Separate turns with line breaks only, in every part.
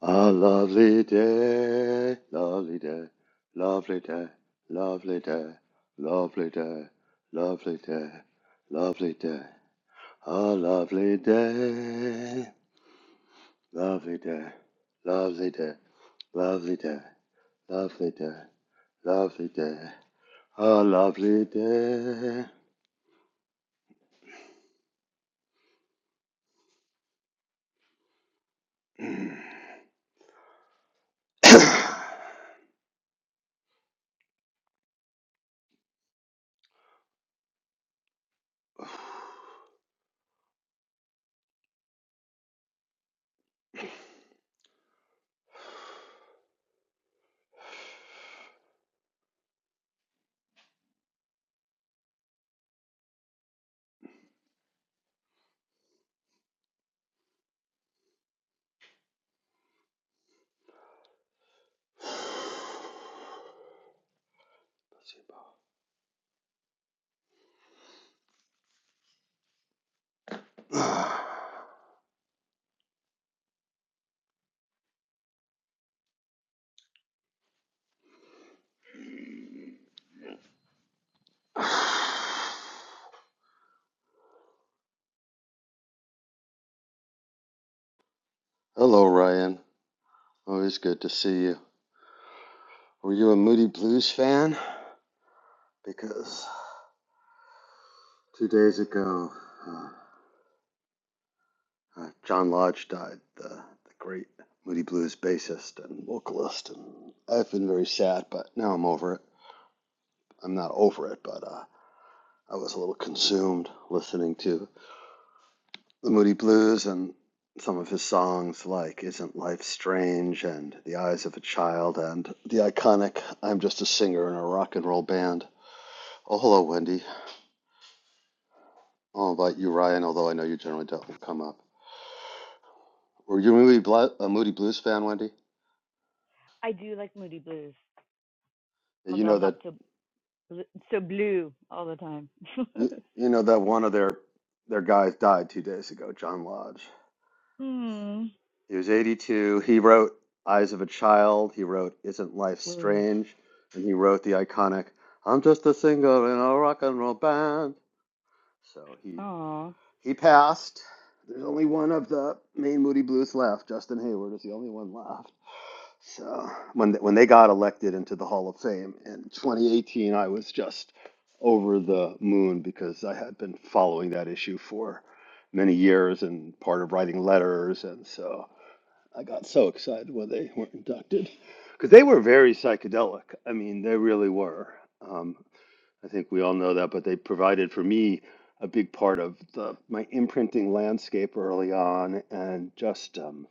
A lovely day, lovely day, lovely day, lovely day, lovely day, lovely day, lovely day. A lovely day, lovely day, lovely day, lovely day, lovely day, lovely day. A lovely day. Hello, Ryan. Always good to see you. Were you a Moody Blues fan? Because two days ago, uh, uh, John Lodge died, the, the great Moody Blues bassist and vocalist. And I've been very sad, but now I'm over it. I'm not over it, but uh, I was a little consumed listening to the Moody Blues and some of his songs like Isn't Life Strange and The Eyes of a Child and the iconic I'm Just a Singer in a Rock and Roll Band. Oh, hello, Wendy. All about you, Ryan, although I know you generally don't come up. Were you a Moody, a Moody Blues fan, Wendy?
I do like moody blues,
Yeah, You
although I'm
know
not
that
so bl- so blue all the time.
you, you know that one of their their guys died two days ago, John Lodge.
hmm.
He was 82. He wrote Eyes of a Child. He wrote Isn't Life
Ooh.
Strange? And he wrote the iconic I'm Just a Singer in a Rock and Roll Band. So he
Aw.
he passed. There's only one of the main Moody Blues left. Justin Hayward is the only one left. So when they, when they got elected into the Hall of Fame in 2018, I was just over the moon because I had been following that issue for many years and part of writing letters and so I got so excited when they were inducted because they were very psychedelic. I mean, they really were. Um, I think we all know that, but they provided for me a big part of the, my imprinting landscape early on, and just um,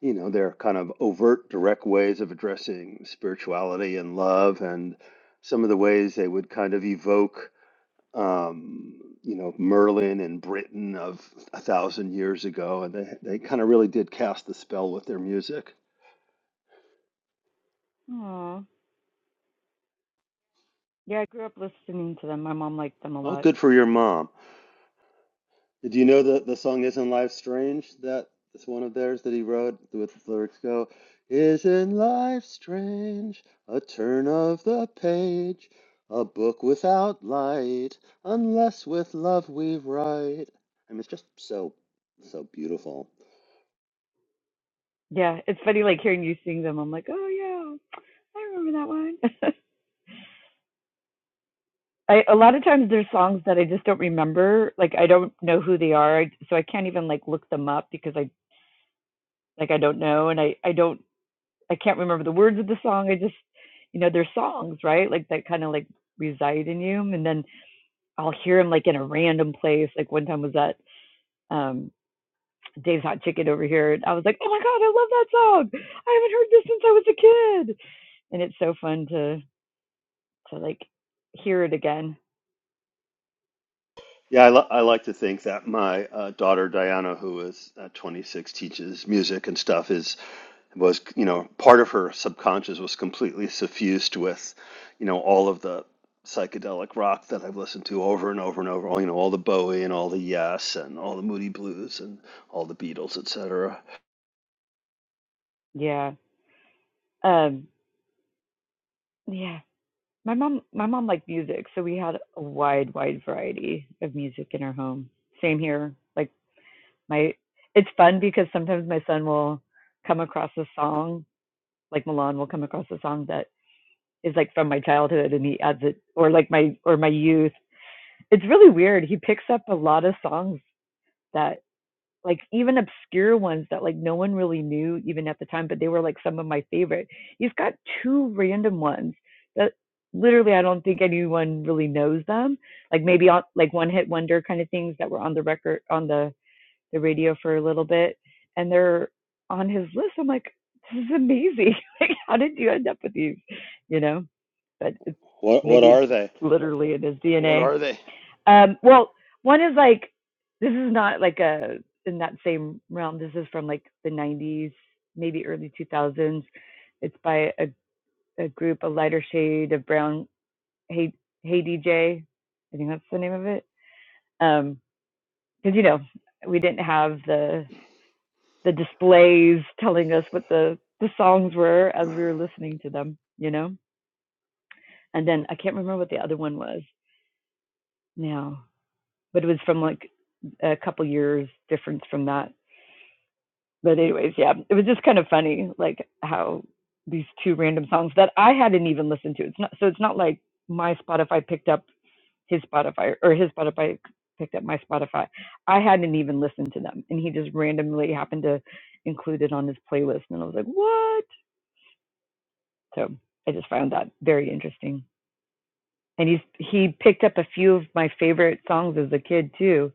you know their kind of overt, direct ways of addressing spirituality and love, and some of the ways they would kind of evoke. Um, you know Merlin and Britain of a thousand years ago, and they they kind of really did cast the spell with their music.
Aw. Yeah, I grew up listening to them. My mom liked them a
Oh,
lot.
good for your mom. Do you know that the song "Isn't Life Strange"? That it's one of theirs that he wrote. With the lyrics go, "Isn't life strange? A turn of the page, a book without light, unless with love we write." I mean, it's just so, so beautiful.
Yeah, it's funny like hearing you sing them. I'm like, oh yeah, I remember that one. I a lot of times there's songs that I just don't remember. Like I don't know who they are, so I can't even like look them up because I like I don't know, and I I don't I can't remember the words of the song. I just, you know, they're songs, right? Like that kind of like reside in you. And then I'll hear them like in a random place. Like one time was at um, Dave's Hot Chicken over here. And I was like, oh my God, I love that song. I haven't heard this since I was a kid. And it's so fun to, to like hear it again.
Yeah, I, li- I like to think that my uh, daughter Diana, who is uh, 26, teaches music and stuff, is was you know part of her subconscious was completely suffused with, you know, all of the psychedelic rock that I've listened to over and over and over. All you know, all the Bowie and all the Yes and all the Moody Blues and all the Beatles, etc.
Yeah. Um, yeah. My mom, my mom liked music. So we had a wide, wide variety of music in our home. Same here. Like my it's fun because sometimes my son will come across a song like Milan will come across a song that is like from my childhood and he adds it or like my or my youth. It's really weird. He picks up a lot of songs that like even obscure ones that like no one really knew even at the time, but they were like some of my favorite. He's got two random ones that literally I don't think anyone really knows them. Like maybe on like one hit wonder kind of things that were on the record on the the radio for a little bit, and they're on his list. I'm like, this is amazing. like, how did you end up with these? You know, but it's,
What what
maybe it's
are
just
they?
literally in his
What
DNA.
are they?
Um, well, one is like, this is not like a in that same realm. This is from like the 90s, maybe early 2000s. It's by a, a group, a lighter shade of brown. Hey, hey DJ, I think that's the name of it. Um, because you know we didn't have the the displays telling us what the the songs were as we were listening to them, you know. And then I can't remember what the other one was now, but it was from like a couple years difference from that. But anyways, yeah, it was just kind of funny, like how these two random songs that I hadn't even listened to. It's not so it's not like my Spotify picked up his Spotify or his Spotify picked up my Spotify. I hadn't even listened to them, and he just randomly happened to include it on his playlist, and I was like, what? So I just found that very interesting. And he's he picked up a few of my favorite songs as a kid too.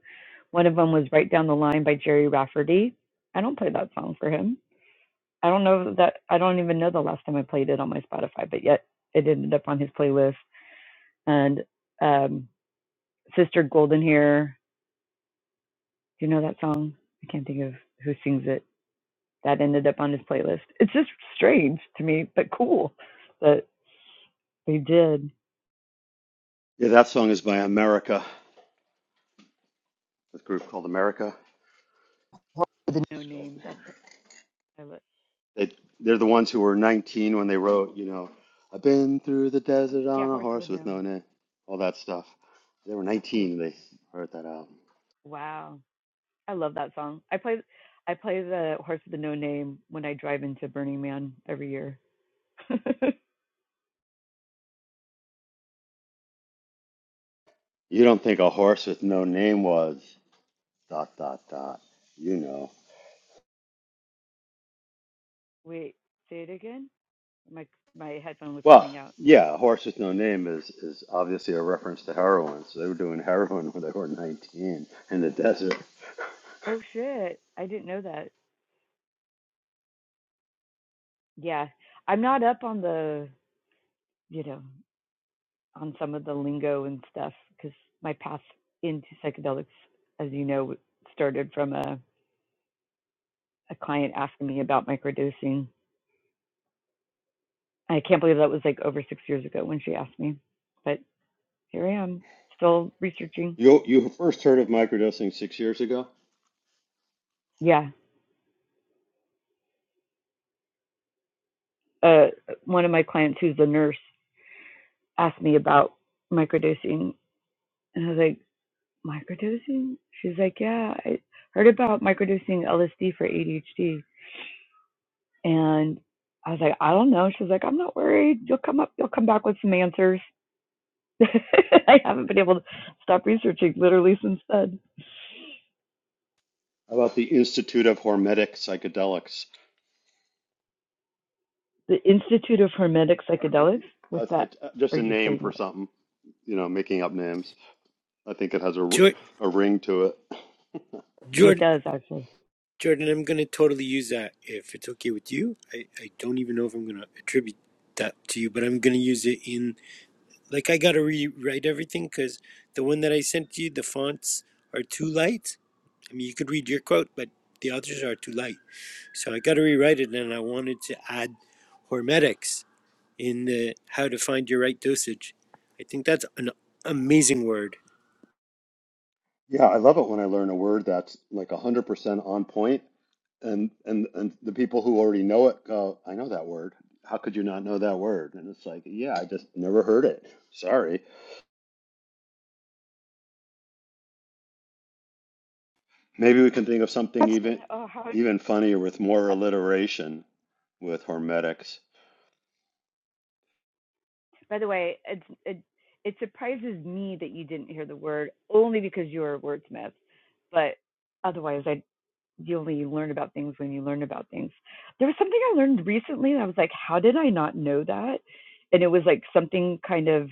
One of them was Right Down the Line by Jerry Rafferty. I don't play that song for him. I don't know that I don't even know the last time I played it on my Spotify, but yet it ended up on his playlist. And um, Sister Golden Hair, do you know that song? I can't think of who sings it. That ended up on his playlist. It's just strange to me, but cool that they did.
Yeah, that song is by America, a group called America.
The No Name. That's
They they're the ones who were 19 when they wrote, you know, I've been through the desert
Yeah,
on a
Horse with
horse with
No.
no name, all that stuff. They were
I,
19 when they heard that album.
wow, I love that song. I play I play the Horse with No Name when I drive into Burning Man every year.
You don't think a horse with no name was dot dot dot. You know.
Wait, say it again. My my headphone was
Well,
cutting out.
yeah, a horse with no name is is obviously a reference to heroin. So they were doing heroin when they were 19 in the desert.
Oh shit, I didn't know that. Yeah, I'm not up on the you know on some of the lingo and stuff because my path into psychedelics, as you know, started from a a client asking me about microdosing. I can't believe that was like over six years ago when she asked me, but here I am, still researching.
You you first heard of microdosing six years ago?
Yeah. Uh, one of my clients who's a nurse asked me about microdosing, and I was like, microdosing? She's like, yeah, I heard about microdosing LSD for ADHD, and I was like, I don't know. She's like, I'm not worried. You'll come up. You'll come back with some answers. I haven't been able to stop researching literally since then.
How about the Institute of Hormetic Psychedelics?
The Institute of Hermetic Psychedelics. What's
a-
that?
a- just
Or are
a
you
name for
saying that?
something, you know, making up names. I think it has a, r-
Jor-
a ring to it.
It
Jordan,
does actually.
Jordan, I'm gonna totally use that if it's okay with you. I, I don't even know if I'm gonna attribute that to you, but I'm gonna use it in like I gotta rewrite everything because the one that I sent you, the fonts are too light. I mean, you could read your quote, but the others are too light. So I gotta rewrite it, and I wanted to add hormetics in the how to find your right dosage. I think that's an amazing word.
Yeah, I love it when I learn a word that's like 100% on point, and and and the people who already know it go, I know that word. How could you not know that word? And it's like, yeah, I just never heard it. Sorry. Maybe we can think of something
That's saying,
even
oh, how?
even funnier with more alliteration with hermetics.
By the way, it's, it it surprises me that you didn't hear the word only because you're a wordsmith, but otherwise, I you only learn about things when you learn about things. There was something I learned recently, and I was like, how did I not know that? And it was like something kind of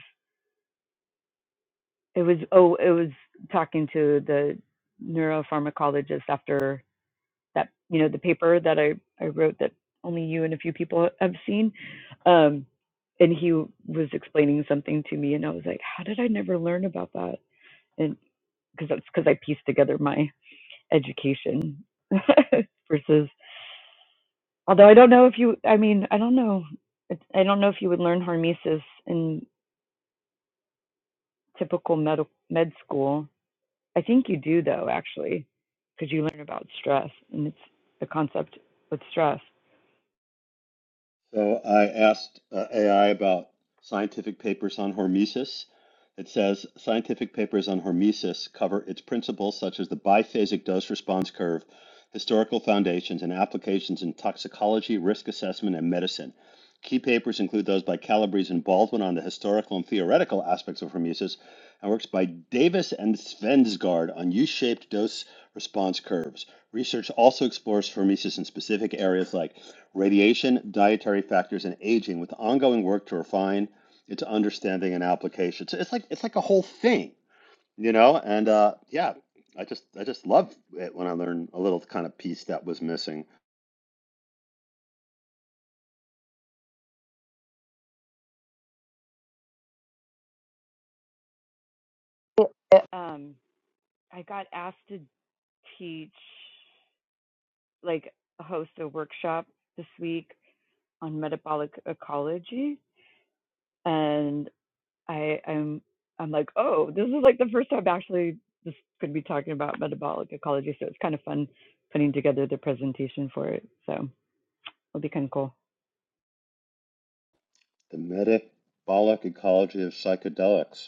it was oh it was talking to the neuropharmacologist after that you know the paper that I I wrote that only you and a few people have seen. Um, and he was explaining something to me, and I was like, how did I never learn about that? And because that's because I pieced together my education versus although I don't know if you I mean I don't know It's- I don't know if you would learn hormesis in typical med med school. I think you do though actually because you learn about stress and it's the concept with stress.
So I asked uh, AI about scientific papers on hormesis. It says scientific papers on hormesis cover its principles such as the biphasic dose response curve, historical foundations, and applications in toxicology, risk assessment, and medicine. Key papers include those by Calabrese and Baldwin on the historical and theoretical aspects of hormesis, and works by Davis and Svensgaard on U shaped dose response curves. Research also explores hormesis in specific areas like radiation, dietary factors, and aging with ongoing work to refine its understanding and application. So it's like it's like a whole thing, you know? And uh, yeah, I just I just love it when I learn a little kind of piece that was missing.
Um, I got asked to teach, like, host a workshop this week on metabolic ecology, and I, I'm I'm like, oh, this is like the first time I'm actually just going to be talking about metabolic ecology, so it's kind of fun putting together the presentation for it. So it'll be kind of cool.
The metabolic ecology of psychedelics.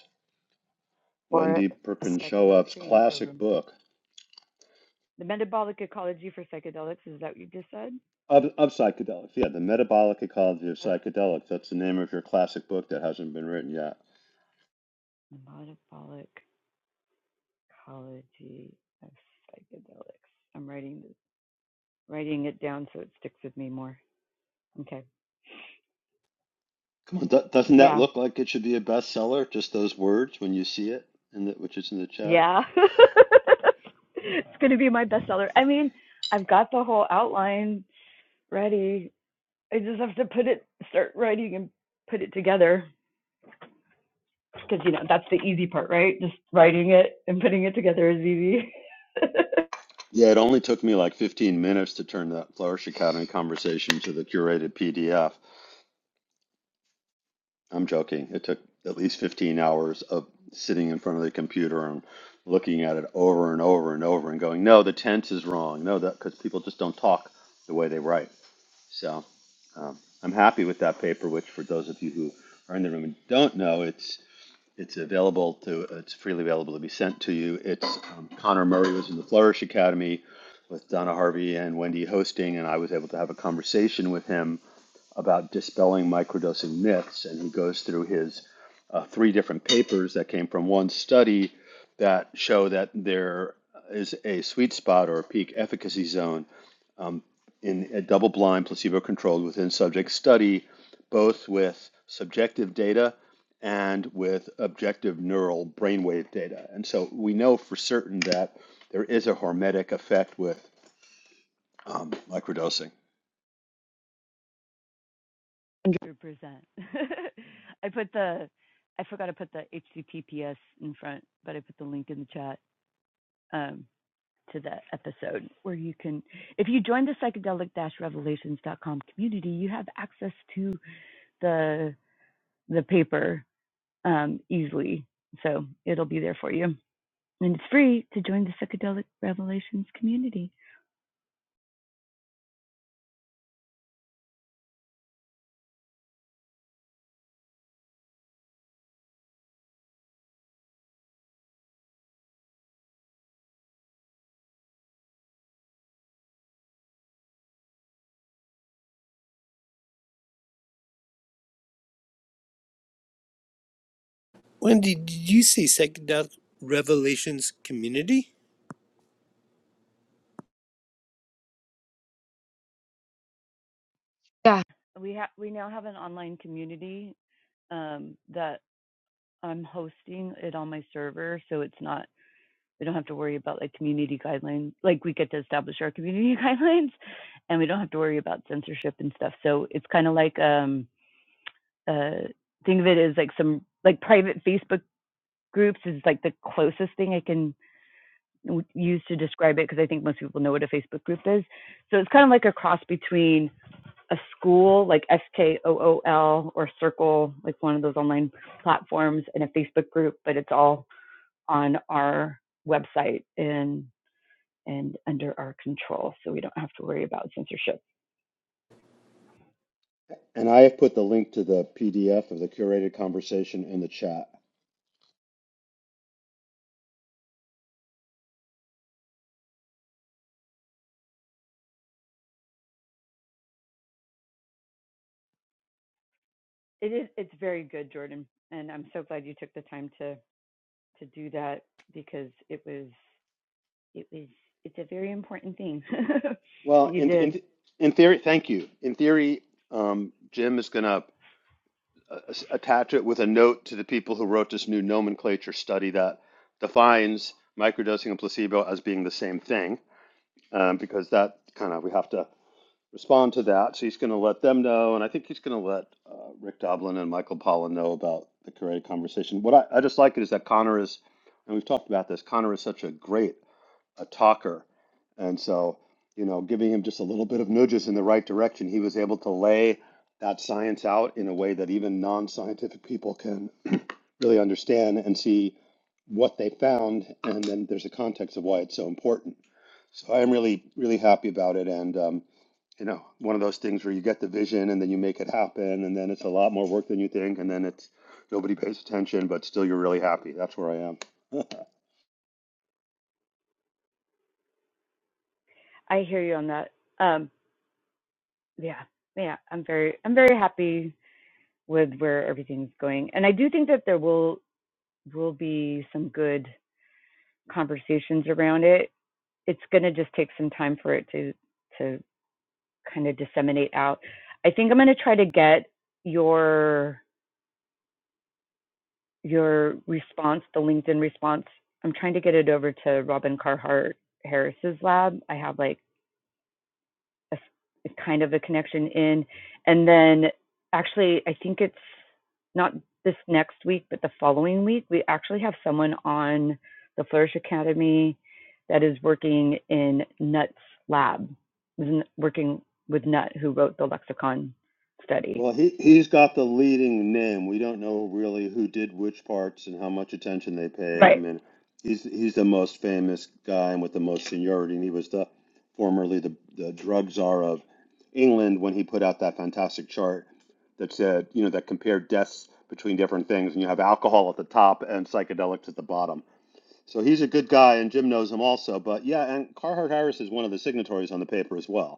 Or a
Wendy
Psychedelic
Perkinshoev's
training
classic
program.
book
The metabolic ecology for psychedelics is that what you just said?
of, of psychedelics. Yeah, the metabolic ecology of psychedelics. That's the name of your classic book that hasn't been written yet.
Metabolic. Ecology of psychedelics. I'm writing this, writing it down so it sticks with me more. Okay.
Come on, do- doesn't that
Yeah.
look like it should be a bestseller? Just those words when you see it, and that which is in the chat.
Yeah. it's going to be my bestseller. I mean, I've got the whole outline ready. I just have to put it, start writing and put it together. Because, you know, that's the easy part, right? Just writing it and putting it together is easy.
Yeah, it only took me like 15 minutes to turn that Flourish Academy conversation to the curated PDF. I'm joking. It took at least 15 hours of sitting in front of the computer and looking at it over and over and over and going, no, the tense is wrong. No, that because people just don't talk the way they write. So um, I'm happy with that paper. Which, for those of you who are in the room and don't know, it's It's available to, it's freely available to be sent to you. It's um, Connor Murray was in the Flourish Academy with Donna Harvey and Wendy hosting, and I was able to have a conversation with him about dispelling microdosing myths. And he goes through his uh, three different papers that came from one study that show that there is a sweet spot or a peak efficacy zone in a double blind, placebo controlled, within subject study, both with subjective data and with objective neural brainwave data. And so we know for certain that there is a hormetic effect with um, microdosing.
100%. I put the, I forgot to put the HTTPS in front, but I put the link in the chat. um, to the episode where you can, if you join the psychedelic-revelations.com community, you have access to the the paper um, easily. So it'll be there for you, and it's free to join the psychedelic revelations community.
Wendy, did you say psychedelic revelations community?
Yeah. We have we now have an online community um, that I'm hosting it on my server, so it's not. we don't have to worry about like community guidelines like we get to establish our community guidelines and we don't have to worry about censorship and stuff so it's kind of like um uh think of it as like some like private facebook groups is like the closest thing i can use to describe it because i think most people know what a facebook group is so it's kind of like a cross between a school like S K O O L or circle like one of those online platforms and a facebook group but it's all on our website and and under our control so we don't have to worry about censorship.
And I have put the link to the PDF of the curated conversation in the chat.
It is it's very good, Jordan, and I'm so glad you took the time to to do that because it was it was it's a very important thing that
Well,
you
in,
did.
in, in theory, thank you. In theory, um, Jim is going to uh, attach it with a note to the people who wrote this new nomenclature study that defines microdosing and placebo as being the same thing, um, because that kind of we have to respond to that. So he's going to let them know, and I think he's going to let uh, Rick Doblin and Michael Pollan know about the Karate conversation. What I, I just like it is that Connor is, and we've talked about this. Connor is such a great a talker. And so, you know, giving him just a little bit of nudges in the right direction, he was able to lay that science out in a way that even non scientific people can really understand and see what they found. And then there's a context of why it's so important. So I am really, really happy about it. And, um, you know, one of those things where you get the vision and then you make it happen, and then it's a lot more work than you think, and then it's nobody pays attention, but still you're really happy. That's where I am.
I hear you on that. Um yeah. Yeah, I'm very I'm very happy with where everything's going. And I do think that there will will be some good conversations around it. It's going to just take some time for it to to kind of disseminate out. I think I'm going to try to get your your response, the LinkedIn response. I'm trying to get it over to Robin Carhart Harris's lab. I have like a a kind of a connection in, and then actually I think it's not this next week, but the following week we actually have someone on the Flourish Academy that is working in Nutt's lab, was n- working with Nutt who wrote the lexicon study
Well, he he's got the leading name. We don't know really who did which parts and how much attention they paid. I
Right,
mean, he's he's the most famous guy and with the most seniority, and he was the formerly the the drug czar of England when he put out that fantastic chart that said, you know, that compared deaths between different things, and you have alcohol at the top and psychedelics at the bottom. So he's a good guy, and Jim knows him also. But yeah, and Carhart Harris is one of the signatories on the paper as well.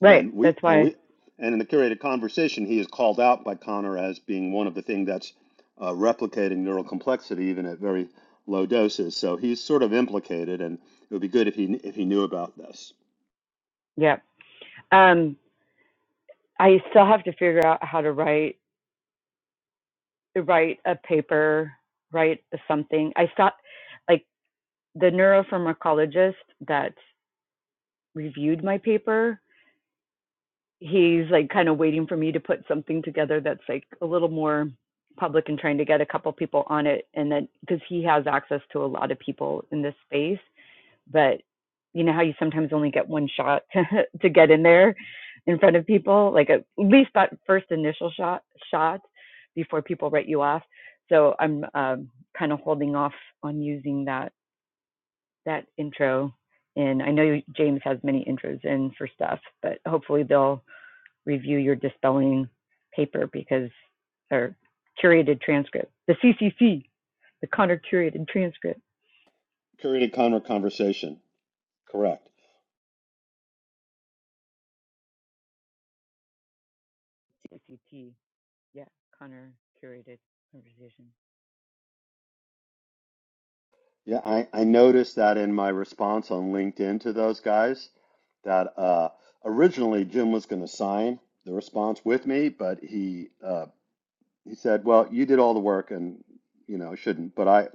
right.
And we
That's
and
why.
we and in the curated conversation, he is called out by Connor as being one of the thing that's uh, replicating neural complexity even at very low doses. So he's sort of implicated, and it would be good if he if he knew about this
Yeah. Um, I still have to figure out how to write write a paper, write something. I thought, like the neuropharmacologist that reviewed my paper, he's like kind of waiting for me to put something together that's like a little more public and trying to get a couple people on it, and then because he has access to a lot of people in this space but you know how you sometimes only get one shot to, to get in there in front of people like at least that first initial shot shot before people write you off so i'm um, kind of holding off on using that that intro and i know james has many intros in for stuff but hopefully they'll review your dispelling paper because or curated transcript the ccc the connor curated transcript
curated Connor conversation. Correct.
cct Yeah, Connor curated conversation.
Yeah, I, I noticed that in my response on LinkedIn to those guys that uh, originally Jim was going to sign the response with me, but he uh, he said, "Well, you did all the work, and you know shouldn't." But I,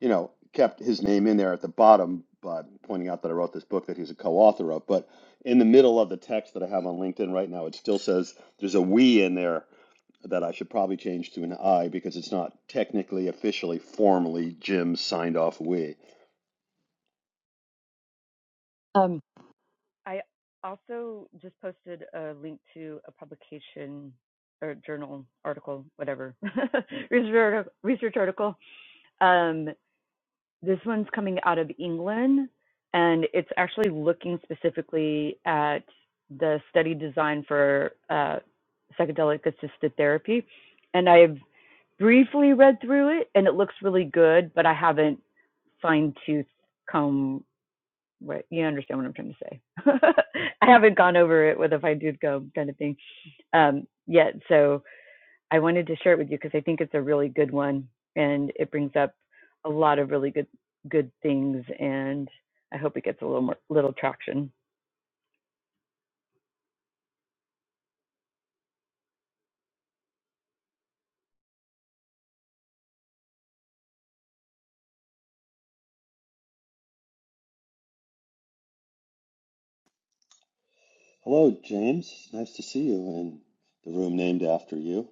you know, kept his name in there at the bottom by pointing out that I wrote this book that he's a co-author of. But in the middle of the text that I have on LinkedIn right now, it still says there's a "we" in there that I should probably change to an "I" because it's not technically, officially, formally Jim signed off "we."
Um, I also just posted a link to a publication or journal article, whatever, research article. Um, this one's coming out of England, and it's actually looking specifically at the study design for uh, psychedelic-assisted therapy. And I've briefly read through it, and it looks really good, but I haven't fine-toothed comb what you understand what I'm trying to say. I haven't gone over it with if I do go kind of thing um, yet. So I wanted to share it with you because I think it's a really good one and it brings up a lot of really good good things and I hope it gets a little more little traction.
Hello, James. Nice to see you in the room named after you.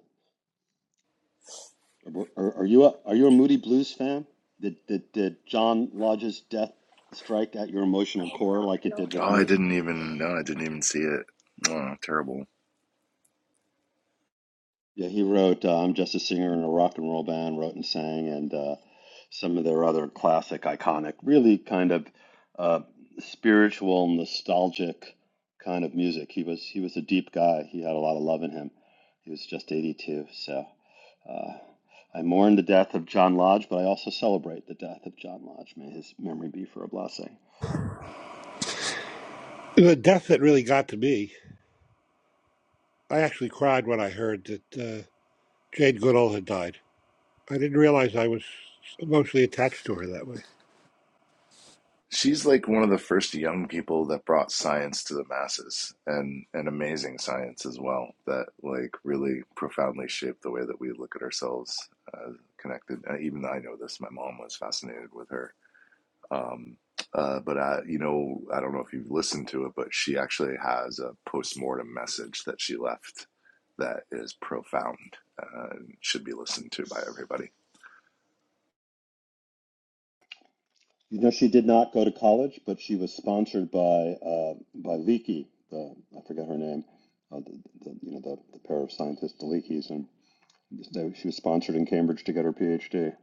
Are, are, are you a are you a Moody Blues fan? Did, did did John Lodge's death strike at your emotional core like it did with me? Yeah, he wrote uh, "I'm Just a Singer in a Rock and Roll Band," wrote and sang, and uh, some of their other classic, iconic, really kind of uh, spiritual, nostalgic kind of music. He was he was a deep guy. He had a lot of love in him. He was just 82, so uh, I mourn the death of John Lodge, but I also celebrate the death of John Lodge. May his memory be for a blessing.
The death that really got to me, I actually cried when I heard that uh, Jane Goodall had died. I didn't realize I was emotionally attached to her that way.
You know, she did not go to college, but she was sponsored by uh, by Leakey, the I forget her name, uh, the, the, you know the, the pair of scientists, the Leakeys, and they, she was sponsored in Cambridge to get her PhD.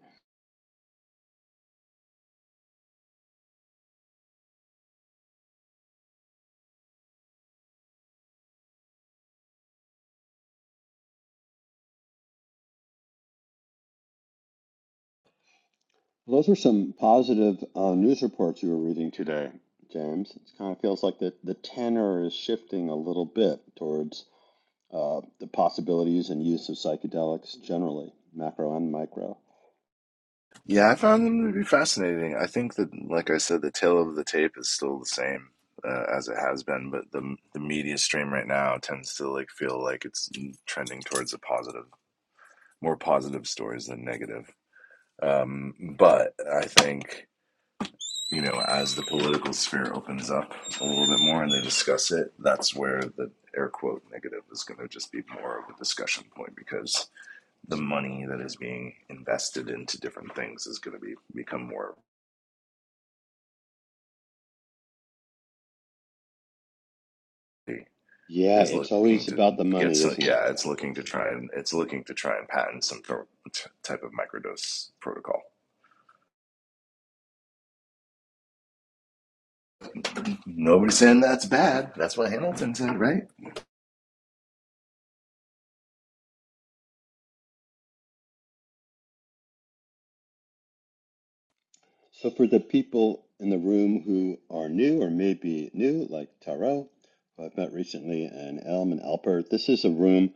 Well, Those are some positive uh, news reports you were reading today, James. It kind of feels like the, the tenor is shifting a little bit towards uh, the possibilities and use of psychedelics generally, macro and micro. Yeah, it's always about the money, isn't it? So for the people in the room who are new or may be new, like Taro, who I've met recently, and Elm and Alpert, this is a room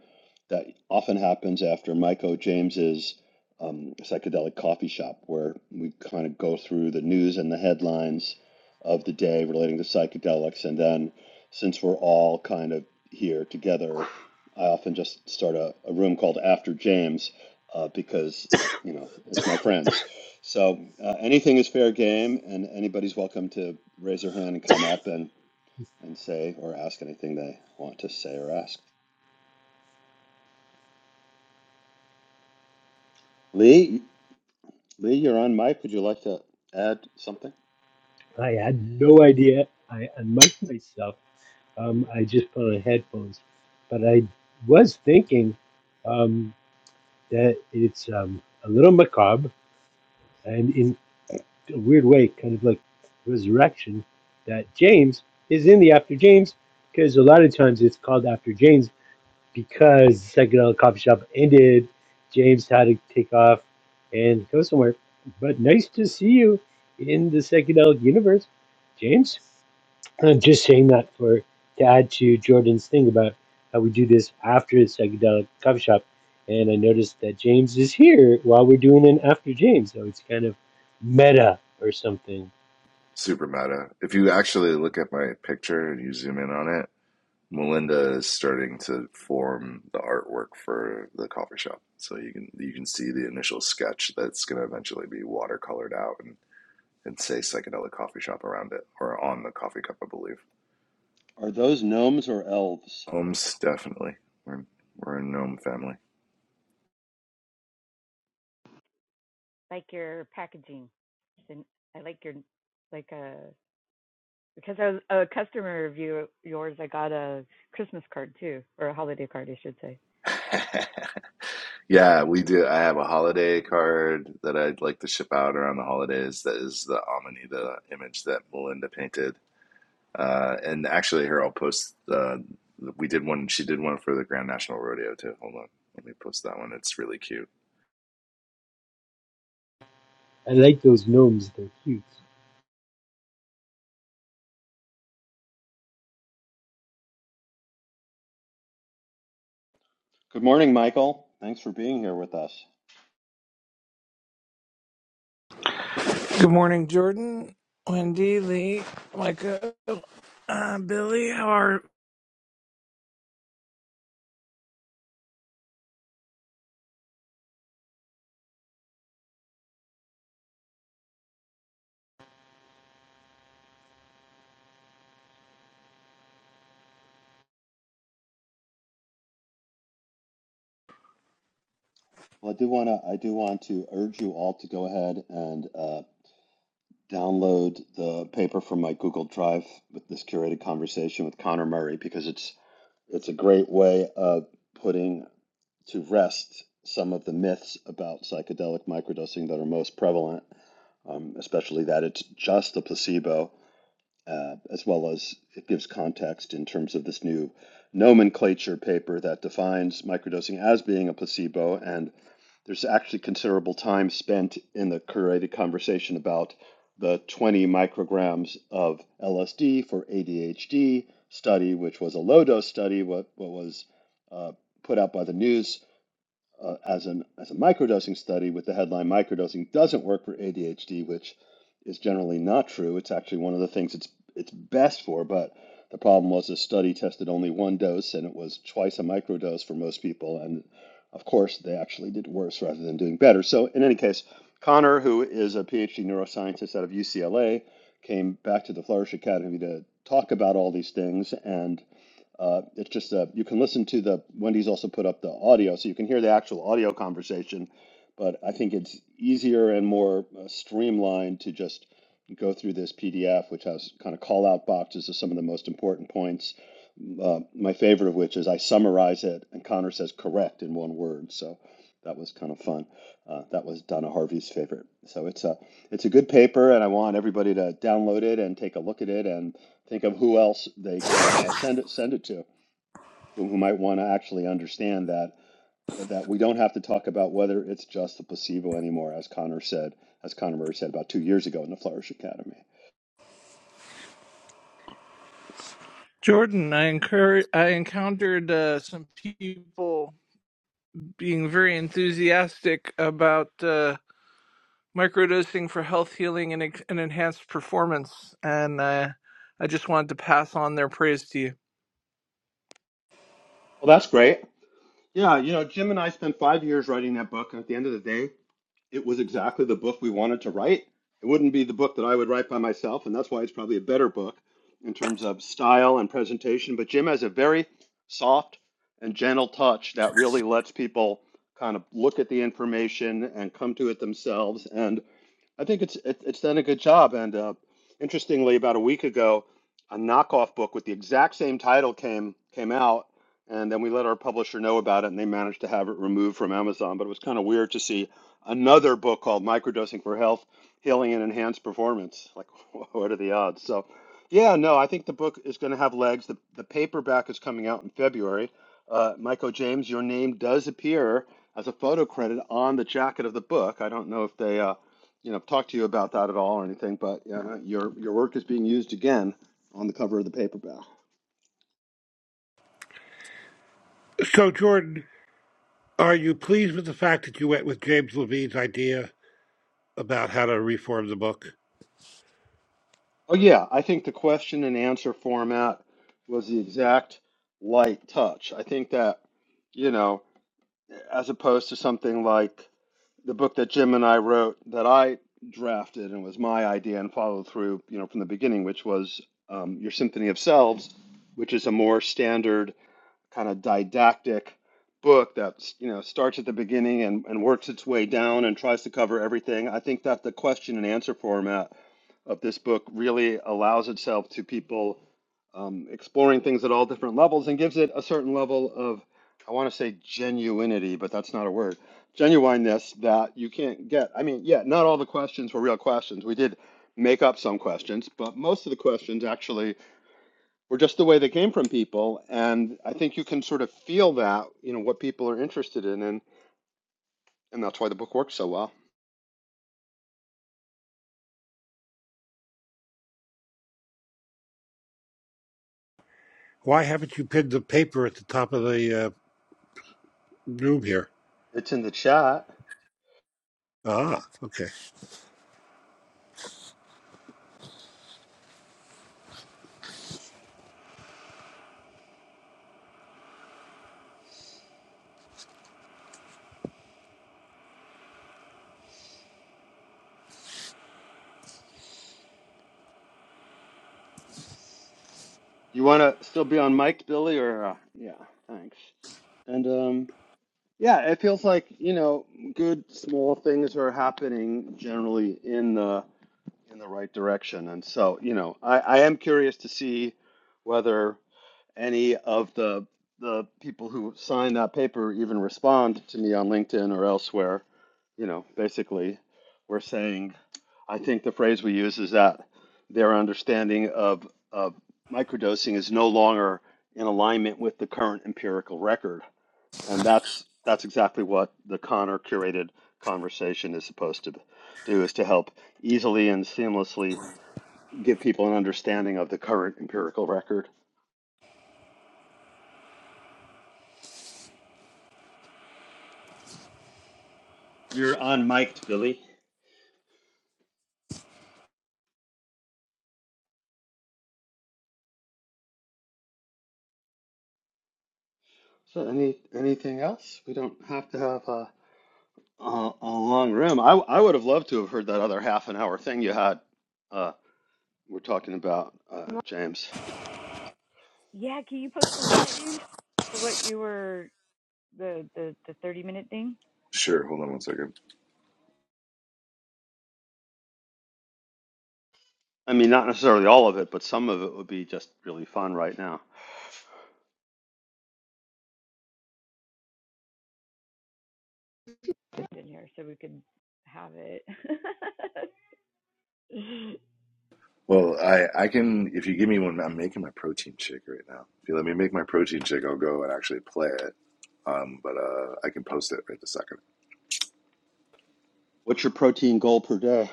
that often happens after Michael James's um, psychedelic coffee shop, where we kind of go through the news and the headlines of the day relating to psychedelics, and then since we're all kind of here together, I often just start a, a room called After James uh, because uh, you know it's my friends so uh, anything is fair game, and anybody's welcome to raise their hand and come up and, and say or ask anything they want to say or ask. Lee, Lee, you're on mic. Would you like to add something?
I had no idea. I unmiked myself. Um, I just put on headphones, but I was thinking um, that it's um, a little macabre and in a weird way, kind of like resurrection. That James is in the After James because a lot of times it's called After James because psychedelic coffee shop ended. James had to take off and go somewhere. But nice to see you in the psychedelic universe, James. I'm just saying that for to add to Jordan's thing about how we do this after the psychedelic coffee shop, and I noticed that James is here while we're doing an after James, so it's kind of meta or something.
Are those gnomes or elves?
Like your packaging. And I like your like a because I was a customer of you yours, I got a Christmas card too, or a holiday card I should say.
I like those gnomes; they're cute.
Good morning, Michael. Thanks for being here with us.
Good morning, Jordan, Wendy, Lee, Micah, uh, Billy. How are
Well, I do want to I do want to urge you all to go ahead and uh, download the paper from my Google Drive with this curated conversation with Connor Murray because it's it's a great way of putting to rest some of the myths about psychedelic microdosing that are most prevalent, um, especially that it's just a placebo, uh, as well as it gives context in terms of this new nomenclature paper that defines microdosing as being a placebo. And there's actually considerable time spent in the curated conversation about the 20 micrograms of LSD for ADHD study, which was a low dose study, what, what was uh, put out by the news uh, as an as a microdosing study with the headline microdosing doesn't work for ADHD, which is generally not true. It's actually one of the things it's it's best for, but the problem was the study tested only one dose and it was twice a microdose for most people and of course they actually did worse rather than doing better. So in any case, Connor, who is a PhD neuroscientist out of UCLA, came back to the Flourish Academy to talk about all these things and. Uh, it's just uh you can listen to the Wendy's also put up the audio, so you can hear the actual audio conversation. But I think it's easier and more uh, streamlined to just go through this PDF, which has kind of call out boxes of some of the most important points. Uh, my favorite of which is I summarize it, and Connor says correct in one word. So that was kind of fun. Uh, that was Donna Harvey's favorite. So it's a it's a good paper, and I want everybody to download it and take a look at it and think of who else they can uh, send it send it to who, who might want to actually understand that that we don't have to talk about whether it's just a placebo anymore, as Connor said, as Connor Murray said about two years ago in the Flourish Academy.
Jordan? I encourage. I encountered uh, some people being very enthusiastic about uh, microdosing for health healing and, ex- and enhanced performance, and uh, I just wanted to pass on their praise to you.
Well, that's great. Yeah, you know, Jim and I spent five years writing that book, and at the end of the day, it was exactly the book we wanted to write. It wouldn't be the book that I would write by myself, and that's why it's probably a better book in terms of style and presentation. But Jim has a very soft and gentle touch that really lets people kind of look at the information and come to it themselves. And I think it's it, it's done a good job. And uh, interestingly, about a week ago, a knockoff book with the exact same title came came out, and then we let our publisher know about it, and they managed to have it removed from Amazon. But it was kind of weird to see another book called "Microdosing for Health: Healing and Enhanced Performance." Like, what are the odds? So, yeah, no, I think the book is going to have legs. The the paperback is coming out in February. Uh, Michael James, your name does appear as a photo credit on the jacket of the book. I don't know if they. Uh, you know talk to you about that at all or anything, but uh, your your work is being used again on the cover of the paperback.
So, Jordan, are you pleased with the fact that you went with James Levine's idea about how to reform the book?
Oh yeah, I think the question and answer format was the exact light touch. I think that you know, as opposed to something like the book that Jim and I wrote that I drafted and was my idea and followed through, you know, from the beginning, which was um, Your Symphony of Selves, which is a more standard kind of didactic book that you know starts at the beginning and, and works its way down and tries to cover everything. I think that the question and answer format of this book really allows itself to people um, exploring things at all different levels and gives it a certain level of I want to say genuinity, but that's not a word. Genuineness that you can't get. I mean, yeah, not all the questions were real questions. We did make up some questions, but most of the questions actually were just the way they came from people. And I think you can sort of feel that, you know, what people are interested in. And, and that's why the book works so well.
Why haven't you pinned the paper at the top of the uh, room here?
It's in the chat.
Ah, okay.
You want to still be on mic, Billy? Or, uh, yeah, thanks. And, um, yeah, it feels like, you know, good small things are happening generally in the in the right direction. And so, you know, I, I am curious to see whether any of the the people who sign that paper even respond to me on LinkedIn or elsewhere, you know, basically we're saying I think the phrase we use is that their understanding of of microdosing is no longer in alignment with the current empirical record. And that's that's exactly what the Connor curated conversation is supposed to do is to help easily and seamlessly give people an understanding of the current empirical record. You're on mic'd, Billy. So any anything else? We don't have to have a a, a long room. I I would have loved to have heard that other half an hour thing you had. Uh, we're talking about uh, James.
Yeah, can you post a link, James, to what you were the the the 30 minute thing
I mean, not necessarily all of it, but some of it would be just really fun right now.
put in here so we could have it
What's your protein goal per day?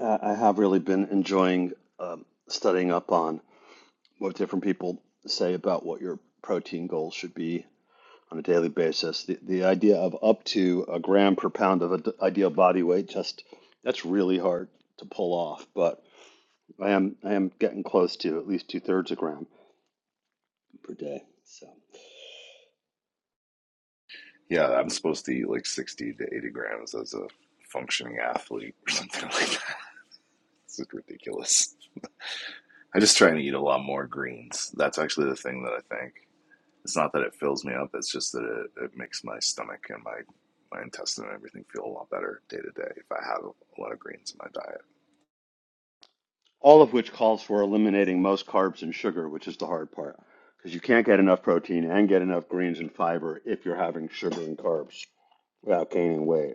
Uh, I have really been enjoying um, studying up on what different people say about what your protein goal should be on a daily basis. The, the idea of up to a gram per pound of ad- ideal body weight, just that's really hard to pull off. But I am I am getting close to at least two thirds a gram per day. So all of which calls for eliminating most carbs and sugar, which is the hard part because you can't get enough protein and get enough greens and fiber if you're having sugar and carbs without gaining weight.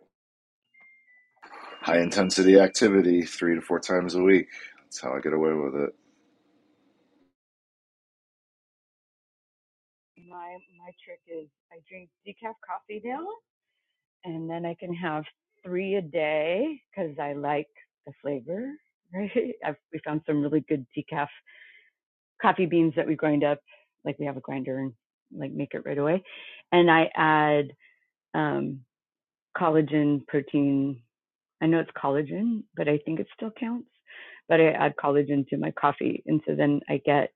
my my trick is i drink decaf coffee now and then i can have three a day because i like the flavor right I've, we found some really good decaf coffee beans that we grind up like we have a grinder and like make it right away and i add um collagen protein I know it's collagen, but I think it still counts. But I add collagen to my coffee, and so then I get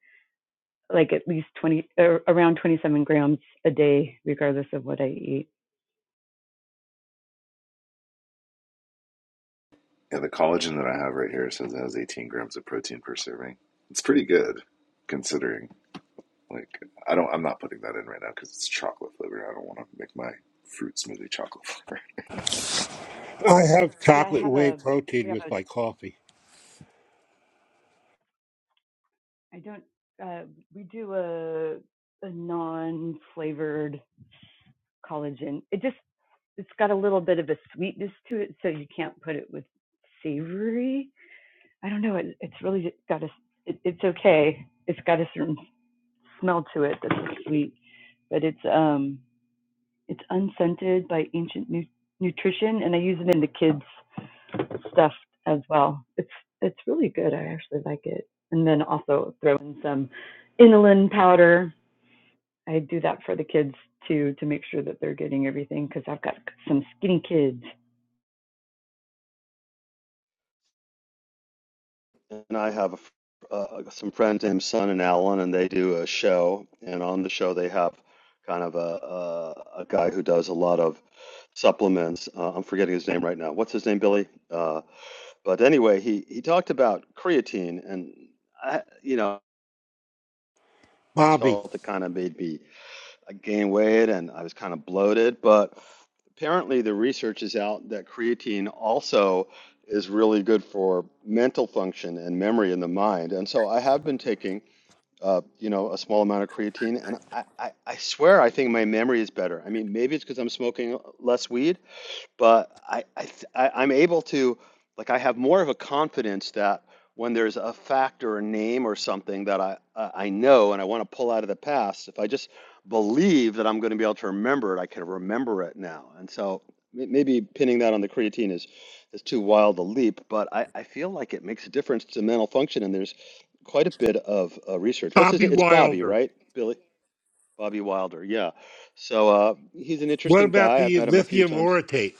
like at least 20 around 27 grams a day, regardless of what I eat.
I have
Yeah, I
chocolate
have
whey
a we
protein
have
with my
a
coffee.
I don't uh, we do a a non-flavored collagen. It just it's got a little bit of a sweetness to it, so you can't put it with savory. I don't know. It, it's really got a. It, it's okay. It's got a certain smell to it that's sweet. but it's um it's unscented by ancient nu- nutrition and i use it in the kids stuff as well it's it's really good i actually like it and then also throw in some inulin powder i do that for the kids too to make sure that they're getting everything because i've got some skinny kids
and I have a, f- uh, some friends, him, son, and Alan, and they do a show. And on the show, they have kind of a a, a guy who does a lot of supplements. Uh, I'm forgetting his name right now. What's his name, Billy? Uh, but anyway, he he talked about creatine, and I, you know,
Bobby,
felt it kind of made me I gained weight and I was kind of bloated, but apparently the research is out that creatine also is really good for mental function and memory in the mind. And so I have been taking, uh, you know, a small amount of creatine, and I, I, I swear I think my memory is better. I mean, maybe it's because I'm smoking less weed, but I, I, th- I I'm able to like I have more of a confidence that when there's a fact or a name or something that I I I know and I want to pull out of the past, if I just believe that I'm going to be able to remember it, I can remember it now. And so may- maybe pinning that on the creatine is is too wild a leap, but I, I feel like it makes a difference to mental function. And there's quite a bit of uh, research. What's his?
Bobby
name? It's Bobby,
Wilder.
right? Billy Bobby Wilder. Yeah. So uh, he's an
What
interesting
about
guy. I've
the
met him a few
lithium
times.
orotate?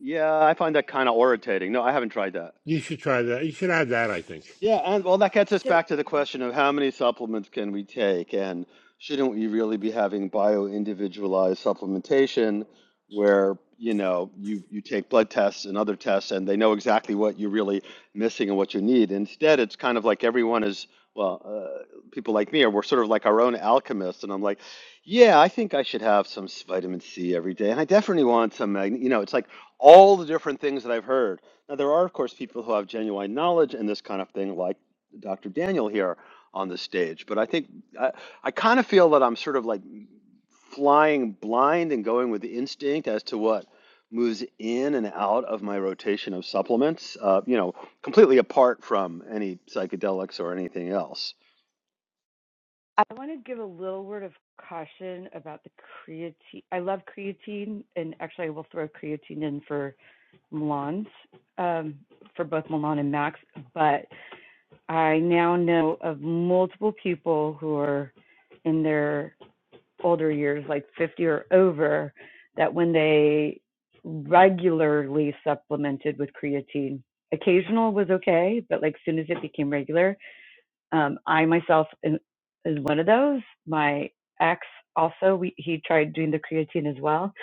Yeah, I find that kind of irritating. No, I haven't tried that.
You should try that. You should add that, I think.
Yeah, and well, that gets us
So
back to the question of how many supplements can we take, and shouldn't we really be having bio-individualized supplementation where, you know, you you take blood tests and other tests and they know exactly what you're really missing and what you need. Instead, it's kind of like everyone is, well, uh, people like me are we're sort of like our own alchemists, and I'm like, yeah, I think I should have some s- vitamin C every day, and I definitely want some, mag-" you know, it's like all the different things that I've heard now, there are, of course, people who have genuine knowledge in this kind of thing, like Dr. Daniel here on the stage. But I think I, I kind of feel that I'm sort of like flying blind and going with the instinct as to what moves in and out of my rotation of supplements, uh, you know, completely apart from any psychedelics or anything else.
I want to give a little word of caution about the creatine. I love creatine, and actually, I will throw creatine in for Milan's, um, for both Milan and Max. But I now know of multiple people who are in their older years, like 50 or over, that when they regularly supplemented with creatine, occasional was okay, but like soon as it became regular, um, I myself am- is one of those. My ex also, we, he tried doing the creatine as well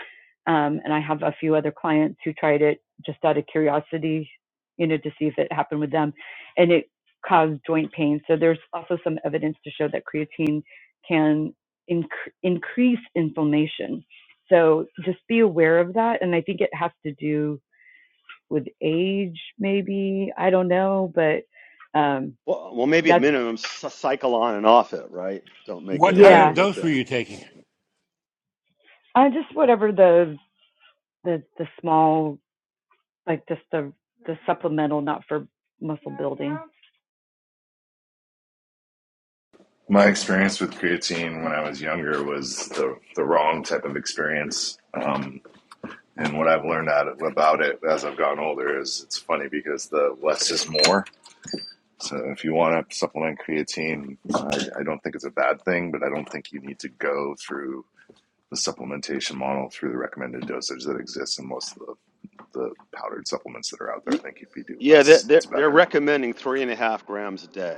um, and I have a few other clients who tried it just out of curiosity, you know, to see if it happened with them. And it caused joint pain. So there's also some evidence to show that creatine can inc- increase inflammation. So just be aware of that. And I think it has to do with age, maybe. I don't know, but um,
Well, well, maybe at
that's,
minimum, cy- cycle on and off it, right? Don't make
What
it a
kind of
yeah,
regular
dose were
thing.
you taking?
uh, just whatever the, the, the small, like just the, the supplemental, not for muscle building.
Y- Yeah, they're, they're, they're recommending three and a half grams a day,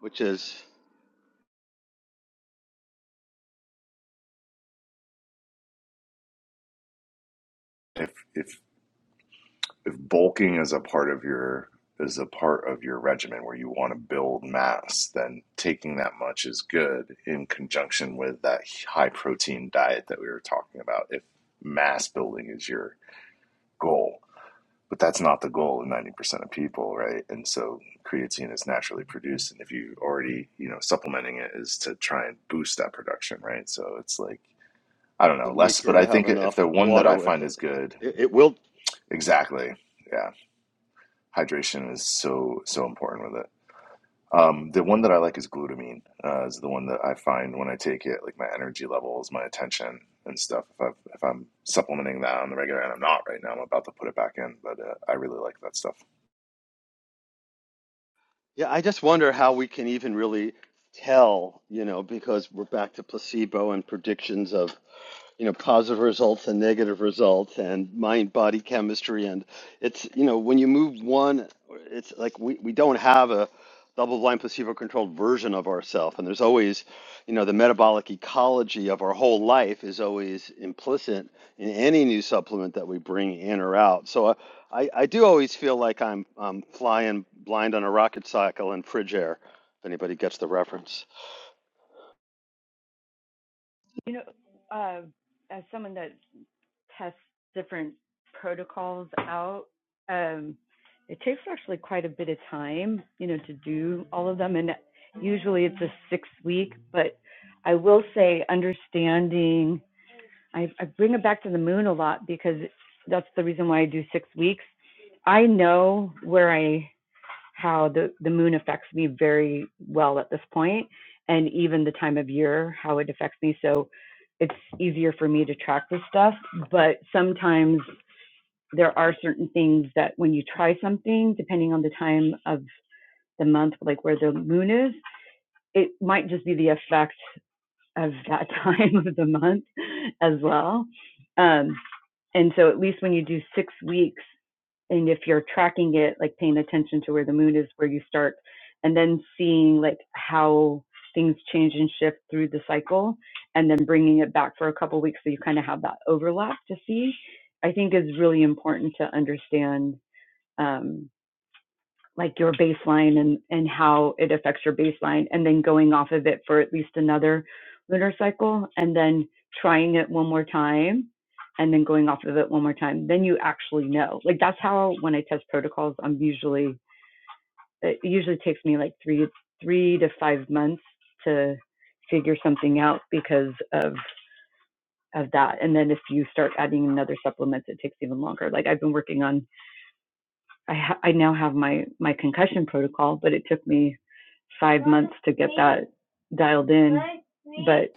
which is to make sure to have enough water with it. It, it will. Yeah, I just wonder how we can even really tell, you know, because we're back to placebo and predictions of you know positive results and negative results and mind body chemistry and it's you know when you move one it's like we, we don't have a double blind placebo controlled version of ourselves and there's always you know the metabolic ecology of our whole life is always implicit in any new supplement that we bring in or out so i i, I do always feel like i'm i'm flying blind on a rocket cycle in fridge air if anybody gets the reference
You know, uh, as someone that tests different protocols out, um, it takes actually quite a bit of time, you know, to do all of them. And usually it's a six week, but I will say understanding, I, I bring it back to the moon a lot because that's the reason why I do six weeks. I know where I how the, the moon affects me very well at this point and even the time of year how it affects me so it's easier for me to track this stuff but sometimes there are certain things that when you try something depending on the time of the month like where the moon is it might just be the effect of that time of the month as well um, and so at least when you do six weeks, and if you're tracking it, like paying attention to where the moon is, where you start, and then seeing like how things change and shift through the cycle, and then bringing it back for a couple of weeks so you kind of have that overlap to see, I think is really important to understand. Um, like your baseline and and how it affects your baseline and then going off of it for at least another lunar cycle and then trying it one more time and then going off of it one more time then you actually know like that's how when i test protocols i'm usually it usually takes me like 3 to 3 to 5 months to figure something out because of of that and then if you start adding another supplements it takes even longer like i've been working on I ha- I now have my my concussion protocol, but it took me five months to get that dialed in. But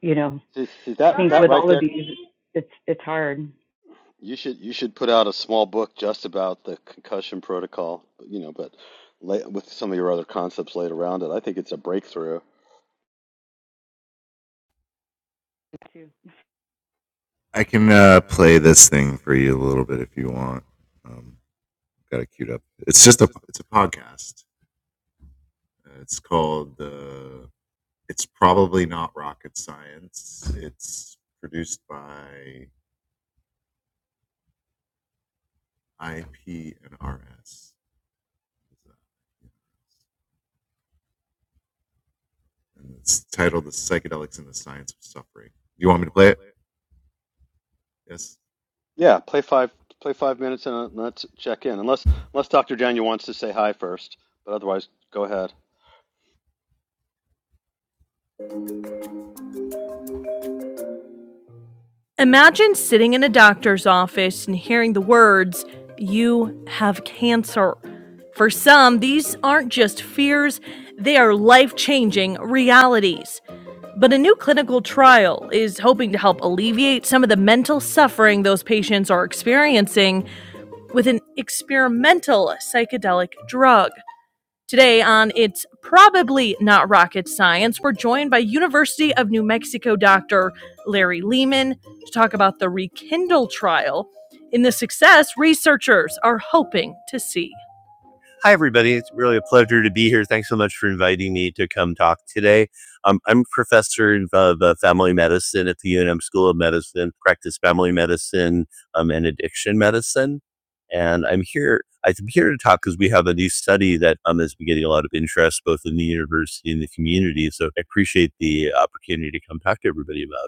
you know,
see, see
I
that
think
that
with
right
all of
there
these, it's it's hard.
You should you should put out a small book just about the concussion protocol, you know, but la with some of your other concepts laid around it. I think it's a breakthrough. Yeah, play five play five minutes and uh, let's check in. Unless unless Dr. Daniel wants to say hi first, but otherwise, go ahead.
Imagine sitting in a doctor's office and hearing the words, You have cancer. For some, these aren't just fears, they are life changing realities. But a new clinical trial is hoping to help alleviate some of the mental suffering those patients are experiencing with an experimental psychedelic drug. Today on It's Probably Not Rocket Science, we're joined by University of New Mexico doctor Larry Lehman to talk about the Rekindle trial and the success researchers are hoping to see. Hi, everybody. It's really a pleasure to be here. Thanks so much for inviting me to come talk today. Um, I'm professor of uh, family medicine at the UNM School of Medicine, practice family medicine um, and addiction medicine. And I'm here. I'm here to talk because we have a new study that um, has been getting a lot of interest both in the university and the community. So I appreciate the opportunity to come talk to everybody about it.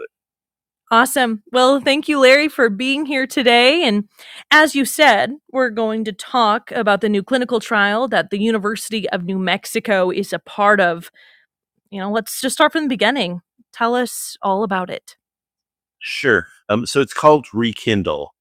Awesome. Well, thank you, Larry, for being here today. And as you said, we're going to talk about the new clinical trial that the University of New Mexico is a part of. You know, let's just start from the beginning. Tell us all about it. Sure. Um, so it's called Rekindle.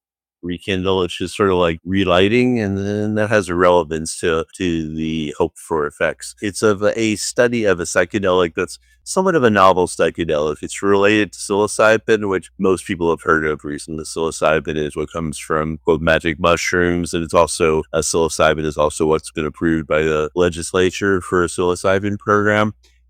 Rekindle, it's just sort of like relighting, and then that has a relevance to to the hope for effects. It's of a study of a psychedelic that's somewhat of a novel psychedelic. It's related to psilocybin, which most people have heard of recently. Psilocybin is what comes from quote magic mushrooms, and it's also uh, psilocybin is also what's been approved by the legislature for a psilocybin program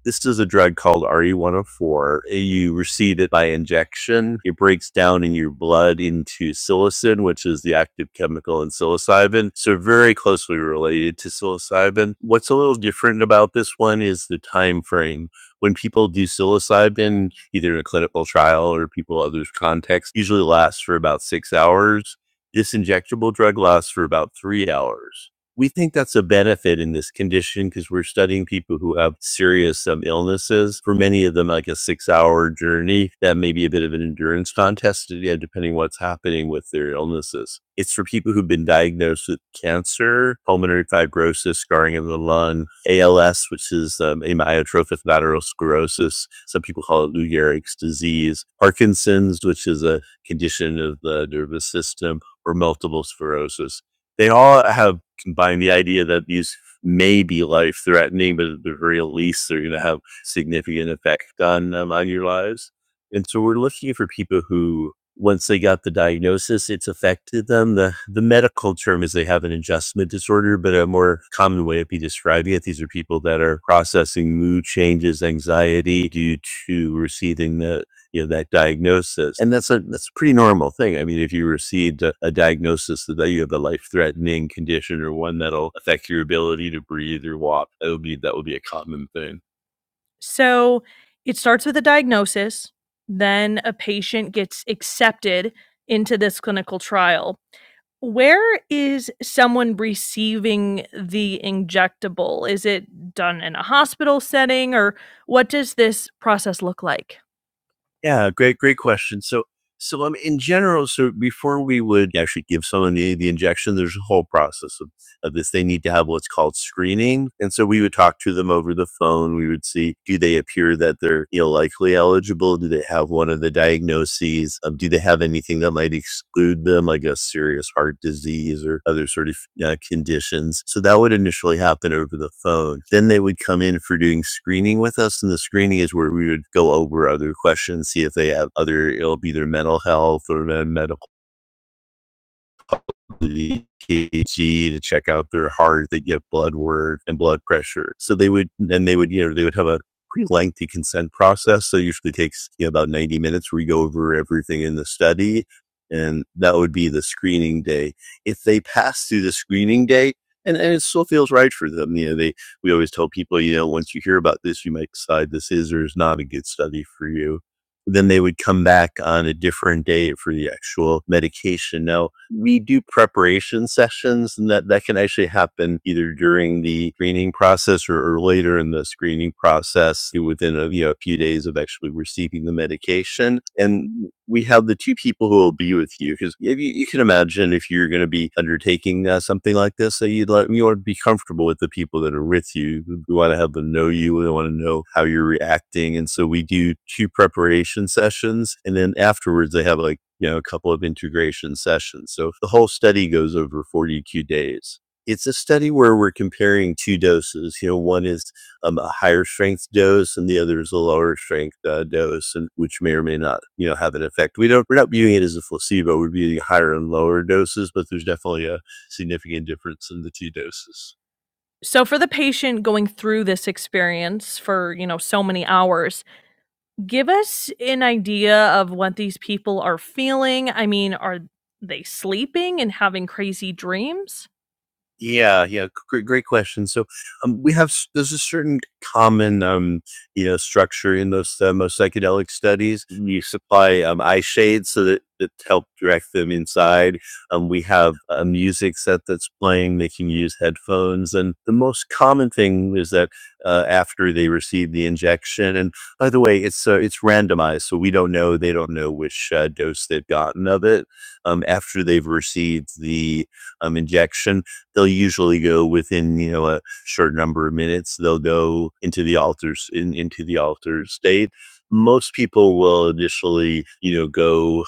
this is a drug called RE104. You receive it by injection. It breaks down in your blood into psilocin, which is the active chemical in psilocybin. So, very closely related to psilocybin. What's a little different about this one is the time frame. When people do psilocybin, either in a clinical trial or people others context, usually lasts for about six hours. This injectable drug lasts for about three hours we think that's a benefit in this condition because we're studying people who have serious um, illnesses. For many of them, like a six-hour journey, that may be a bit of an endurance contest, uh, yeah, depending what's happening with their illnesses. It's for people who've been diagnosed with cancer, pulmonary fibrosis, scarring of the lung, ALS, which is um, amyotrophic lateral sclerosis. Some people call it Lou Gehrig's disease, Parkinson's, which is a condition of the nervous system, or multiple sclerosis they all have combine the idea that these may be life threatening, but at the very least, they're going to have significant effect on um, on your lives. And so we're looking for people who, once they got the diagnosis, it's affected them. The, the medical term is they have an adjustment disorder, but a more common way of be describing it, these are people that are processing mood changes, anxiety due to receiving the you know that diagnosis and that's a that's a pretty normal thing i mean if you received a, a diagnosis that you have a life-threatening condition or one that'll affect your ability to breathe or walk that would be that would be a common thing So it starts with a diagnosis, then a patient gets accepted into this clinical trial. Where is someone receiving the injectable? Is it done in a hospital setting or what does this process look like? Yeah, great, great question. So, so um, in general, so before we would actually give someone the, the injection, there's a whole process of of this. They need to have what's called screening. And so we would talk to them over the phone. We would see do they appear that they're you know, likely eligible? Do they have one of the diagnoses? Um, do they have anything that might exclude them, like a serious heart disease or other sort of uh, conditions? So that would initially happen over the phone. Then they would come in for doing screening with us. And the screening is where we would go over other questions, see if they have other, it'll be their mental health or uh, medical the EKG to check out their heart. They get blood work and blood pressure. So they would, and they would, you know, they would have a pretty lengthy consent process. So it usually takes you know, about 90 minutes. We go over everything in the study and that would be the screening day. If they pass through the screening day, and, and it still feels right for them. You know, they, we always tell people, you know, once you hear about this, you might decide this is or is not a good study for you then they would come back on a different day for the actual medication. Now, we do preparation sessions, and that, that can actually happen either during the screening process or, or later in the screening process within a, you know, a few days of actually receiving the medication. And we have the two people who will be with you because you, you can imagine if you're going to be undertaking uh, something like this, so you'd like you want to be comfortable with the people that are with you. We want to have them know you. We want to know how you're reacting, and so we do two preparation sessions, and then afterwards they have like you know a couple of integration sessions. So the whole study goes over 42 days. It's a study where we're comparing two doses. You know, one is um, a higher strength dose and the other is a lower strength uh, dose, and which may or may not, you know, have an effect. We don't, we're not viewing it as a placebo. We're viewing higher and lower doses, but there's definitely a significant difference in the two doses. So for the patient going through this experience for, you know, so many hours, give us an idea of what these people are feeling. I mean, are they sleeping and having crazy dreams? Yeah, yeah, great, great question. So, um, we have s- there's a certain common, um, you know, structure in those uh, most psychedelic studies. We supply um, eye shades so that it help direct them inside. Um, we have a music set that's playing. They can use headphones, and the most common thing is that uh, after they receive the injection, and by the way, it's uh, it's randomized, so we don't know. They don't know which uh, dose they've gotten of it. Um, after they've received the um, injection they'll usually go within you know a short number of minutes they'll go into the altars in, into the altar state most people will initially you know go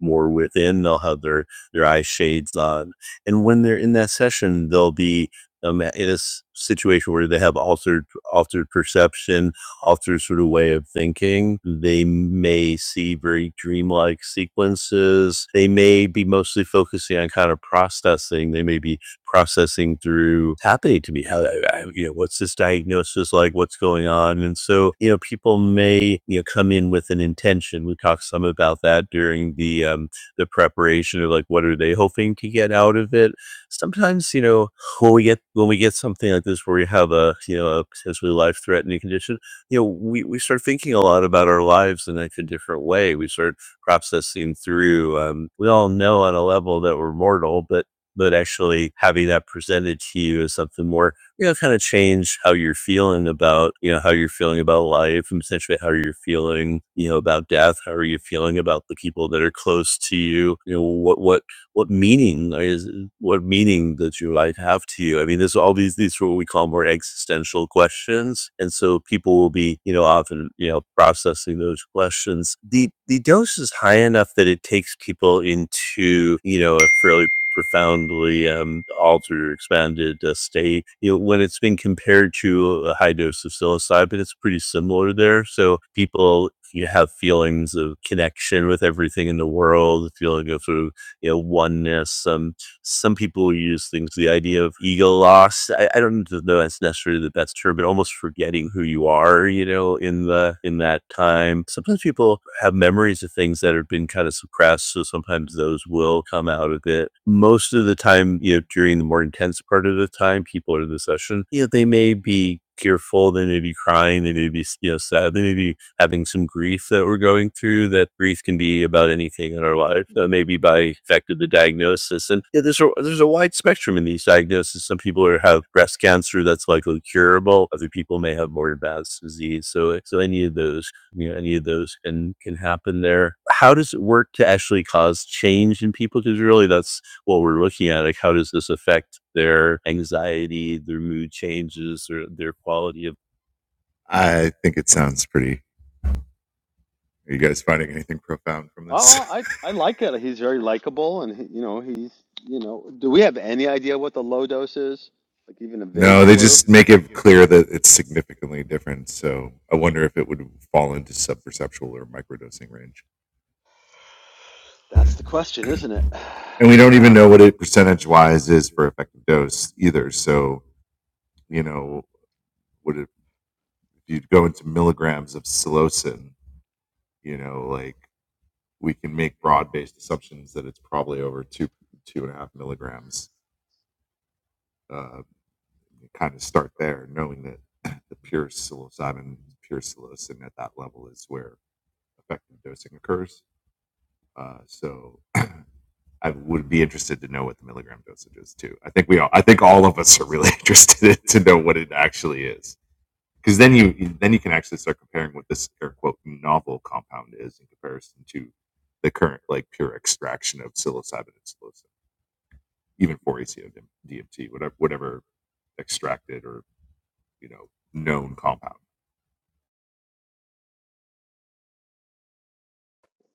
more within they'll have their their eye shades on and when they're in that session they'll be um, in a s- situation where they have altered altered perception altered sort of way of thinking they may see very dreamlike sequences they may be mostly focusing on kind of processing they may be processing through "What's happening to me. How, I, I- you know, what's this diagnosis like? What's going on? And so, you know, people may, you know, come in with an intention. We talked some about that during the, um, the preparation of like, what are they hoping to get out of it? Sometimes, you know, when we get, when we get something like this, where we have a, you know, a potentially life threatening condition, you know, we, we start thinking a lot about our lives in like a different way. We start processing through. Um, we all know on a level that we're mortal, but but actually having that presented to you as something more, you know, kind of change how you're feeling about, you know, how you're feeling about life and essentially how you're feeling, you know, about death. How are you feeling about the people that are close to you? You know, what, what what meaning is what meaning does your life have to you? I mean, there's all these these what we call more existential questions, and so people will be you know often you know processing those questions. The the dose is high enough that it takes people into you know a fairly profoundly um, altered or expanded uh, state. You know, when it's been compared to a high dose of psilocybin, it's pretty similar there. So people you have feelings of connection with everything in the world, feeling of sort of you know, oneness. Um, some people use things, the idea of ego loss. I, I don't know that's necessarily the best term, but almost forgetting who you are, you know, in the in that time. Sometimes people have memories of things that have been kind of suppressed, so sometimes those will come out of it. Most of the time, you know, during the more intense part of the time, people are in the session, you know, they may be tearful, they may be crying, they may be you know sad, they may be having some grief that we're going through. That grief can be about anything in our life, uh, maybe by effect of the diagnosis. And yeah, there's a, there's a wide spectrum in these diagnoses. Some people are, have breast cancer that's likely curable. Other people may have more advanced disease. So so any of those, you know, any of those can can happen there. How does it work to actually cause change in people? Because really, that's what we're looking at. Like, how does this affect their anxiety, their mood changes, or their quality of
Oh, I I like it. He's very likable, and he, you know he's you know. Do we have any idea what the low dose is? Like even a vague clue? That's the question, isn't it? Yeah.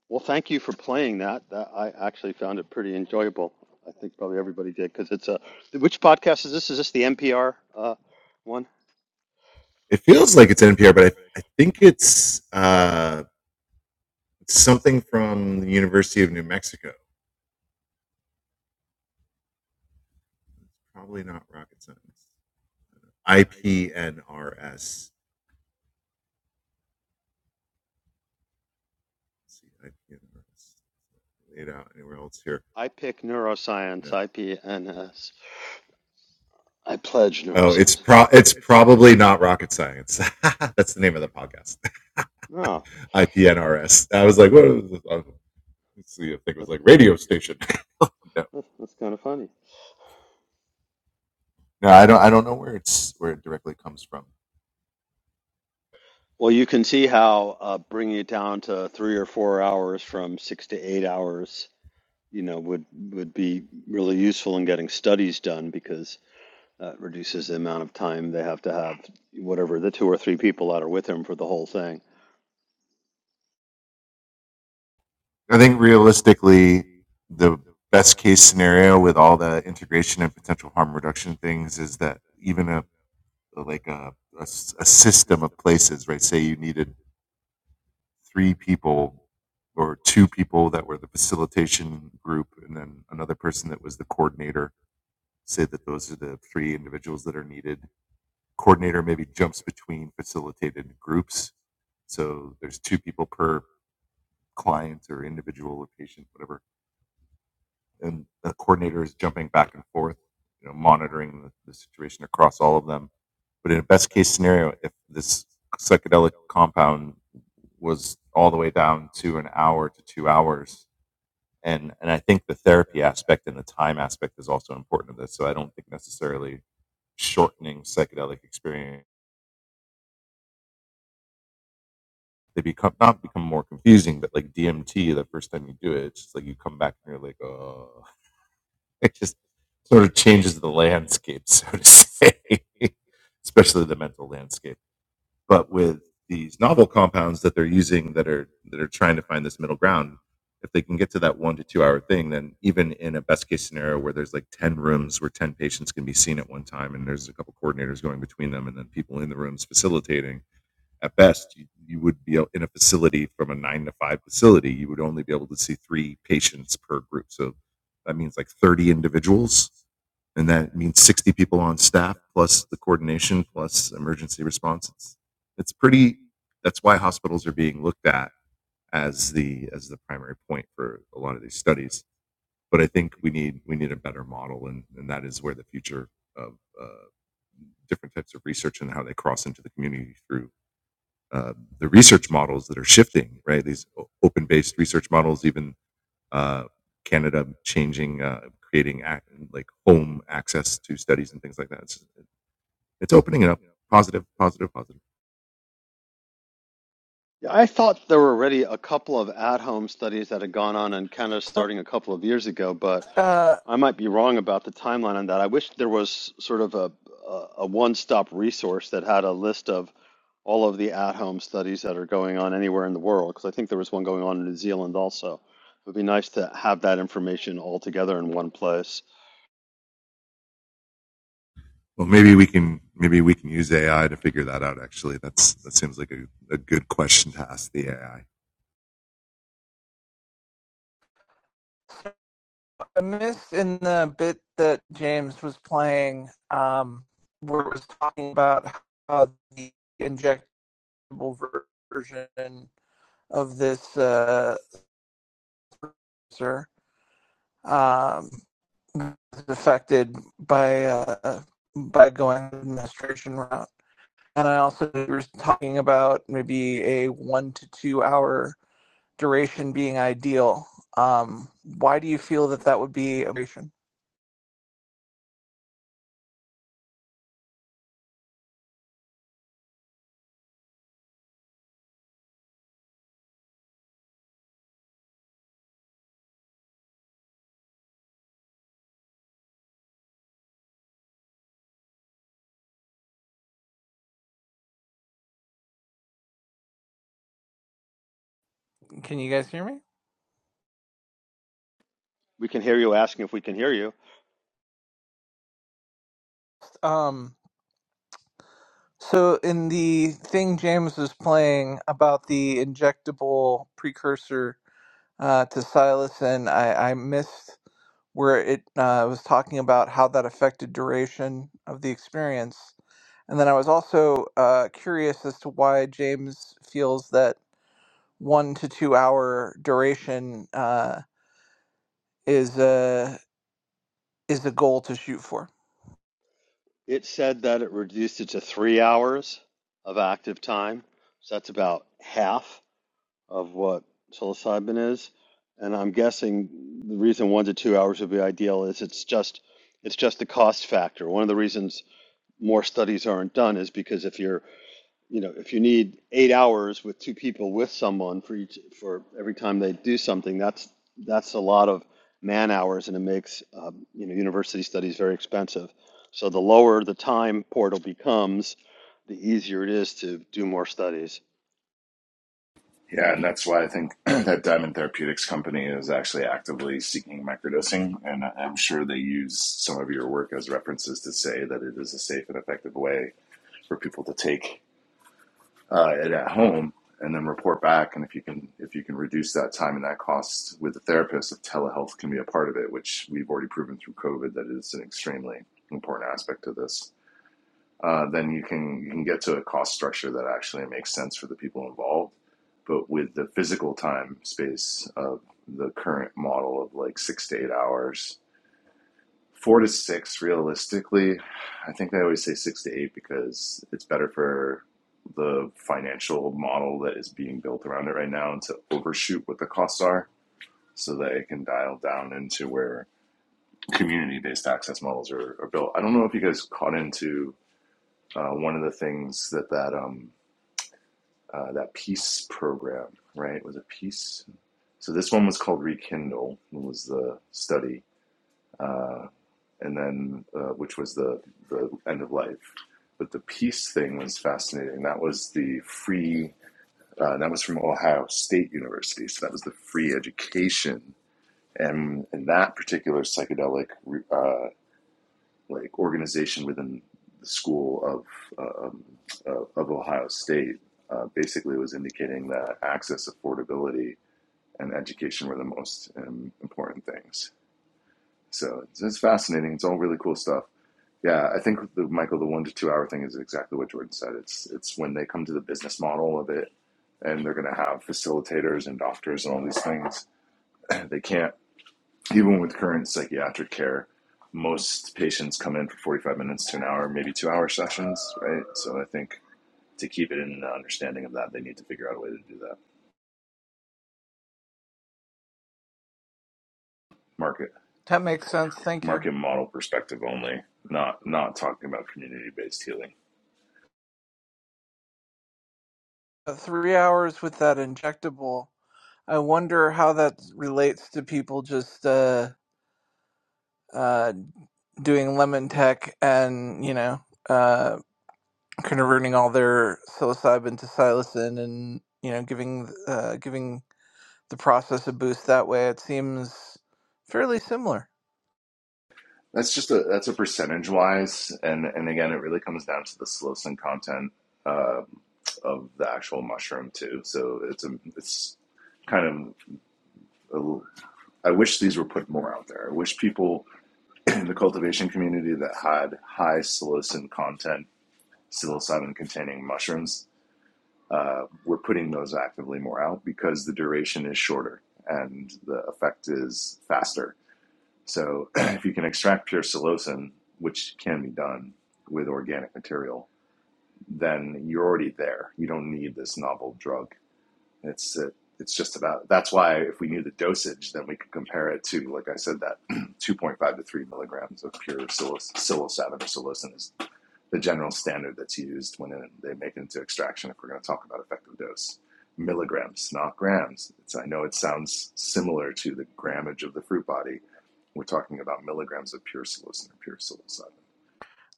Well, thank you for playing that. That I actually found it pretty enjoyable. I think probably everybody did because it's a. Which podcast is this? Is this the NPR uh, one? I pick neuroscience. I p n s. I pledge neuroscience. Oh, that's, that's, that's kind of funny. Well, you can see how uh, bringing it down to three or four hours from six to eight hours, you know, would would be really useful in getting studies done because Uh, reduces the amount of time they have to have whatever the two or three people that are with him for the whole thing. Yeah, I thought there were already a couple of at-home studies that had gone on in Canada starting a couple of years ago, but
Uh,
I might be wrong about the timeline on that. I wish there was sort of a a, a one-stop resource that had a list of all of the at-home studies that are going on anywhere in the world, because I think there was one going on in New Zealand also. It would be nice to have that information all together in one place.
I missed in the bit that James was playing, um, where it was talking about how the inject. version of this uh, sir um, is affected by uh, by going the administration route. And I also was talking about maybe a one to two hour duration being ideal. Um, why do you feel that that would be a duration? Can you guys hear me?
We can hear you asking if we can hear you.
Um, so in the thing James was playing about the injectable precursor uh, to psilocin, I, I missed where it uh, was talking about how that affected duration of the experience. And then I was also uh, curious as to why James feels that one to two hour duration uh, is a is a goal to shoot for.
It said that it reduced it to three hours of active time, so that's about half. of what psilocybin is. And I'm guessing the reason one to two hours would be ideal is it's just it's just the cost factor. One of the reasons more studies aren't done is because if you're you know if you need eight hours with two people with someone for each for every time they do something that's that's a lot of man hours and it makes um, you know university studies very expensive. So the lower the time portal becomes, the easier it is to do more studies.
That makes sense. Thank you. Uh, Three hours with that injectable. I wonder how that relates to people just uh, uh, doing lemon tech and you know uh, converting all their psilocybin to psilocin and you know giving uh, giving the process a boost that way. It seems fairly similar.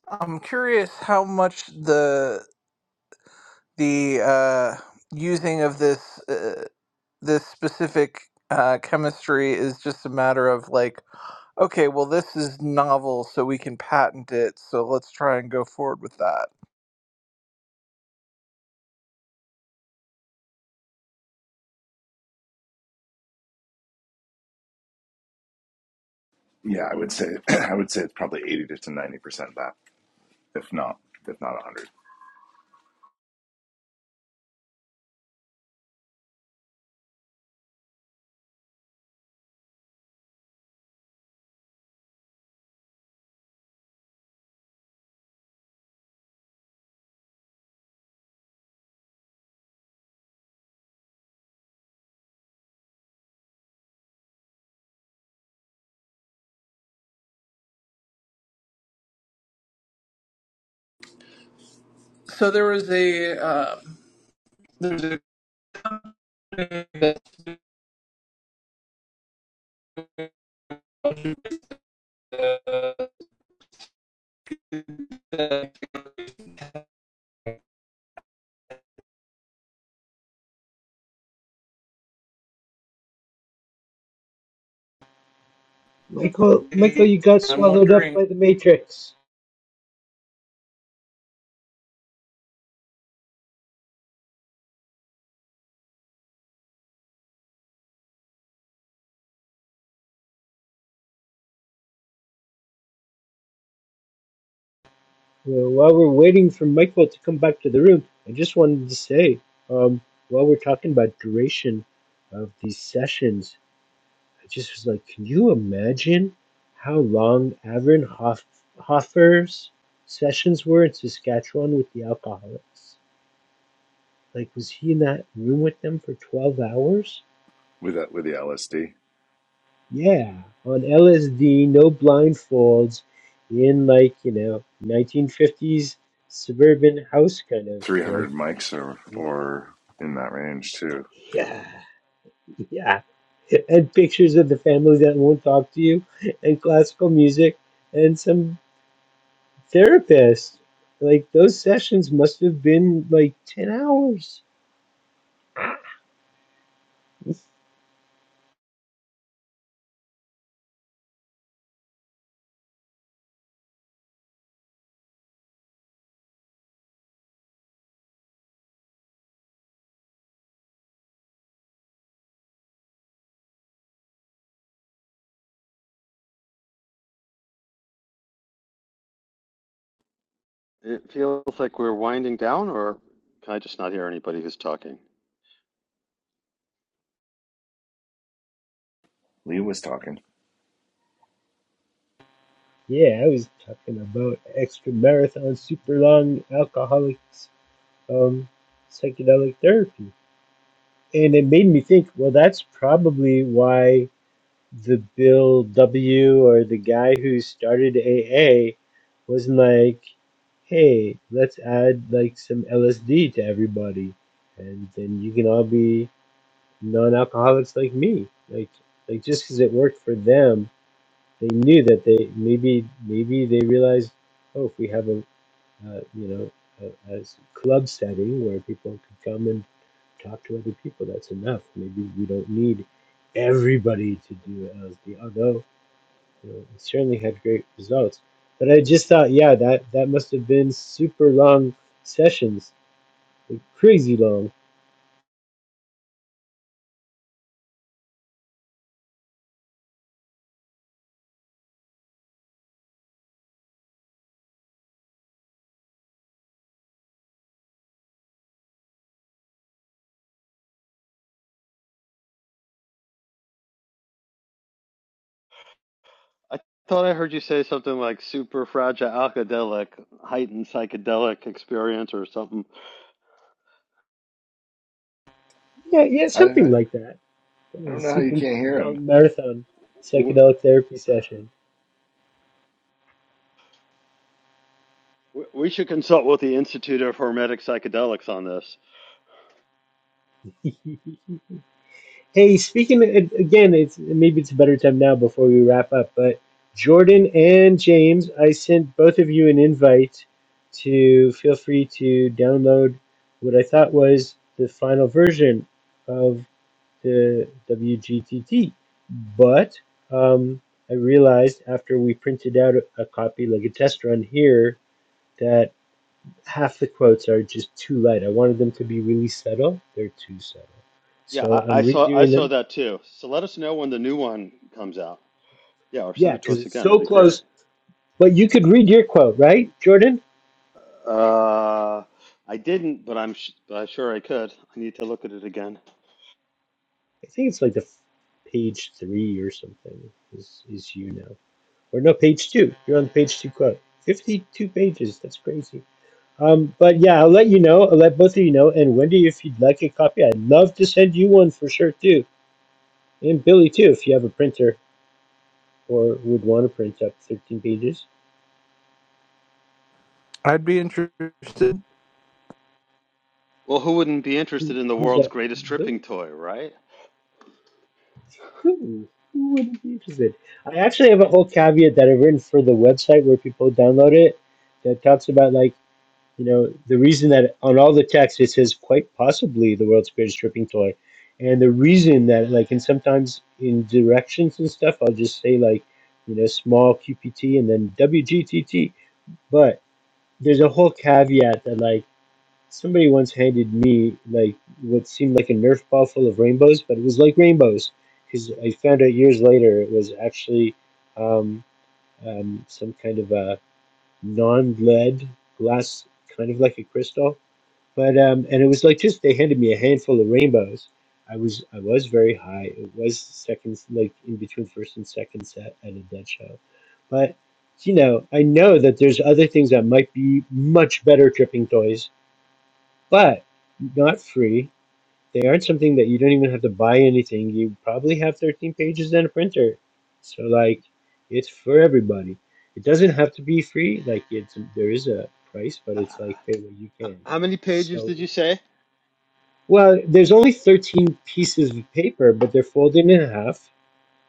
I'm curious how much the the uh, using of this. uh, this specific uh, chemistry is just a matter of like, okay, well, this is novel, so we can patent it. So let's try and go forward with that. So there was a. Um,
Michael, Michael,
a-
you got
I'm
swallowed up
wondering.
by the Matrix. Well, while we're waiting for Michael to come back to the room, I just wanted to say, um, while we're talking about duration of these sessions, I just was like, can you imagine how long Avern Hof- Hoffer's sessions were in Saskatchewan with the alcoholics? Like, was he in that room with them for 12 hours? Yeah, on LSD, no blindfolds, in like, you know, 1950s suburban house kind of like, yeah, yeah. And pictures of the family that won't talk to you, and classical music, and some therapist. Like those sessions must have been like ten hours.
It feels like we're winding down, or can I just not hear anybody who's talking?
Yeah, I was talking about extra marathon, super long alcoholics, um, psychedelic therapy, and it made me think. Well, that's probably why the Bill W. or the guy who started AA was like, "Hey, let's add like some LSD to everybody, and then you can all be non-alcoholics like me. Like like just because it worked for them, they knew that they maybe maybe they realized, oh, if we have a uh, you know a a club setting where people could come and talk to other people, that's enough. Maybe we don't need everybody to do LSD. Although you know, it certainly had great results. But I just thought, yeah, that that must have been super long sessions, crazy long.
I thought I heard you say something like super fragile alkadelic, heightened psychedelic experience, or something.
Yeah, yeah, something like that. That was A super long marathon psychedelic therapy session.
We should consult with the Institute of Hermetic Psychedelics on this.
hey, speaking a- again, it's maybe it's a better time now before we wrap up. But Jordan and James, I sent both of you an invite to feel free to download what I thought was the final version of the WGTT. But um, I realized after we printed out a a copy, like a test run here, that. half the quotes are just too light. I wanted them to be really subtle. They're too subtle.
Yeah,
So
I, I
I'm
saw I
redoing
saw
them.
that too. So let us know when the new one comes out. Yeah, or send
Yeah,
it to
because
us
it's
again.
so
That'd be great.
close. But you could read your quote, right, Jordan?
Uh, I didn't, but I'm sh- uh, sure I could. I need to look at it again.
I think it's like the page three or something is, is you now. Or no, page two. You're on the page two quote. 52 pages. That's crazy. Um, but yeah, I'll let you know. I'll let both of you know. And Wendy, if you'd like a copy, I'd love to send you one for sure, too. And Billy, too, if you have a printer or would want to print up 13 pages
I'd be interested.
Well, who wouldn't be
Who,
interested in the
who's
world's
that?
greatest
Who?
tripping toy, right?
Who Who wouldn't be interested? I actually have a whole caveat that I've written for the website where people download it that talks about, like, you know, the reason that on all the text it says quite possibly the world's greatest stripping toy. And the reason that, like, and sometimes in directions and stuff, I'll just say, like, you know, small QPT and then WGTT. But there's a whole caveat that, like, Somebody once handed me like what seemed like a Nerf ball full of rainbows, but it was like rainbows because I found out years later it was actually um, um, some kind of a non-lead glass, kind of like a crystal. But um, and it was like just they handed me a handful of rainbows. I was I was very high. It was second, like in between first and second set at a dead show, but you know I know that there's other things that might be much better tripping toys but not free. They aren't something that you don't even have to buy anything. You probably have 13 pages and a printer. So, like, it's for everybody. It doesn't have to be free. Like, it's there is a price, but
H-
it's like pay what you
h-
can.
How many pages
So,
did you say?
well, there's only 13 pieces of paper, but they're folded in half.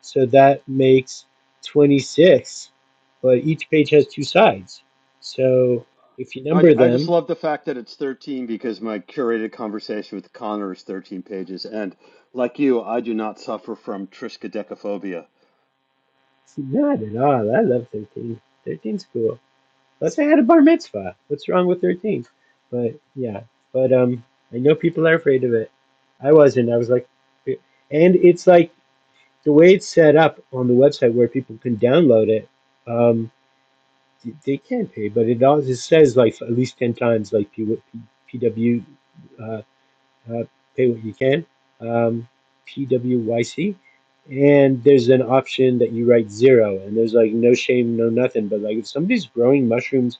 So that makes 26, but each page has two sides. So if you
I, ju-
number
I just
them,
love the fact that it's 13 because my curated conversation with Connor is 13 pages. And like you, I do not suffer from triskaidekaphobia.
not at all. I love 13. Thirteen's cool. Unless I had a bar mitzvah. What's wrong with 13? But yeah, but um, I know people are afraid of it. I wasn't. I was like, and it's like the way it's set up on the website where people can download it. Um, they they can pay, but it also says like at least ten times like P, P, PW uh, pay what you can, um, PWYC. And there's an option that you write zero, and there's like no shame, no nothing. But like if somebody's growing mushrooms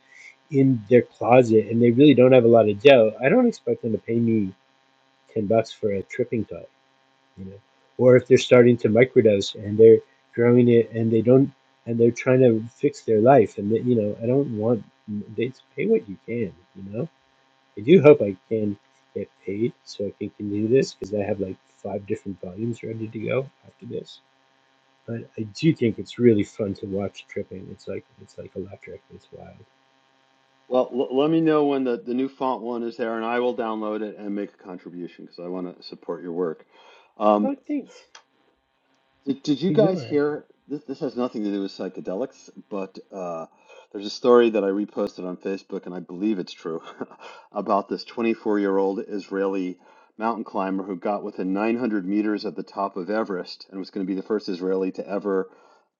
in their closet and they really don't have a lot of dough, I don't expect them to pay me 10 bucks for a tripping cup, you know. Or if they're starting to microdose and they're growing it and they don't, and they're trying to fix their life, and they, you know, I don't want, they pay what you can, you know I do hope I can get paid so I can continue this because I have like five different volumes ready to go after this. But I do think it's really fun to watch tripping. It's like it's like electric. It's wild.
Well, l- let me know when the, the new font one is there, and I will download it and make a contribution because I want to support your work. Um,
Oh, thanks.
Did, did you
But you
guys
don't have to.
hear? This, this has nothing to do with psychedelics, but uh, there's a story that I reposted on Facebook, and I believe it's true, about this 24 year old Israeli mountain climber who got within 900 meters of the top of Everest and was going to be the first Israeli to ever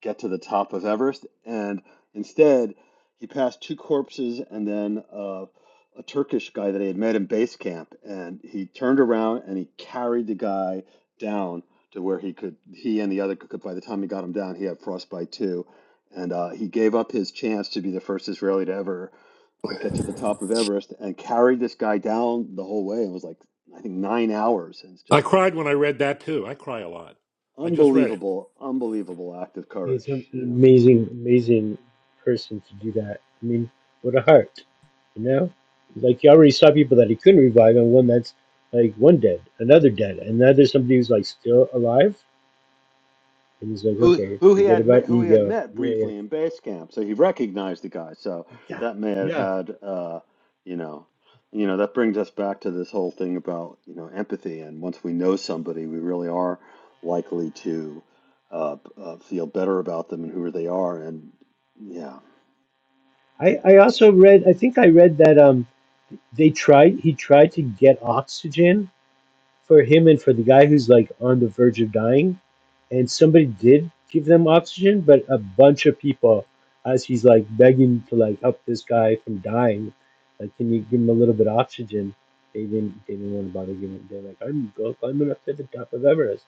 get to the top of Everest. And instead, he passed two corpses and then uh, a Turkish guy that he had met in base camp. And he turned around and he carried the guy down to where he could he and the other could by the time he got him down he had frostbite too and uh, he gave up his chance to be the first israeli to ever uh, get to the top of everest and carried this guy down the whole way It was like i think nine hours and it's
I
just like
cried when I read that too. I cry a lot. I just read it.
unbelievable unbelievable act of
He's
courage
an
you know
amazing, amazing person to do that. I mean, what a heart, you know? Like you already saw people that he couldn't revive, and one that's like one dead, another dead, and now there's somebody who's like still alive, and he's like,
who
okay,
who he
forget
had met
about
who he had
ego.
met
Yeah, yeah,
briefly in base camp, so he recognized the guy. So
yeah.
that may have
yeah.
had uh, you know, you know that brings us back to this whole thing about you know empathy, and once we know somebody, we really are likely to uh, uh, feel better about them and who they are, and yeah,
I, I also read I think I read that um they tried he tried to get oxygen for him and for the guy who's like on the verge of dying and somebody did give them oxygen but a bunch of people as he's like begging to like help this guy from dying like can you give him a little bit of oxygen they didn't they didn't want to bother giving it they're like I'm go climbing up to the top of Everest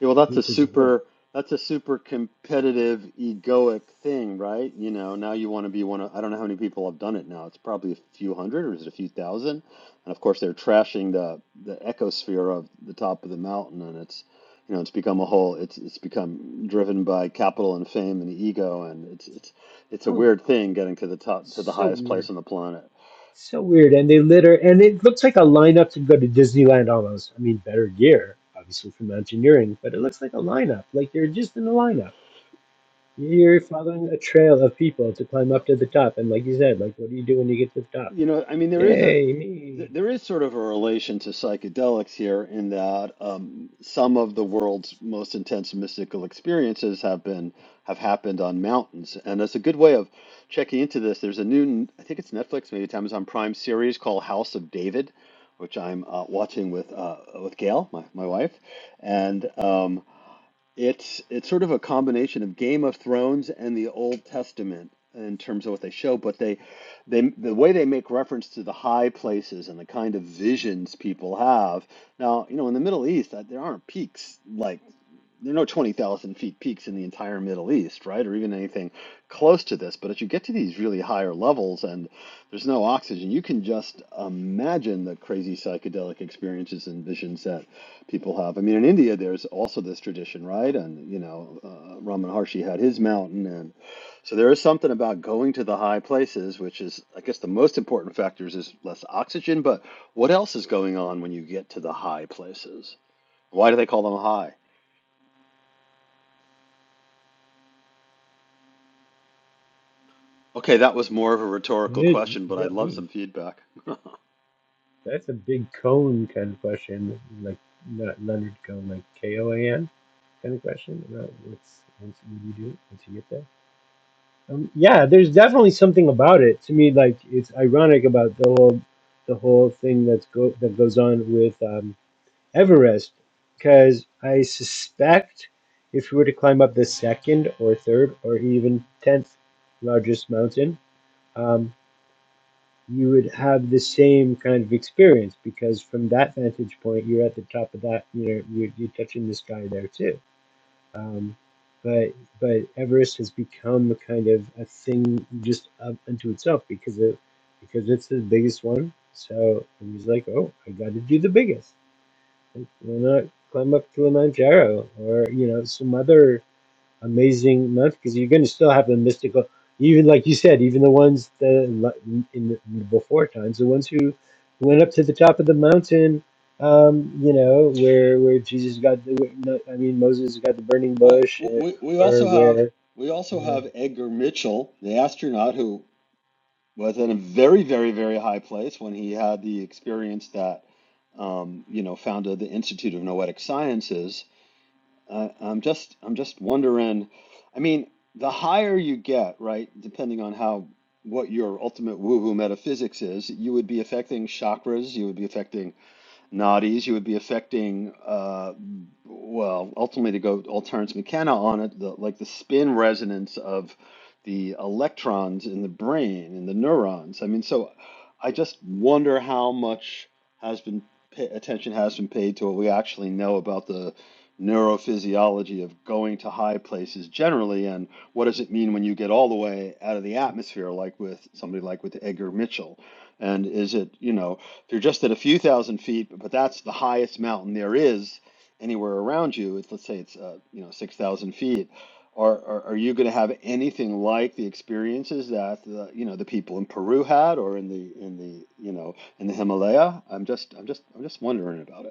Yeah, well, that's a
which is a whole
super that's a super competitive egoic thing, right? You know, now you want to be one of I don't know how many people have done it now. It's probably a few hundred or is it a few thousand? And of course, they're trashing the the ecosphere of the top of the mountain, and it's you know it's become a whole it's it's become driven by capital and fame and the ego, and it's it's it's a
oh
weird thing getting to the top to the
so
highest
weird
place on the planet.
So weird. And they litter, and it looks like a lineup to go to Disneyland almost. I mean, better gear, obviously, for mountaineering, but it looks like a lineup. Like you're just in a lineup. You're following a trail of people to climb up to the top. And like you said, like, what do you do when you get to the top?
You know, I mean, there is a
Yay,
th-
me.
there is sort of a relation to psychedelics here in that um, some of the world's most intense mystical experiences have been have happened on mountains, and that's a good way of checking into this. There's a new, I think it's Netflix, maybe it's Amazon Prime series called House of David, which I'm uh, watching with uh, with Gail, my my wife, and. um, it's it's sort of a combination of Game of Thrones and the Old Testament in terms of what they show, but they they the way they make reference to the high places and the kind of visions people have. Now, you know, in the Middle East, uh, there aren't peaks like there are no 20,000 feet peaks in the entire Middle East, right? Or even anything close to this. But as you get to these really higher levels and there's no oxygen, you can just imagine the crazy psychedelic experiences and visions that people have. I mean, in India, there's also this tradition, right? And you know, uh, Ramana Maharshi had his mountain, and so there is something about going to the high places, which is, I guess, the most important factors is less oxygen. But what else is going on when you get to the high places? Why do they call them high? Okay, that was more of a rhetorical
Yeah, You
question, but I'd
got
love
me.
some feedback.
That's a big cone kind of question. Like, not Leonard Cone, like K O A N kind of question about what's, what's, what do you do once you get there? Um, yeah, there's definitely something about it. To me, like it's ironic about the whole the whole thing that's go that goes on with um, Everest, because I suspect if you were to climb up the second or third or even tenth largest mountain, um, you would have the same kind of experience because from that vantage point, you're at the top of that. You know, you're, you're touching the sky there too. Um, but but Everest has become a kind of a thing just up unto itself because it because it's the biggest one. So it was like, oh, I got to do the biggest. Like, why not climb up Kilimanjaro or you know some other amazing month because you're going to still have the mystical even like you said even the ones that like, in the before times the ones who went up to the top of the mountain um you know where where jesus got the no, i mean moses got the burning
Well,
bush
w- we we
or, or
also have
where
we also
you know
have Edgar Mitchell, the astronaut, who was in a very, very, very high place when he had the experience that um, you know founded the Institute of Noetic Sciences. Uh, I'm just I'm just wondering. I mean, the higher you get, right, depending on how what your ultimate woo-woo metaphysics is, you would be affecting chakras, you would be affecting Noddy's, you would be affecting, uh, well, ultimately to go all Terence McKenna on it, the, like the spin resonance of the electrons in the brain and the neurons. I mean, so I just wonder how much has been pa attention has been paid to what we actually know about the neurophysiology of going to high places generally, and what does it mean when you get all the way out of the atmosphere, like with somebody like with Edgar Mitchell, and is it, you know if you're just at a few thousand feet, but that's the highest mountain there is anywhere around you, it's, let's say it's uh, you know six thousand feet. Are, are, are you going to have anything like the experiences that the, you know the people in Peru had, or in the in the you know in the Himalaya? I'm just I'm just I'm just wondering about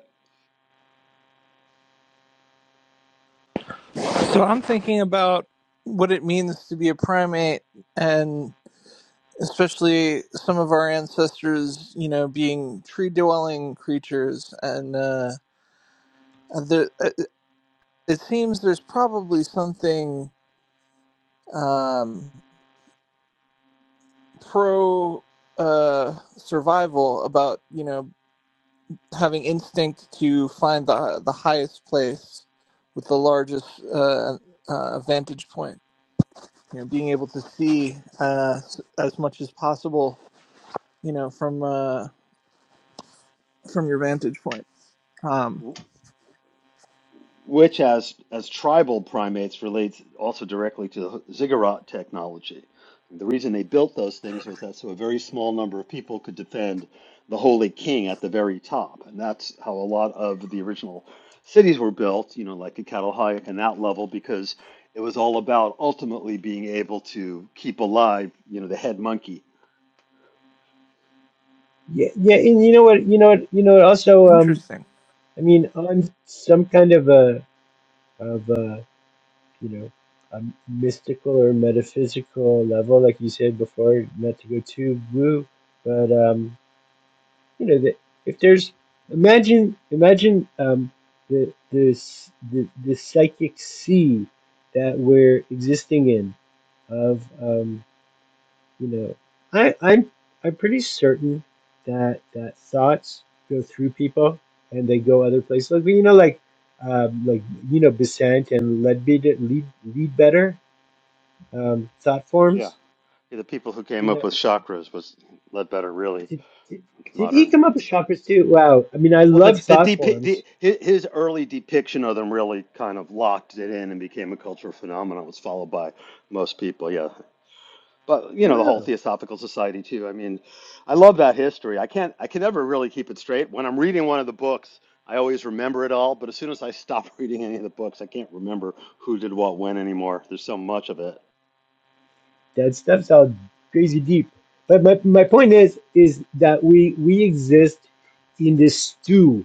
So I'm thinking about what it means to be a primate, and especially some of our ancestors, you know, being tree-dwelling creatures, and uh, the, uh, it seems there's probably something um, pro uh, survival about you know having instinct to find the the highest place with the largest uh, uh, vantage point. You know, being able to see uh, as much as possible. You know, from uh, from your vantage point. Um,
it. which as as tribal primates relates also directly to the ziggurat technology. The reason they built those things was that so a very small number of people could defend the holy king at the very top, and that's how a lot of the original cities were built. You know, like the Catalhoyuk and that level, because it was all about ultimately being able to keep alive, you know, the head monkey.
yeah yeah and you know what you know what you know what also um
interesting.
i mean on some kind of a of a you know a mystical or metaphysical level like you said before not to go too woo but um you know that if there's imagine imagine um the this the, the psychic sea that we're existing in of um you know i i'm i'm pretty certain that that thoughts go through people and they go other places like you know like um like you know Besant and Leadbeater lead lead better um thought
Yeah.
forms
Yeah, the people who came
you
up
know
with chakras was Ledbetter, really
did, did, did he
modern.
come up with chakras too wow i mean i
Well, the
love
the,
thought
depi-
forms
the his early depiction of them really kind of locked it in and became a cultural phenomenon. It was followed by most people, yeah. But you know, the
Oh.
whole Theosophical Society too. I mean, I love that history. I can't, I can never really keep it straight. When I'm reading one of the books, I always remember it all. But as soon as I stop reading any of the books, I can't remember who did what when anymore. There's so much of it.
That stuff's all crazy deep. But my, my point is is that we we exist in this stew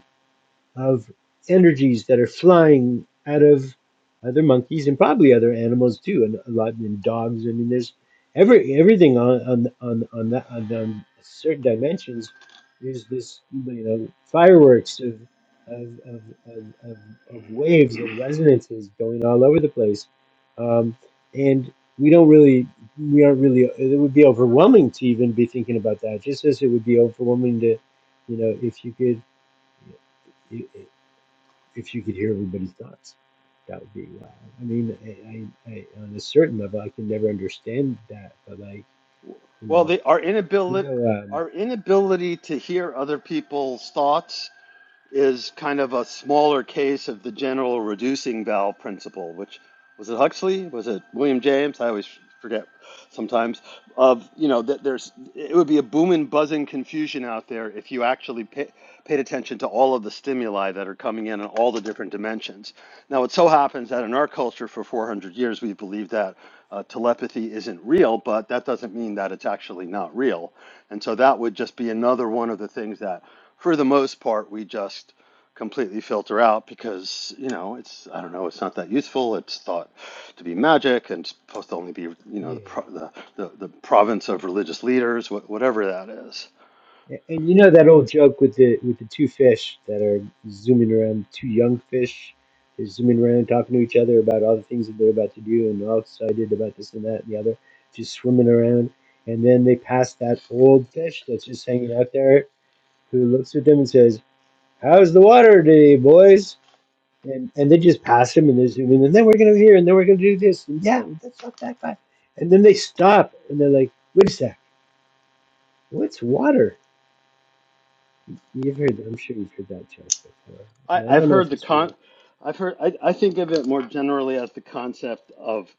of energies that are flying out of other monkeys and probably other animals too, and a lot in dogs. I mean, there's every everything on on on on that on, on certain dimensions There's this you know fireworks of of of of, of, of waves and resonances going all over the place, um, and we don't really we aren't really it would be overwhelming to even be thinking about that just as it would be overwhelming to you know if you could if you could hear everybody's thoughts. That would be wow. I mean, I, I, I on a certain level, I can never understand that, but like, you
Well,
know,
the, our
you
inability
know, um,
our inability to hear other people's thoughts is kind of a smaller case of the general reducing valve principle, which was it Huxley? Was it William James? I always forget sometimes. Of you know that there's it would be a booming, buzzing confusion out there if you actually pay, paid attention to all of the stimuli that are coming in and all the different dimensions. Now, it so happens that in our culture for 400 years, we believed that uh, telepathy isn't real, but that doesn't mean that it's actually not real. And so that would just be another one of the things that, for the most part, we just completely filter out because, you know, it's, I don't know, it's not that useful. It's thought to be magic and supposed to only be, you know, the,
yeah,
pro- the, the, the province of religious leaders, wh- whatever that is.
A- and you know that old joke with the with the two fish that are zooming around, two young fish, they're zooming around talking to each other about all the things that they're about to do and they're all excited about this and that and the other, just swimming around, and then they pass that old fish that's just hanging out there, who looks at them and says, "How's the water today, boys?" and and they just pass him and they zoom in and then we're gonna go here and then we're gonna do this and yeah that's not that bad and then they stop and they're like wait a sec what's water you've heard that. I'm sure you've heard that joke before
I,
and I
I've
don't know if
heard the
it's really
con. I've heard. I, I think of it more generally as the concept of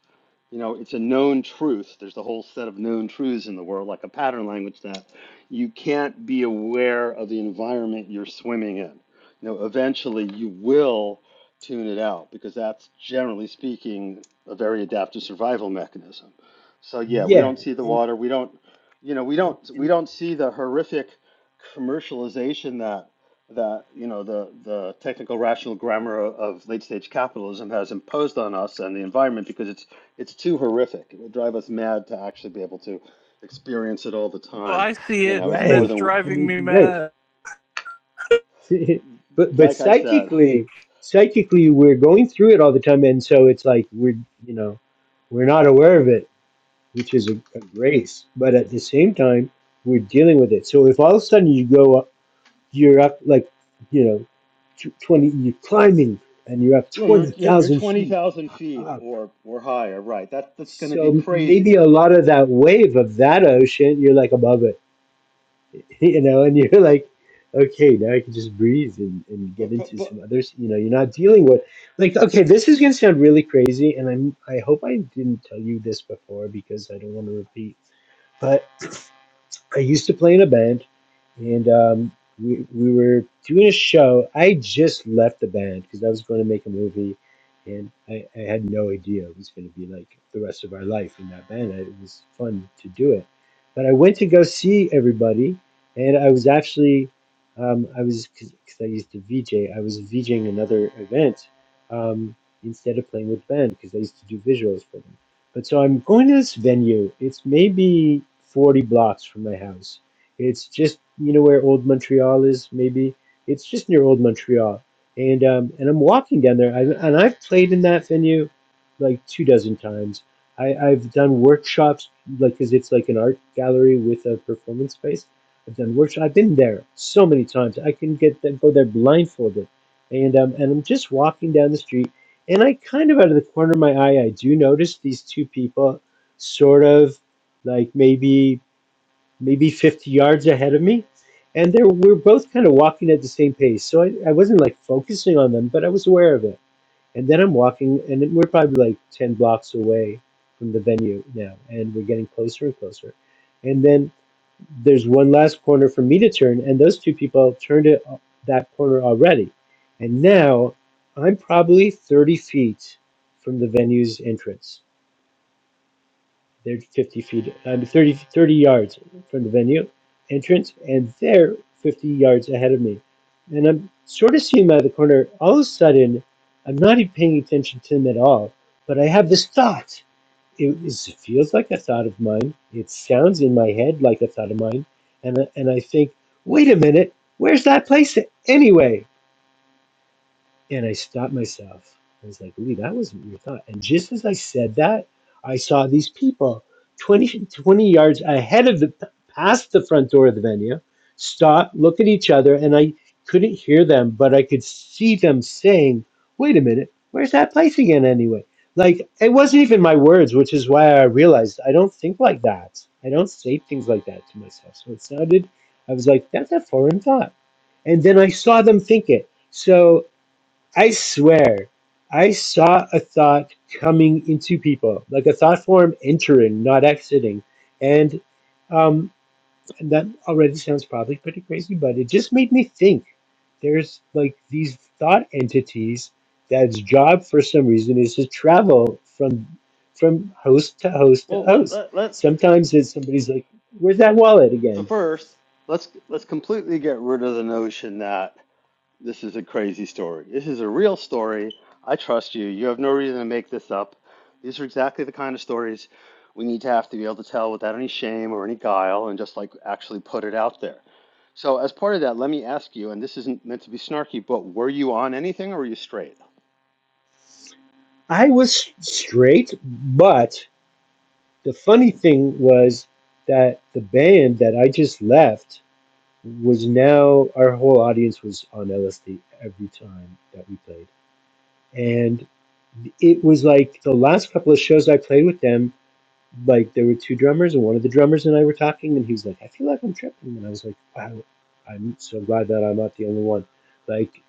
You know, it's a known truth. There's a whole set of known truths in the world, like a pattern language that you can't be aware of the environment you're swimming in. You know, eventually you will tune it out because that's generally speaking a very adaptive survival mechanism. So yeah, we
yeah
don't see the
and
water. We don't, you know, we
and,
don't we
and
don't see the horrific commercialization that that you know the the technical rational grammar of late stage capitalism has imposed on us and the environment because it's it's too horrific. It would drive us mad to actually be able to experience it all the
Well,
time.
I see
You
it,
know, it's
and
more
right
it's
than
I
driving
mean
me
right
mad.
but but
like I said.
psychically psychically we're going through it all the time and so it's like we're you know we're not aware of it which is a, a grace but at the same time we're dealing with it so if all of a sudden you go you're up like you know tw- 20 you're climbing and you're up
Yeah, you're you're, you're
20,000
twenty
feet
thousand feet
up
or or higher, right? That that's going to be
so maybe a
crazy.
lot of that wave of that ocean you're like above it you know and you're like okay now i can just breathe and, and get
But but
into
but
some others you know you're not dealing with like okay this is going to sound really crazy and i'm i hope i didn't tell you this before because i don't want to repeat but. I used to play in a band, and um, we we were doing a show. I just left the band because I was going to make a movie, and I, I had no idea it was going to be like the rest of our life in that band. I, it was fun to do it, but I went to go see everybody, and I was actually um, I was because I used to VJ. I was VJing another event um, instead of playing with band because I used to do visuals for them. But so I'm going to this venue. It's maybe 40 blocks from my house. It's just, you know, where Old Montreal is, maybe. It's just near Old Montreal. And, um, and I'm walking down there. I, and I've played in that venue like two dozen times. I, I've done workshops, like, because it's like an art gallery with a performance space. I've done workshops. I've been there so many times. I can get that, go there blindfolded. And, um, and I'm just walking down the street and I kind of out of the corner of my eye, I do notice these two people sort of like maybe maybe 50 yards ahead of me. And they we're both kind of walking at the same pace. So I, I wasn't like focusing on them, but I was aware of it. And then I'm walking and we're probably like 10 blocks away from the venue now and we're getting closer and closer. And then there's one last corner for me to turn, and those two people turned it that corner already. And now I'm probably 30 feet from the venue's entrance. They're 50 feet, I mean, 30, 30 yards from the venue entrance, and they're 50 yards ahead of me. And I'm sort of seeing by the corner. All of a sudden, I'm not even paying attention to them at all, but I have this thought. It is, it feels like a thought of mine. It sounds in my head like a thought of mine. And, and I think, wait a minute, where's that place anyway? And I stopped myself. I was like, Lee, that wasn't your thought. And just as I said that, I saw these people 20 20 yards ahead of the, past the front door of the venue, stop, look at each other. And I couldn't hear them, but I could see them saying, wait a minute, where's that place again anyway? Like, it wasn't even my words, which is why I realized I don't think like that. I don't say things like that to myself. So it sounded, I was like, that's a foreign thought. And then I saw them think it. So I swear, I saw a thought coming into people, like a thought form entering, not exiting. And um, and that already sounds probably pretty crazy, but it just made me think. There's like these thought entities that's job for some reason is to travel from from host to host to
well, let,
host.
let let's
Sometimes it's somebody's like, "Where's that wallet
so
again?"
first let's let's completely get rid of the notion that This is a crazy story. This is a real story. I trust you. You have no reason to make this up. These are exactly the kind of stories we need to have to be able to tell without any shame or any guile and just like actually put it out there. So, as part of that, let me ask you, and this isn't meant to be snarky, but were you on anything or were you straight?
I was straight, but the funny thing was that the band that I just left was now our whole audience was on LSD every time that we played. And it was like the last couple of shows I played with them, like there were two drummers and one of the drummers and I were talking and he was like, I feel like I'm tripping and I was like, Wow, I'm so glad that I'm not the only one. Like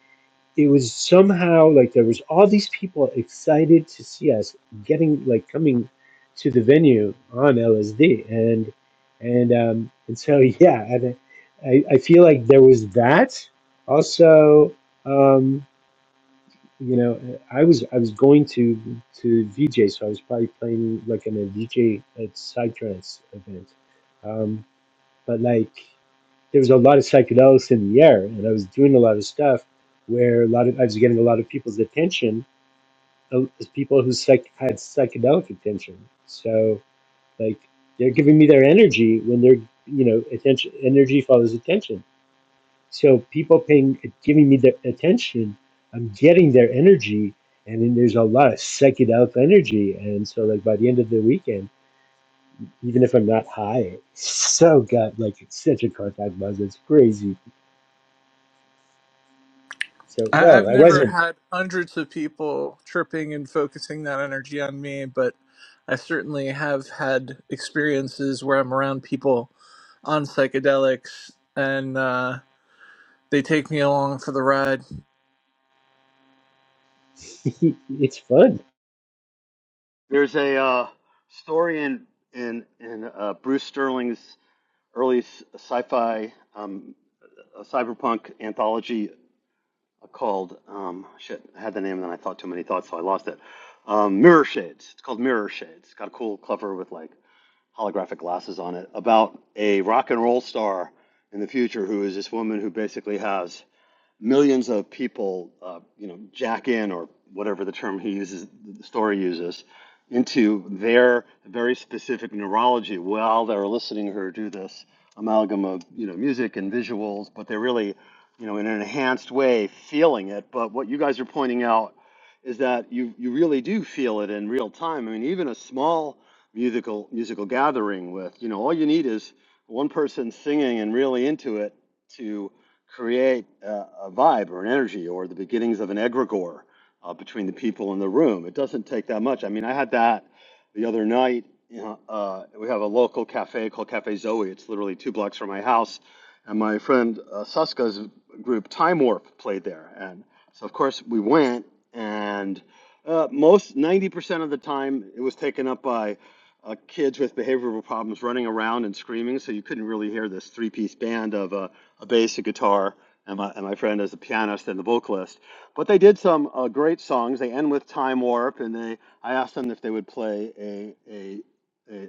it was somehow like there was all these people excited to see us getting like coming to the venue on LSD and and um and so yeah and I, I feel like there was that also um you know I was I was going to to VJ so I was probably playing like in a VJ at Psytrance event um but like there was a lot of psychedelics in the air, and I was doing a lot of stuff where a lot of I was getting a lot of people's attention, uh, people who psych, had psychedelic attention. So like they're giving me their energy when they're you know attention energy follows attention. So people paying giving me their attention, I'm getting their energy, and then there's a lot of psychedelic energy, and so like by the end of the weekend, even if I'm not high, it's so got like it's such a contact buzz, it's crazy So
I,
no,
I've
I
never
wasn't.
had hundreds of people tripping and focusing that energy on me, but I certainly have had experiences where I'm around people on psychedelics and uh, they take me along for the ride.
it's fun,
There's a uh, story in in in uh, Bruce Sterling's early sci-fi um, cyberpunk anthology called um, shit. I had the name and then I thought too many thoughts, so I lost it. Um, Mirror Shades. It's called Mirror Shades. It's got a cool cover with like holographic glasses on it about a rock and roll star in the future who is this woman who basically has millions of people, uh, you know, jack in or whatever the term he uses, the story uses, into their very specific neurology while they're listening to her do this amalgam of you know music and visuals, but they're really, you know, in an enhanced way feeling it. But what you guys are pointing out is that you you really do feel it in real time. I mean, even a small musical musical gathering with you know all you need is one person singing and really into it to create a, a vibe or an energy or the beginnings of an egregore uh, between the people in the room. It doesn't take that much. I mean, I had that the other night. You know, uh, we have a local cafe called Cafe Zoe. It's literally two blocks from my house, and my friend uh, Suska's group Time Warp played there, and so of course we went and. Uh, most 90% of the time it was taken up by uh, kids with behavioral problems running around and screaming, so you couldn't really hear this three-piece band of uh, a bass, a guitar, and my, and my friend as the pianist and the vocalist. But they did some uh, great songs. They end with Time Warp, and they I asked them if they would play a, a a,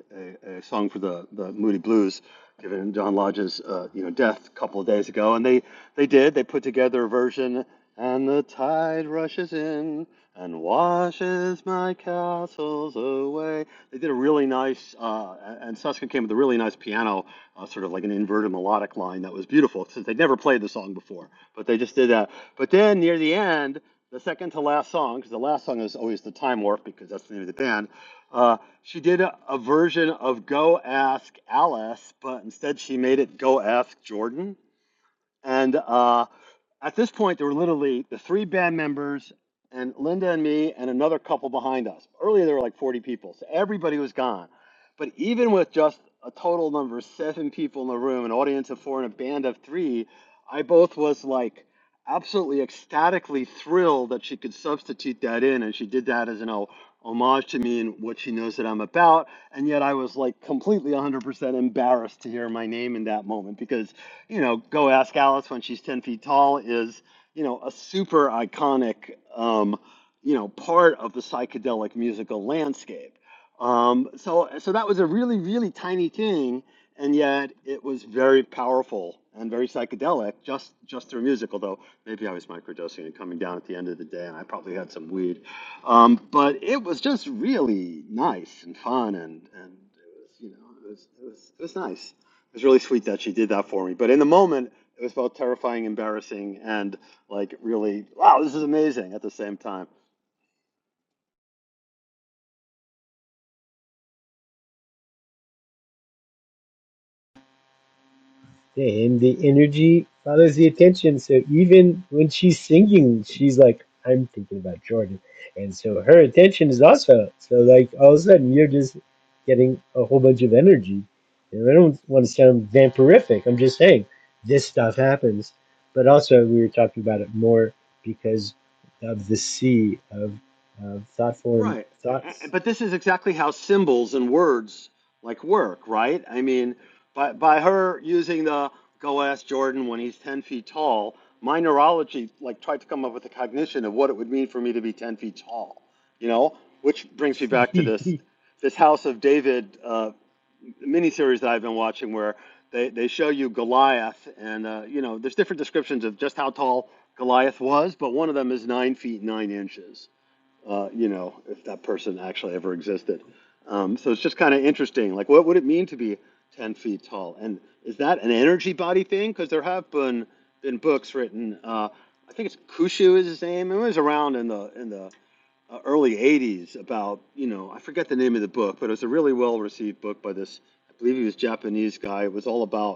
a, a song for the, the Moody Blues, given John Lodge's uh, you know death a couple of days ago, and they they did they put together a version. And the tide rushes in and washes my castles away. They did a really nice, uh, and and came with a really nice piano, uh, sort of like an inverted melodic line that was beautiful since they'd never played the song before, but they just did that. But then near the end, the second to last song, because the last song is always the time warp because that's the name of the band, uh, she did a, a version of Go Ask Alice, but instead she made it Go Ask Jordan. And uh, at this point, there were literally the three band members and Linda and me and another couple behind us. Earlier, there were like 40 people, so everybody was gone. But even with just a total number of seven people in the room, an audience of four, and a band of three, I both was like absolutely ecstatically thrilled that she could substitute that in, and she did that as an o- homage to me and what she knows that I'm about. And yet, I was like completely 100% embarrassed to hear my name in that moment because you know, go ask Alice when she's 10 feet tall is, you know, a super iconic, um, you know, part of the psychedelic musical landscape. Um, so, so that was a really, really tiny thing, and yet it was very powerful and very psychedelic just just through music. Although maybe I was microdosing and coming down at the end of the day, and I probably had some weed, um, but it was just really nice and fun, and and it was, you know, it was it was, it was nice was really sweet that she did that for me. But in the moment, it was both terrifying, embarrassing, and like really, wow, this is amazing at the same time.
Yeah, and the energy follows the attention. So even when she's singing, she's like, "I'm thinking about Jordan," and so her attention is also so. Like all of a sudden, you're just getting a whole bunch of energy. And I don't want to sound vampirific. I'm just saying this stuff happens. But also, we were talking about it more because of the sea of, of thought form
Right.
thoughts.
But this is exactly how symbols and words like work, right? I mean, by, by her using the go ask Jordan when he's 10 feet tall, my neurology like tried to come up with a cognition of what it would mean for me to be 10 feet tall, you know, which brings me back to this
Daniel.
this house of David uh, miniseries that I've been watching where they, they show you Goliath, and uh, you know, there's different descriptions of just how tall Goliath was, but one of them is nine feet nine inches. Uh, you know, if that person actually ever existed. Um, so it's just kind of interesting. Like, what would it mean to be ten feet tall? And is that an energy body thing? Because there have been been books written. Uh, I think it's Kushu is his name. It was around in the in the uh, early 80s about, you know, I forget the name of the book, but it was a really well received book by this, I believe he was a Japanese guy. It was all about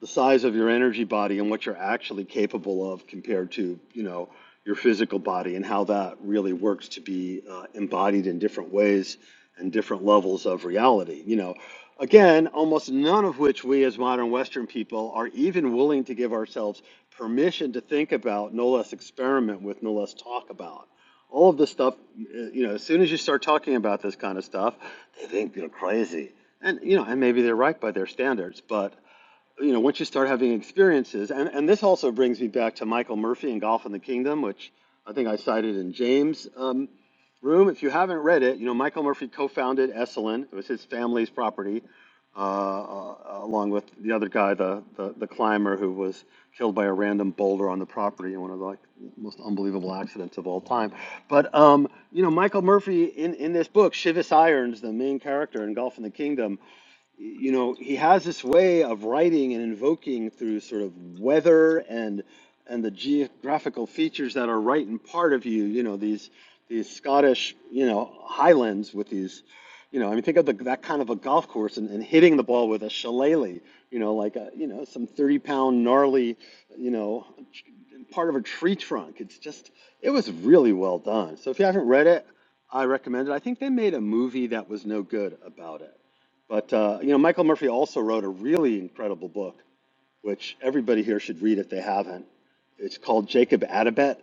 the size of your energy body and what you're actually capable of compared to you know your physical body and how that really works to be uh, embodied in different ways and different levels of reality you know again almost none of which we as modern western people are even willing to give ourselves permission to think about no less experiment with no less talk about all of this stuff uh, you know as soon as you start talking about this kind of stuff they think you're crazy and you know and maybe they're right by their standards but you know, once you start having experiences, and, and this also brings me back to Michael Murphy and Golf in the Kingdom, which I think I cited in James' um, room. If you haven't read it, you know, Michael Murphy co founded Esalen, it was his family's property, uh, uh, along with the other guy, the, the, the climber who was killed by a random boulder on the property in one of the like, most unbelievable accidents of all time. But, um, you know, Michael Murphy in, in this book, Shivis Irons, the main character in Golf in the Kingdom, you know, he has this way of writing and invoking through sort of weather and and the geographical features that are right in part of you. You know, these these Scottish, you know, highlands with these, you know, I mean, think of the, that kind of a golf course and, and hitting the ball with a shillelagh. You know, like a you know some thirty pound gnarly, you know, part of a tree trunk. It's just it was really well done. So if you haven't read it, I recommend it. I think they made a movie that was no good about it. But uh, you know, Michael Murphy also wrote a really incredible book, which everybody here should read if they haven't. It's called Jacob Adabet,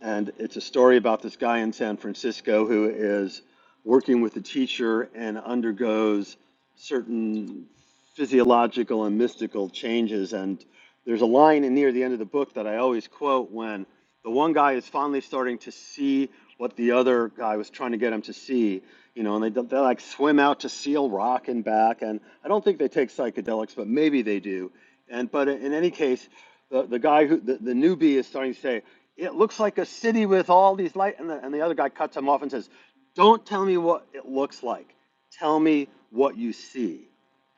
and it's a story about this guy in San Francisco who is working with a teacher and undergoes certain physiological and mystical changes. And there's a line in near the end of the book that I always quote when the one guy is finally starting to see what the other guy was trying to get him to see, you know, and they, they like swim out to Seal Rock and back. And I don't think they take psychedelics, but maybe they do. And but in any case, the, the guy who the, the newbie is starting to say, it looks like a city with all these light and the, and the other guy cuts him off and says don't tell me what it looks like tell me what you see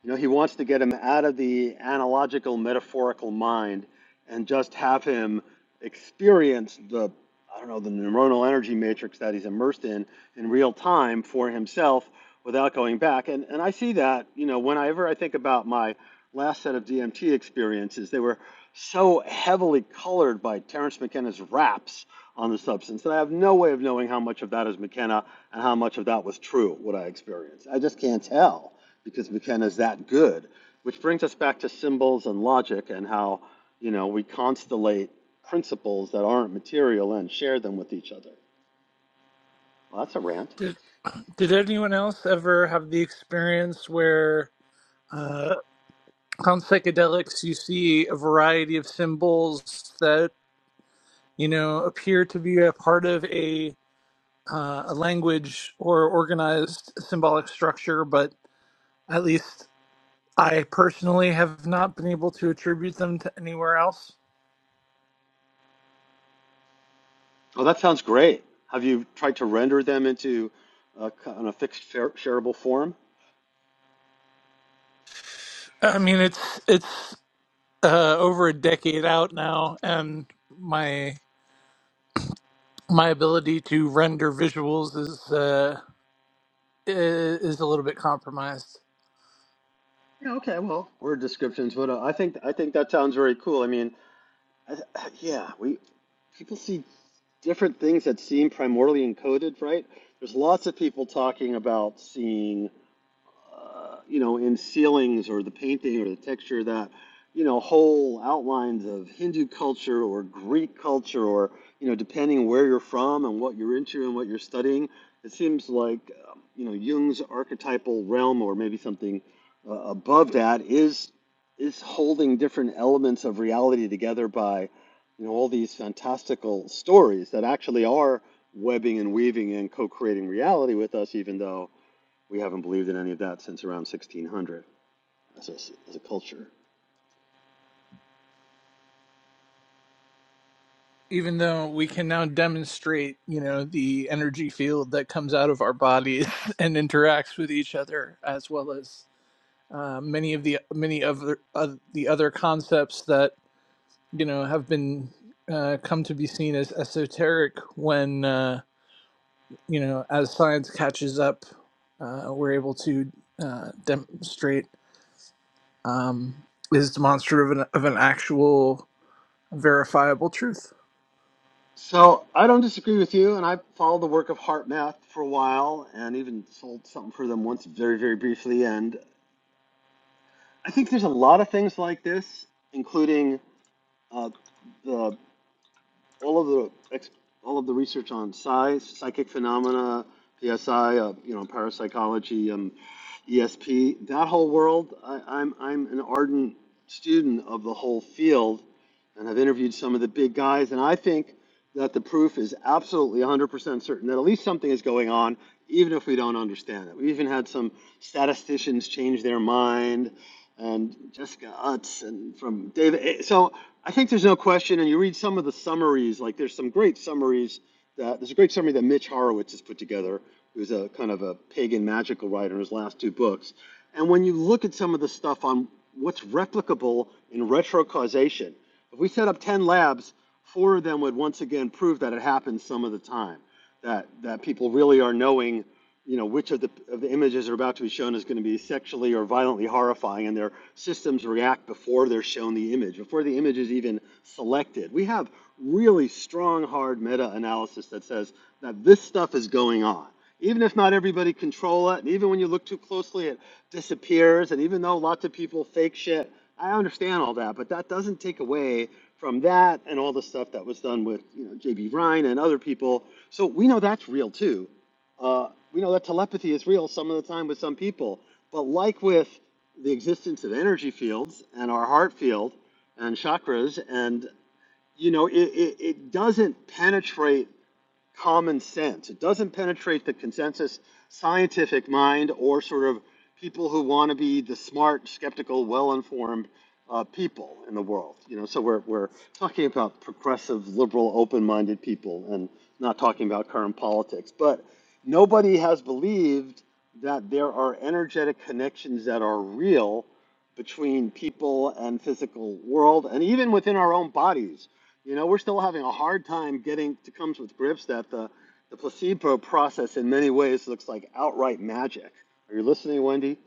you know he wants to get him out of the analogical metaphorical mind and just have him experience the i don't know the neuronal energy matrix that he's immersed in in real time for himself without going back and and i see that you know whenever i think about my last set of dmt experiences they were so heavily colored by Terence McKenna's raps on the substance that I have no way of knowing how much of that is McKenna and how much of that was true, what I experienced. I just can't tell because McKenna's that good. Which brings us back to symbols and logic and how, you know, we constellate principles that aren't material and share them with each other. Well, that's a rant.
Did, did anyone else ever have the experience where uh, on psychedelics you see a variety of symbols that, you know, appear to be a part of a uh, a language or organized symbolic structure, but At least I personally have not been able to attribute them to anywhere else.
Oh, that sounds great. Have you tried to render them into a, in a fixed shareable form?
I mean, it's it's uh, over a decade out now, and my my ability to render visuals is uh, i- is a little bit compromised.
Yeah, okay, well, word descriptions, but uh, I think I think that sounds very cool. I mean, I, yeah, we people see different things that seem primordially encoded, right? There's lots of people talking about seeing uh, you know, in ceilings or the painting or the texture that, you know, whole outlines of Hindu culture or Greek culture or, you know, depending where you're from and what you're into and what you're studying, it seems like, um, you know, Jung's archetypal realm or maybe something uh, above that is is holding different elements of reality together by, you know, all these fantastical stories that actually are webbing and weaving and co-creating reality with us, even though we haven't believed in any of that since around 1600 as a, as a culture.
even though we can now demonstrate, you know, the energy field that comes out of our bodies and interacts with each other, as well as uh, many of the many of the, of the other concepts that you know have been uh, come to be seen as esoteric. When uh, you know, as science catches up, uh, we're able to uh, demonstrate um, is demonstrative of an, of an actual verifiable truth.
So I don't disagree with you, and I followed the work of Heart Math for a while, and even sold something for them once, very very briefly. And I think there's a lot of things like this, including uh, the all of the ex- all of the research on psi, psychic phenomena, PSI, uh, you know, parapsychology, um, ESP, that whole world. I, I'm I'm an ardent student of the whole field, and I've interviewed some of the big guys, and I think that the proof is absolutely 100% certain that at least something is going on, even if we don't understand it. We even had some statisticians change their mind. And Jessica Utz, and from David. So I think there's no question, and you read some of the summaries, like there's some great summaries that there's a great summary that Mitch Horowitz has put together, who's a kind of a pagan magical writer in his last two books. And when you look at some of the stuff on what's replicable in retrocausation, if we set up 10 labs, four of them would once again prove that it happens some of the time, that, that people really are knowing you know, which of the of the images are about to be shown is going to be sexually or violently horrifying, and their systems react before they're shown the image, before the image is even selected. We have really strong, hard meta-analysis that says that this stuff is going on. Even if not everybody control it, and even when you look too closely, it disappears. And even though lots of people fake shit, I understand all that, but that doesn't take away from that and all the stuff that was done with you know J.B. Ryan and other people. So we know that's real too. Uh, we know that telepathy is real some of the time with some people, but like with the existence of energy fields and our heart field and chakras, and you know, it, it, it doesn't penetrate common sense. It doesn't penetrate the consensus scientific mind or sort of people who want to be the smart, skeptical, well-informed uh, people in the world. You know, so we're we're talking about progressive, liberal, open-minded people, and not talking about current politics. But nobody has believed that there are energetic connections that are real between people and physical world and even within our own bodies you know, we're still having a hard time getting to comes with grips that the, the placebo process in many ways looks like outright magic. Are you listening, Wendy?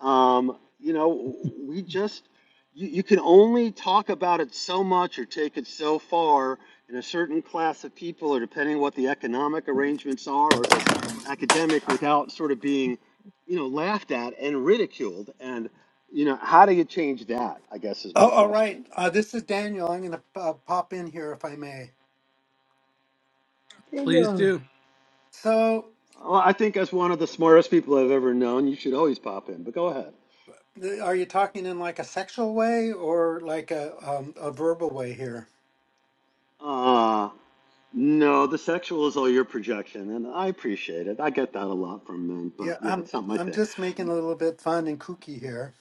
Um, you know, we just, you, you can only talk about it so much or take it so far in a certain class of people, or depending what the economic arrangements are, or if it's academic, without sort of being, you know, laughed at and ridiculed. And, you know, how do you change that? I guess is
Oh,
my
all right.
question.
Uh, this is Daniel. I'm going to uh, pop in here if I may.
Please do.
So,
Well, I think as one of the smartest people I've ever known, you should always pop in, but go ahead.
th- are you talking in like a sexual way or like a um, a verbal way here?
Uh, no, the sexual is all your projection, and I appreciate it. I get that a lot from men, but
Yeah,
yeah,
I'm
it's not my
I'm
thing.
just making a little bit fun and kooky here.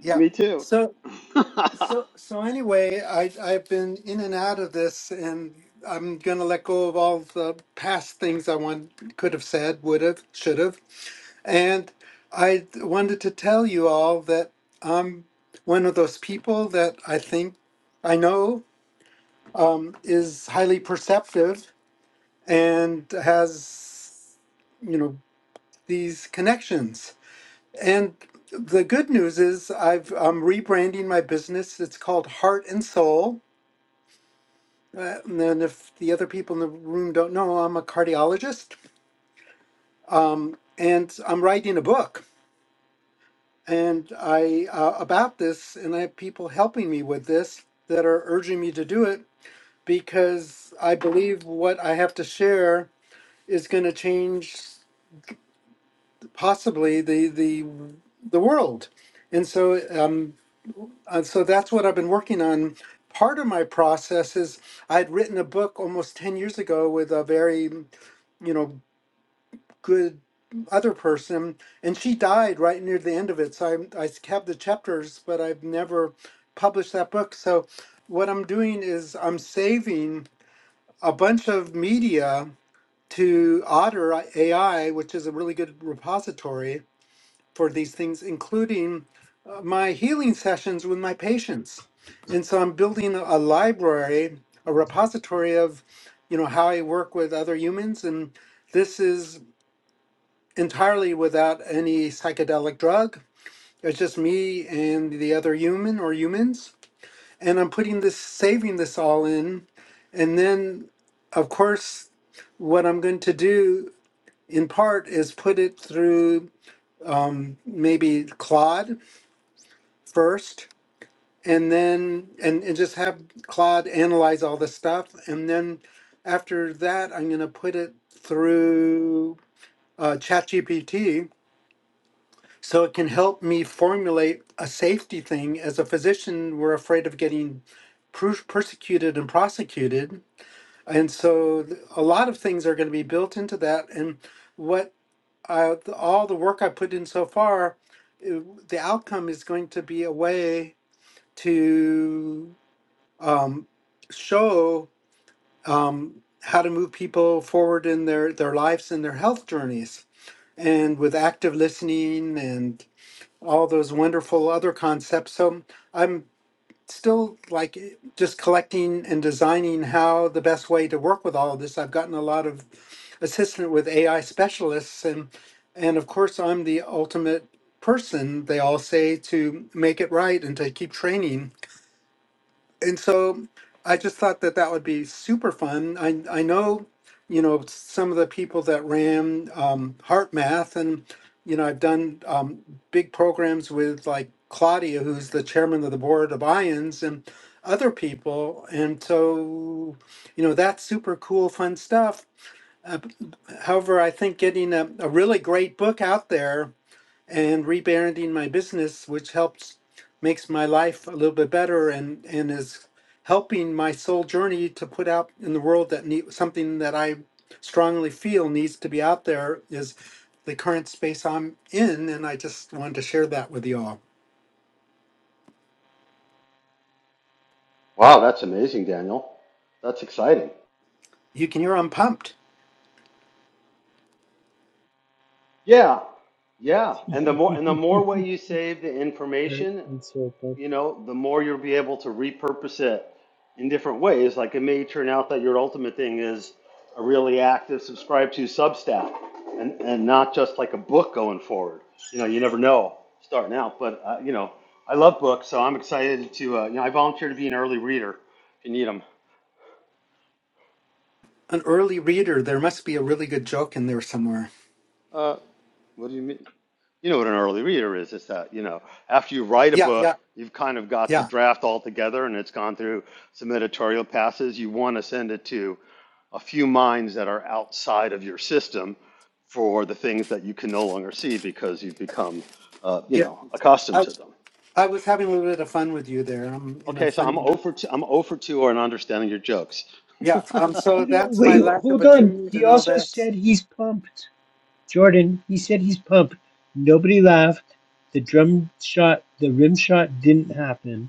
Yeah.
Me too.
So
wow,
so so anyway, I I've been in and out of this, and I'm going to let go of all the past things I want could have said, would have, should have. And I wanted to tell you all that I'm one of those people that I think I know um, is highly perceptive and has, you know, these connections. And the good news is I've, I'm rebranding my business. It's called Heart and Soul. Uh, and then if the other people in the room don't know, I'm a cardiologist. Um, and I'm writing a book And I uh, about this, and I have people helping me with this that are urging me to do it because I believe what I have to share is going to change possibly the the the world. And so um uh, so that's what I've been working on. Part of my process is I'd written a book almost 10 years ago with a very, you know, good other person and she died right near the end of it so i i have the chapters but i've never published that book so what i'm doing is i'm saving a bunch of media to otter ai which is a really good repository for these things including uh, my healing sessions with my patients and so i'm building a a library a repository of you know how i work with other humans and this is entirely without any psychedelic drug. It's just me and the other human or humans. And I'm putting this, saving this all in. And then, of course, what I'm going to do in part is put it through um, maybe Claude first, and then, and, and just have Claude analyze all the stuff. And then after that, I'm going to put it through uh, ChatGPT So it can help me formulate a safety thing. As a physician, we're afraid of getting per- persecuted and prosecuted. And so th- a lot of things are going to be built into that. And what I, th- all the work I put in so far, it- the outcome is going to be a way to um, show um, how to move people forward in their, their lives and their health journeys. And with active listening and all those wonderful other concepts. So I'm still like just collecting and designing how the best way to work with all of this. I've gotten a lot of assistant with AI specialists and and of course I'm the ultimate person they all say to make it right and to keep training and so I just thought that that would be super fun. I I know, you know, some of the people that ran um, Heart Math, and you know, I've done um, big programs with like Claudia, who's the chairman of the board of Ions, and other people, and so you know, that's super cool, fun stuff. Uh, b- however, I think getting a, a really great book out there and rebranding my business, which helps makes my life a little bit better and and is helping my soul journey to put out in the world that need something that I strongly feel needs to be out there is the current space I'm in, and I just wanted to share that with you all.
that's amazing, Daniel. That's exciting.
You can hear I'm pumped.
Yeah, yeah. And the more and the more way you save the
Hurt
information,
and so pumped.
you know, the more you'll be able to repurpose it in different ways. Like it may turn out that your ultimate thing is a really active subscribe to Substack and, and not just like a book going forward. You know, you never know starting out, but uh, you know, I love books, so I'm excited to, uh, you know, I volunteer to be an early reader if you need them.
An early reader. There must be a really good joke in there somewhere.
Uh, what do you mean? you know what an early reader is is that you know after you write a
Yeah, yeah,
book you've kind of got the
yeah,
draft all together and it's gone through some editorial passes you want to send it to a few minds that are outside of your system for the things that you can no longer see because you've become uh, you
yeah.
know accustomed
I,
to them
I was having a little bit of fun with you there. I'm in a
okay so i'm
fun.
over to i'm over to or not understanding your jokes
Yeah. Um. So
Wait,
that's my
wait,
lack of
hold on.
attunement
He
and all
also
that.
said he's pumped. Jordan, he said he's pumped. Nobody laughed. The drum shot, the rim shot didn't happen.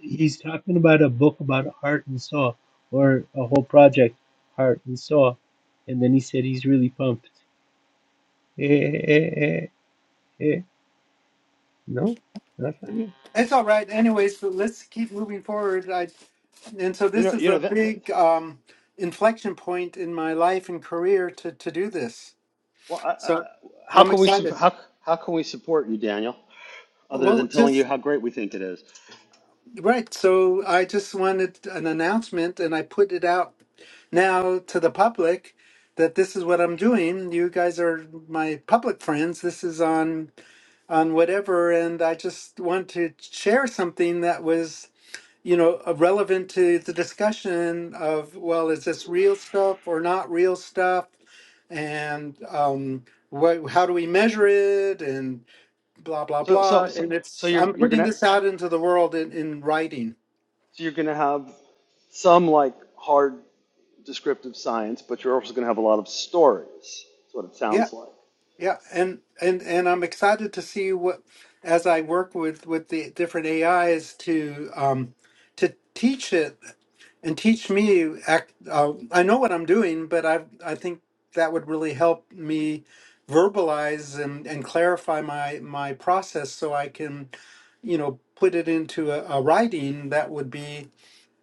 He's talking about a book about heart and soul, or a whole project, heart and soul. And then he said he's really pumped. Eh, eh, eh, eh, eh. No, not funny.
It's all right. anyways. so let's keep moving forward. I, and so
you
this
know
is
you know
a
that, that
big um, inflection point in my life and career to, to do this.
well, I, I,
So
how
I'm
can we sup-
excited.
how, how can we support you daniel other
Well,
than telling you
just
how great we think it is
right. So I just wanted an announcement and I put it out now to the public that this is what I'm doing. You guys are my public friends. This is on on whatever and I just want to share something that was you know, uh, relevant to the discussion of, well, is this real stuff or not real stuff? And um, what, how do we measure it? And blah, blah,
So
blah.
so so
And
so
it's,
you're
I'm
you're
putting
gonna
this out into the world in, in writing.
so you're gonna have some like hard descriptive science, but you're also gonna have a lot of stories. That's what it
Yeah.
sounds like.
Yeah, and and and I'm excited to see what as I work with with the different AIs to um to teach it and teach me act, uh, I know what I'm doing, but I I think that would really help me verbalize and and clarify my my process so I can you know put it into a, a writing that would be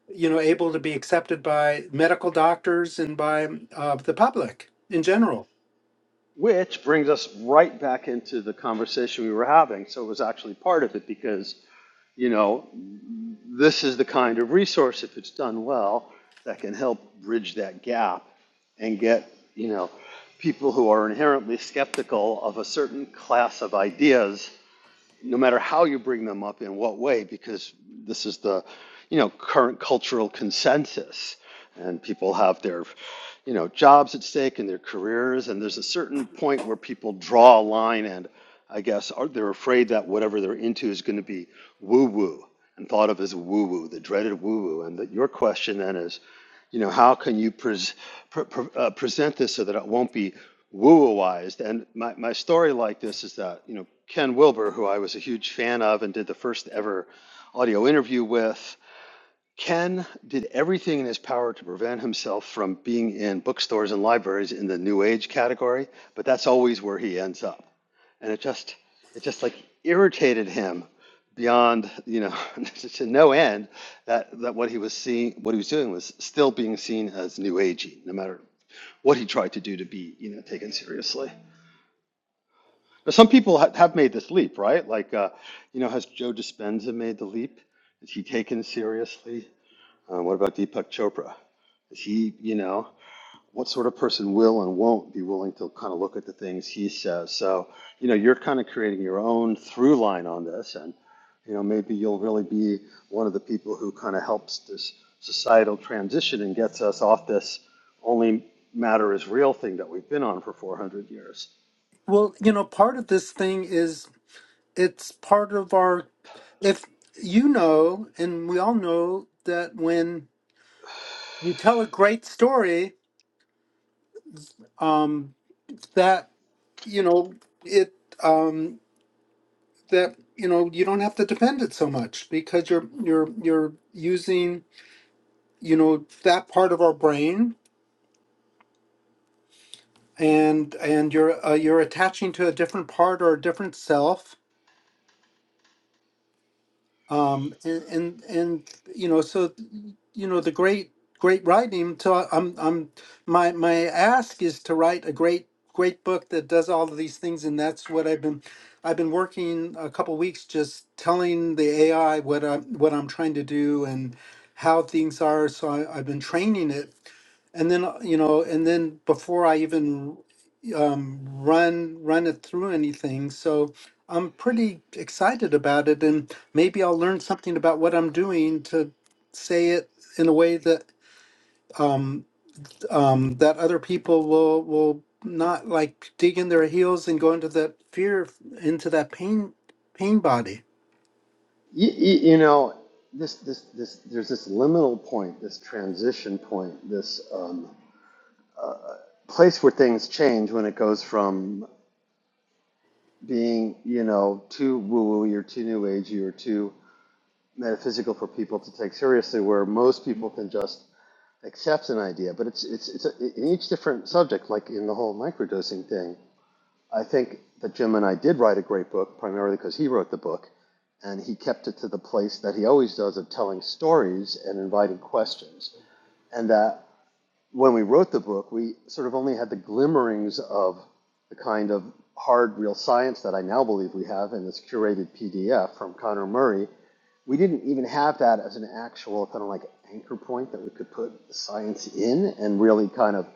you know able to be accepted by medical doctors and by uh, the public in general.
Which brings us right back into the conversation we were having. So it was actually part of it because you know this is the kind of resource if it's done well that can help bridge that gap and get you know people who are inherently skeptical of a certain class of ideas no matter how you bring them up in what way, because this is the, you know, current cultural consensus, and people have their, you know, jobs at stake and their careers, and there's a certain point where people draw a line, and I guess are, they're afraid that whatever they're into is going to be woo-woo and thought of as woo-woo, the dreaded woo-woo, and that your question then is you know, how can you pres pre pre uh, present this so that it won't be woo-wooized? And my, my story like this is that, you know, Ken Wilber, who I was a huge fan of and did the first ever audio interview with, Ken did everything in his power to prevent himself from being in bookstores and libraries in the New Age category, but that's always where he ends up and it just it just like irritated him beyond you know to no end that that what he was seeing what he was doing was still being seen as new agey no matter what he tried to do to be you know taken seriously but some people ha- have made this leap right like uh, you know has joe dispenza made the leap is he taken seriously uh, what about deepak chopra is he you know what sort of person will and won't be willing to kind of look at the things he says. So, you know, you're kind of creating your own through line on this, and you know, maybe you'll really be one of the people who kind of helps this societal transition and gets us off this only matter is real thing that we've been on for 400 years.
Well, you know, part of this thing is it's part of our. If you know, and we all know that when you tell a great story, um, that you know it, um, that you know you don't have to depend it so much because you're you're you're using you know that part of our brain and and you're uh, you're attaching to a different part or a different self um and and, and you know so you know the great great writing so i'm i'm my my ask is to write a great great book that does all of these things and that's what i've been i've been working a couple weeks just telling the ai what i'm what i'm trying to do and how things are so I, i've been training it and then uh, you know and then before i even um, run run it through anything so I'm pretty excited about it, and maybe I'll learn something about what I'm doing to say it in a way that um, um, that other people will will not like dig in their heels and go into that fear, into that pain pain body.
You, you, you know, this, this, this, there's this liminal point, this transition point, this um, place where things change when it goes from being, you know, too woo-woo or too new agey or too metaphysical for people to take seriously, where most people can just accept an idea. But it's it's it's a, in each different subject, like in the whole microdosing thing. I think that Jim and I did write a great book, primarily because he wrote the book, and he kept it to the place that he always does of telling stories and inviting questions. And that when we wrote the book, we sort of only had the glimmerings of the kind of hard, real science that I now believe we have in this curated PDF from Connor Murray. We didn't even have that as an actual kind of like anchor point that we could put the science in and really kind of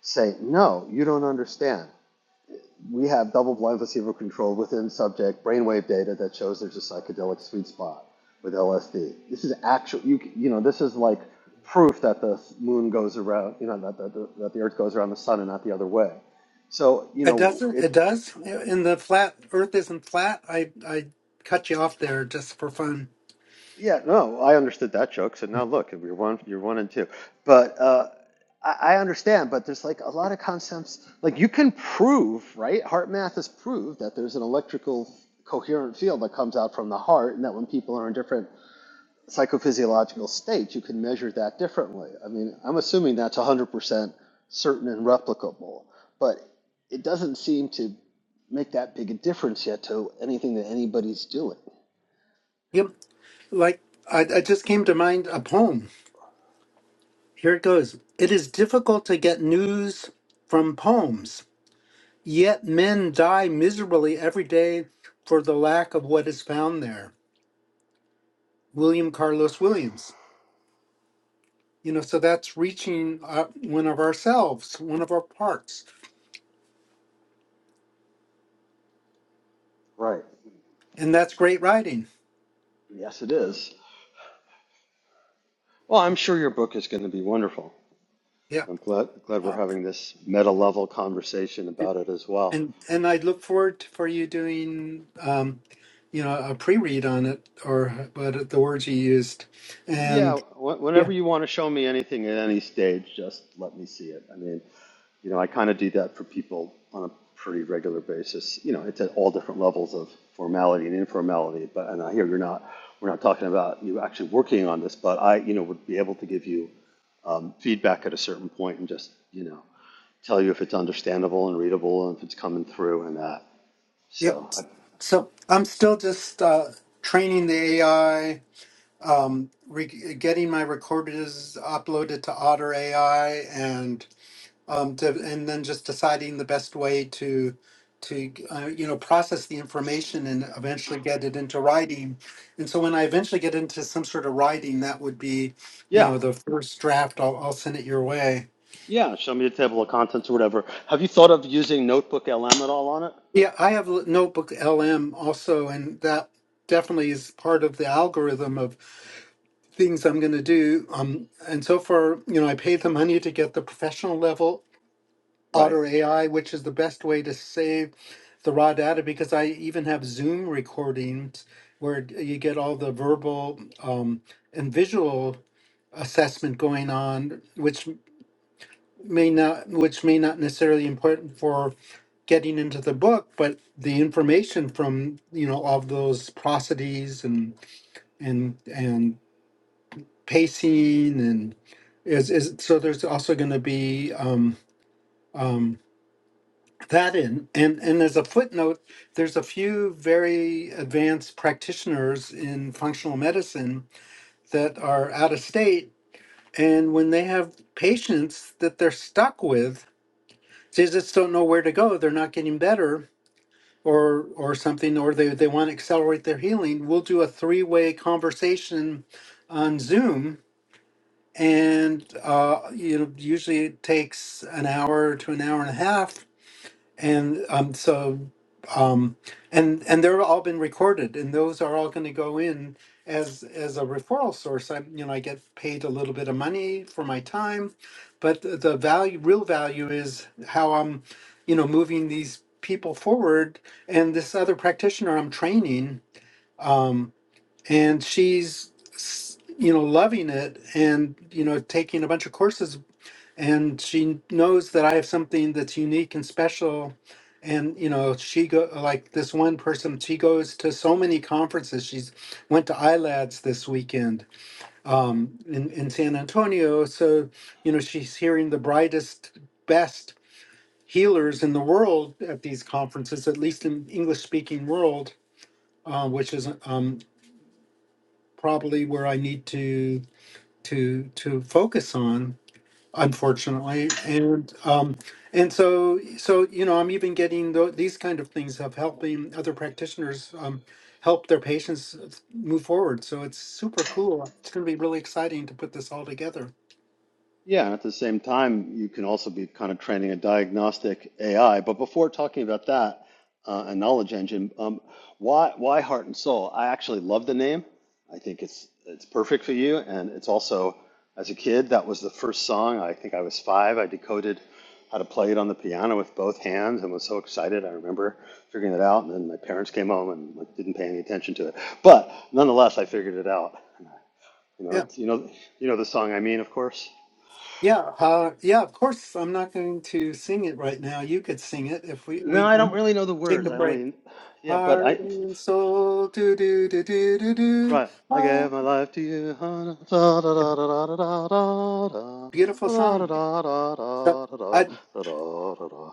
say, no, you don't understand we have double-blind placebo-controlled within subject brainwave data that shows there's a psychedelic sweet spot with LSD. This is actual. You you know this is like proof that the moon goes around. You know that the, that the earth goes around the sun and not the other way. So you
It
know
doesn't.
it.
It does. And the flat Earth isn't flat. I I cut you off there just for fun.
Yeah, no, I understood that joke. So now look, you're one, you're one and two. But uh, I, I understand. But there's like a lot of concepts. Like you can prove, right? Heart math has proved that there's an electrical coherent field that comes out from the heart, and that when people are in different psychophysiological states, you can measure that differently. I mean, I'm assuming that's 100% certain and replicable, but it doesn't seem to make that big a difference yet to anything that anybody's doing.
Yep like I, I just came to mind a poem. Here it goes. It is difficult to get news from poems. Yet men die miserably every day for the lack of what is found there. William Carlos Williams. You know, so that's reaching uh, one of ourselves, one of our parts,
Right.
and that's great writing.
Yes, it is. Well, I'm sure your book is going to be wonderful.
Yeah,
I'm glad glad we're
uh,
having this meta level conversation about it as well.
and and I look forward to- for you doing, um, you know, a pre-read on it or but the words you used,
Yeah,
and
wh-
yeah,
whenever you want to show me anything at any stage, just let me see it. I mean, you know, I kind of do that for people on a pretty regular basis. You know, it's at all different levels of formality and informality. But and I hear you're not we're not talking about you actually working on this, but I you know would be able to give you um, feedback at a certain point and just you know tell you if it's understandable and readable and if it's coming through and that.
yep.
So I,
So I'm still just uh, training the AI um, re- getting my recordings uploaded to Otter AI and um, to, and then just deciding the best way to to uh, you know process the information and eventually get it into writing. And so when I eventually get into some sort of writing, that would be you
Yeah,
know the first draft. I'll, I'll send it your way.
yeah. Show me a table of contents or whatever. Have you thought of using Notebook LM at all on it?
Yeah, I have L- Notebook LM also, and that definitely is part of the algorithm of things I'm going to do. Um, and so far, you know, I paid the money to get the professional level
Right.
Otter AI, which is the best way to save the raw data because I even have Zoom recordings where you get all the verbal um, and visual assessment going on, which may not, which may not necessarily important for getting into the book, but the information from you know all of those prosodies and and and pacing and is is so there's also going to be um um that in and and as a footnote there's a few very advanced practitioners in functional medicine that are out of state and when they have patients that they're stuck with they just don't know where to go they're not getting better or or something or they, they want to accelerate their healing we'll do a three-way conversation on zoom and uh, you know usually it takes an hour to an hour and a half and um, so um, and and they're all been recorded and those are all going to go in as as a referral source i you know i get paid a little bit of money for my time but the the value real value is how i'm you know moving these people forward and this other practitioner i'm training Um, and she's s- you know loving it and you know taking a bunch of courses and she knows that i have something that's unique and special and you know she go like this one person she goes to so many conferences she's went to ilads this weekend um, in, in san antonio so you know she's hearing the brightest best healers in the world at these conferences at least in english speaking world uh, which is um, probably where i need to to to focus on unfortunately and um and so so you know i'm even getting tho- these kind of things of helping other practitioners um help their patients uh, move forward so it's super cool it's going to be really exciting to put this all together
Yeah, and at the same time, you can also be kind of training a diagnostic AI. But before talking about that, uh, a knowledge engine, um, why why Heart and Soul? I actually love the name. I think it's it's perfect for you, and it's also as a kid that was the first song. I think I was five. I decoded how to play it on the piano with both hands, and was so excited. I remember figuring it out, and then my parents came home and like, didn't pay any attention to it. But nonetheless, I figured it out. You know,
yeah
it's, you know, you know the song I mean, of course.
yeah uh yeah of course i'm not going to sing it right now you could sing it if we
No,
we
I
we
don't really know the
take
words.
a
I
break
only, yeah, but
heart
I,
and soul do do do do do do
right. I gave
Heart,
my life to you. huh? Da, da, da, da, da, da, da,
beautiful
da, da,
song
da, da,
so
da, da, da, da,
I.
da, da, da, da.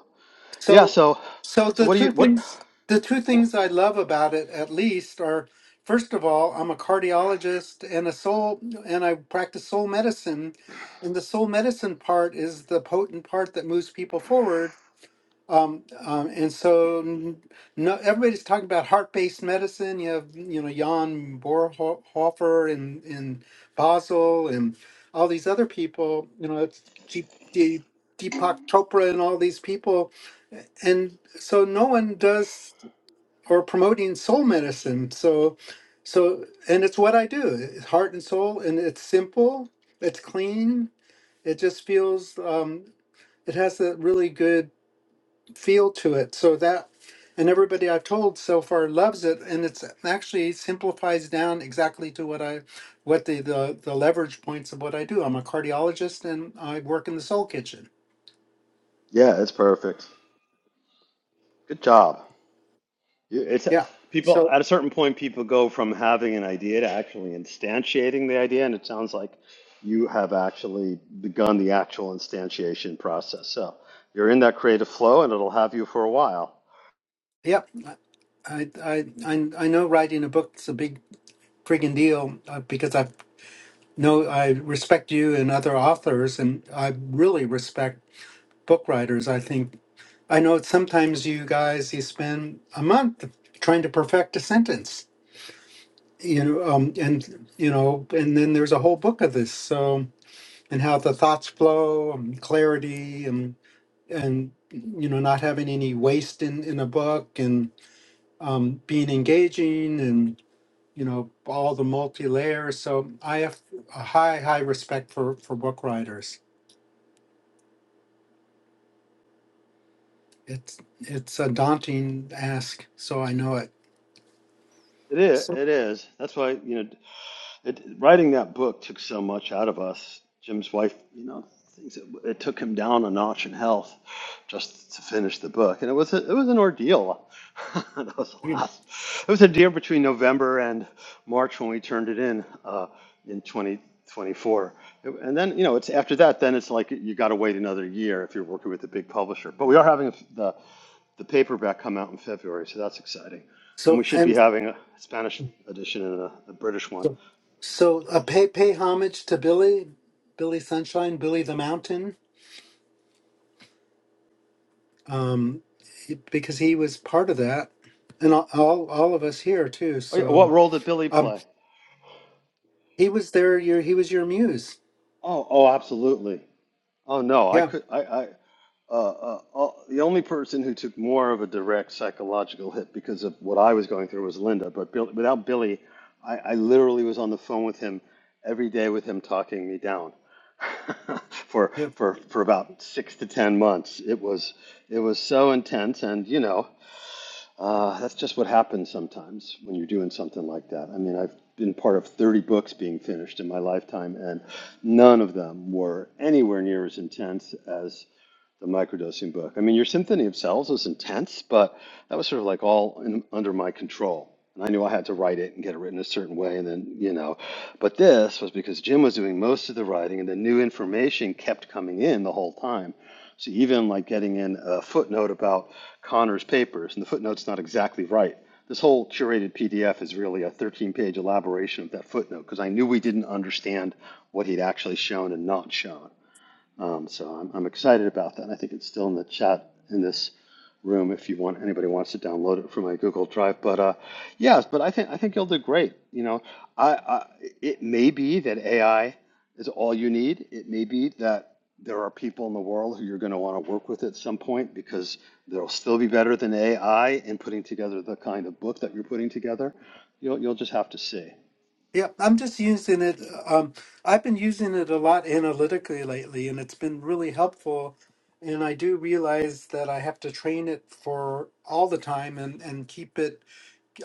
Yeah.
So,
So,
so
so
the
what do
two
you what?
things the two
wh-
things I love about it, at least, are first of all, I'm a cardiologist and a soul, and I practice soul medicine, and the soul medicine part is the potent part that moves people forward. Um, um, and so, n- no, everybody's talking about heart-based medicine. You have, you know, Jan Bonhoeffer and and Basel and all these other people. You know, it's G- D- Deepak Chopra and all these people and so no one does or promoting soul medicine so so and it's what i do it's heart and soul and it's simple it's clean it just feels um it has a really good feel to it so that and everybody i've told so far loves it and it's actually simplifies down exactly to what i what the the, the leverage points of what i do i'm a cardiologist and i work in the soul kitchen
Yeah, it's perfect. Good job. You- It's
yeah
people
so
at a certain point, people go from having an idea to actually instantiating the idea, and it sounds like you have actually begun the actual instantiation process. So you're in that creative flow, and it'll have you for a while.
Yep. I, I, I, I know writing a book's a big friggin' deal uh, because I know I respect you and other authors, and I really respect book writers. I think I know sometimes you guys you spend a month trying to perfect a sentence, you know, um, and you know, and then there's a whole book of this. So and how the thoughts flow, and clarity, and and you know, not having any waste in in a book, um, being engaging and you know all the multi layers. So I have a high high respect for for book writers. It's it's a daunting ask, so I know it.
It is.
So
It is. That's why you know, it, writing that book took so much out of us. Jim's wife, you know, things it, it took him down a notch in health just to finish the book, and it was a, it was an ordeal. that was the
yeah.
last. It was a deal between November and March when we turned it in uh, in 2024, and then you know, it's after that. Then it's like you got to wait another year if you're working with a big publisher. But we are having the the paperback come out in February, so that's exciting. And
so
we should be
and
having a Spanish edition and a, a British one.
so so uh, pay pay homage to Billy, Billy Sunshine, Billy the Mountain, um, because he was part of that, and all all, all of us here too.
Oh yeah, what
So
role did Billy
um,
play?
he was there. Your he was your muse.
Oh, oh, absolutely. Oh no, I
Yeah.
could, I, I, uh, uh, uh, the only person who took more of a direct psychological hit because of what I was going through was Linda. But Bill, without Billy, I, I literally was on the phone with him every day with him talking me down for
yeah.
for for about six to ten months. It was it was so intense, and you know. Uh, that's just what happens sometimes when you're doing something like that. I mean, I've been part of 30 books being finished in my lifetime, and none of them were anywhere near as intense as the microdosing book. I mean, your symphony of cells was intense, but that was sort of like all in, under my control. And I knew I had to write it and get it written a certain way. And then, you know, but this was because Jim was doing most of the writing and the new information kept coming in the whole time. So even like getting in a footnote about Connor's papers, and the footnote's not exactly right. This whole curated PDF is really a 13 page elaboration of that footnote because I knew we didn't understand what he'd actually shown and not shown. Um, so I'm, I'm excited about that. I think it's still in the chat in this room if you want anybody wants to download it from my Google Drive. But uh, yes, but I think I think you'll do great. You know, I, I it may be that AI is all you need. It may be that there are people in the world who you're going to want to work with at some point because they'll still be better than AI in putting together the kind of book that you're putting together. You'll you'll just have to see.
Yeah, I'm just using it. Um, I've been using it a lot analytically lately, and it's been really helpful. And I do realize that I have to train it for all the time and, and keep it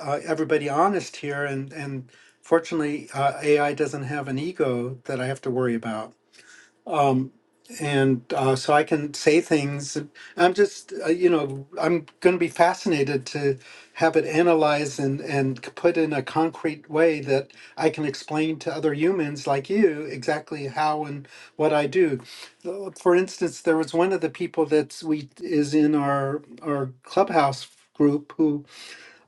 uh, everybody honest here. And and fortunately, uh, AI doesn't have an ego that I have to worry about. Um, and uh, so I can say things. I'm just, uh, you know, I'm going to be fascinated to have it analyzed and and put in a concrete way that I can explain to other humans like you exactly how and what I do. Uh, For instance, there was one of the people that's we is in our our clubhouse group who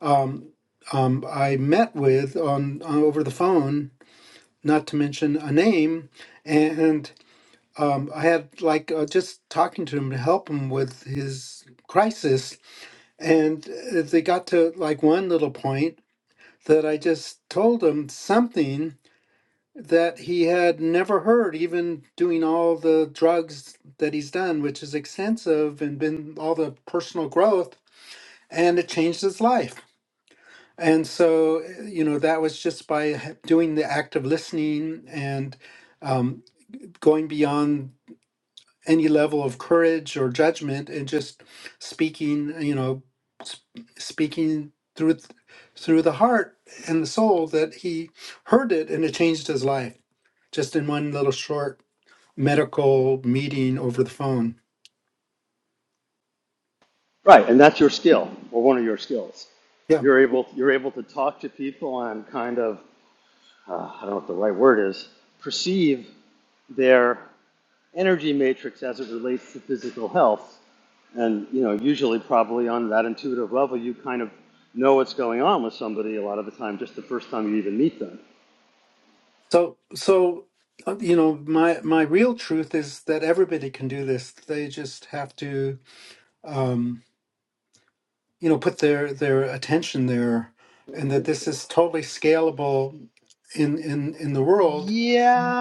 um, um, I met with on uh, over the phone, not to mention a name, um, I had like uh, just talking to him to help him with his crisis, and uh, they got to like one little point that I just told him something that he had never heard, even doing all the drugs that he's done, which is extensive and been all the personal growth, and it changed his life. And so, uh, you know, that was just by h- doing the act of listening and um, going beyond any level of courage or judgment and just speaking you know s- speaking through th- through the heart and the soul that he heard it and it changed his life just in one little short medical meeting over the phone
Right, and that's your skill, or one of your skills.
yeah
You're able, you're able to talk to people and kind of, uh, I don't know what the right word is, perceive their energy matrix as it relates to physical health. And you know, usually, probably on that intuitive level, you kind of know what's going on with somebody a lot of the time, just the first time you even meet them.
so so uh, you know my my real truth is that everybody can do this they just have to Um, you know put their their attention there and that this is totally scalable in in in the world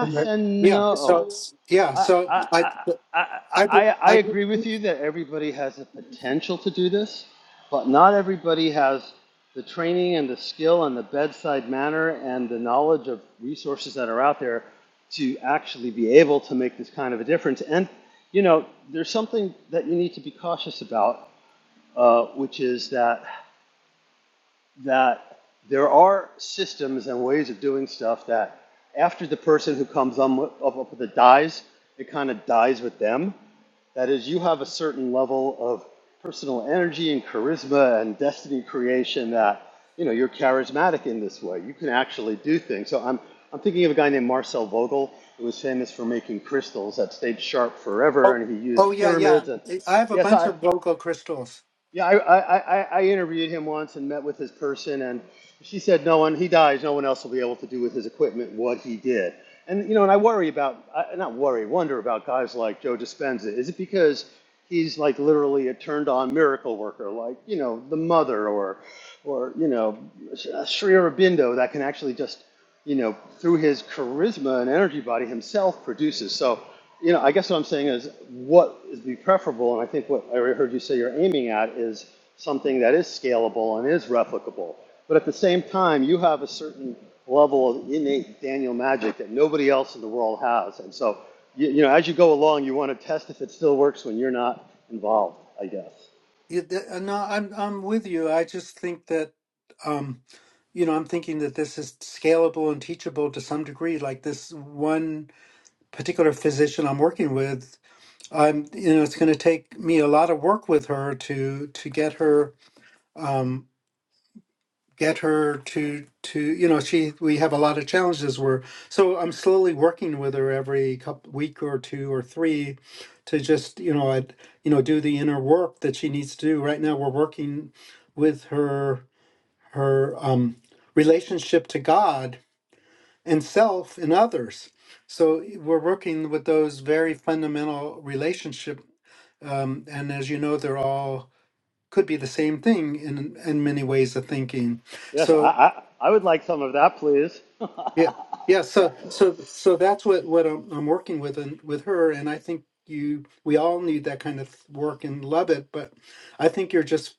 And that-
and
yeah so
no.
it's- yeah
I,
so
I,
i
I, I,
i be-
I
i
agree with you that everybody has the potential to do this, but not everybody has the training and the skill and the bedside manner and the knowledge of resources that are out there to actually be able to make this kind of a difference. And, you know, there's something that you need to be cautious about, uh, which is that, that there are systems and ways of doing stuff that after the person who comes on with- up, up with it dies, it kind of dies with them. That is, you have a certain level of personal energy and charisma and destiny creation that, you know, you're charismatic in this way. You can actually do things. So I'm, I'm thinking of a guy named Marcel Vogel, who was famous for making crystals that stayed sharp forever,
oh,
and he
oh
used
yeah yeah
pyramids. And
i have
yes,
a
yeah, so
bunch
I,
of vocal crystals
yeah, I, I, I, I interviewed him once and met with his person, and she said, "No one, he dies. No one else will be able to do with his equipment what he did." And you know, and I worry about, I, not worry, wonder about guys like Joe Dispenza. Is it because he's like literally a turned-on miracle worker, like you know, the mother or, or you know, Sri Aurobindo that can actually just, you know, through his charisma and energy body himself produces. So you know, I guess what I'm saying is what is be preferable, and I think what I heard you say you're aiming at is something that is scalable and is replicable. But at the same time, you have a certain level of innate Daniel magic that nobody else in the world has. And so, you, you know, as you go along, you want to test if it still works when you're not involved, I guess.
You- th- uh, no i'm i'm with you i just think that um you know i'm thinking that this is scalable and teachable to some degree like this one particular physician i'm working with I'm, you know, it's going to take me a lot of work with her to to get her um, get her to to you know she we have a lot of challenges where so I'm slowly working with her every couple week or two or three to just you know i you know do the inner work that she needs to do. Right now we're working with her her um, relationship to God and self and others. So we're working with those very fundamental relationship um, and as you know, they're all could be the same thing in in many ways of thinking.
Yes, I,
So
I, I would like some of that, please.
yeah, yeah. So so so that's what what I'm, I'm working with and with her, and I think you we all need that kind of work and love it. But I think you're just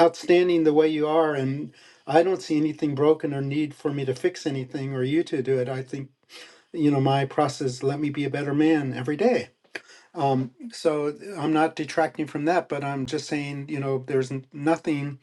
outstanding the way you are, and I don't see anything broken or need for me to fix anything or you to do it. I think you know my process let me be a better man every day Um, so I'm not detracting from that, but I'm just saying, you know, there's n- nothing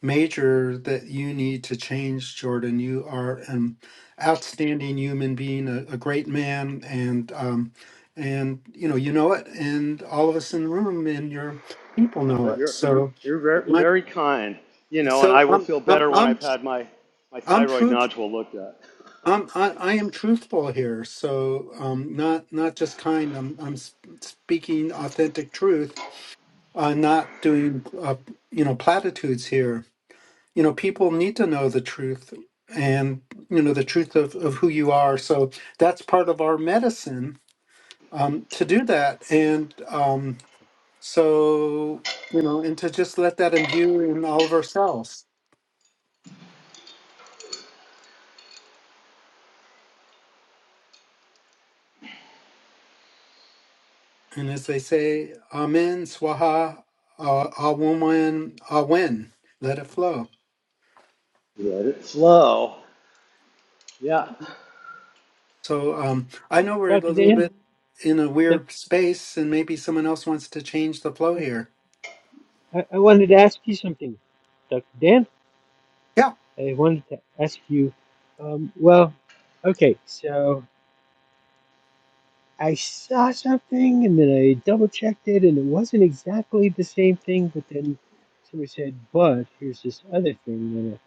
major that you need to change, Jordan. You are an outstanding human being, a, a great man, and um, and you know, you know it, and all of us in the room and your people
Oh,
know
that
it.
you're
So,
you're very,
my,
very kind, you know, and
so
I will
I'm
feel
I'm
better when
I'm
I've had my, my
I'm
thyroid
truth.
nodule looked at.
I'm, I, I am truthful here, so um, not not just kind. I'm I'm s- speaking authentic truth, uh, not doing uh, you know platitudes here. You know, people need to know the truth and you know the truth of, of who you are. So that's part of our medicine um, to do that. And um, so you know, and to just let that imbue in all of ourselves. And as they say, Amen, Swaha, uh, Awoman, Awen, let it flow.
Let it flow. Yeah.
So um, I know we're a
Dr.
little
Dan,
bit in a
doc,
weird space, and maybe someone else wants to change the flow
doc,
here.
I, I wanted to ask you something. Dr. Dan?
Yeah.
I wanted to ask you, um, well, okay, so I saw something and then I double checked it and it wasn't exactly the same thing, but then somebody said, but here's this other thing. And uh,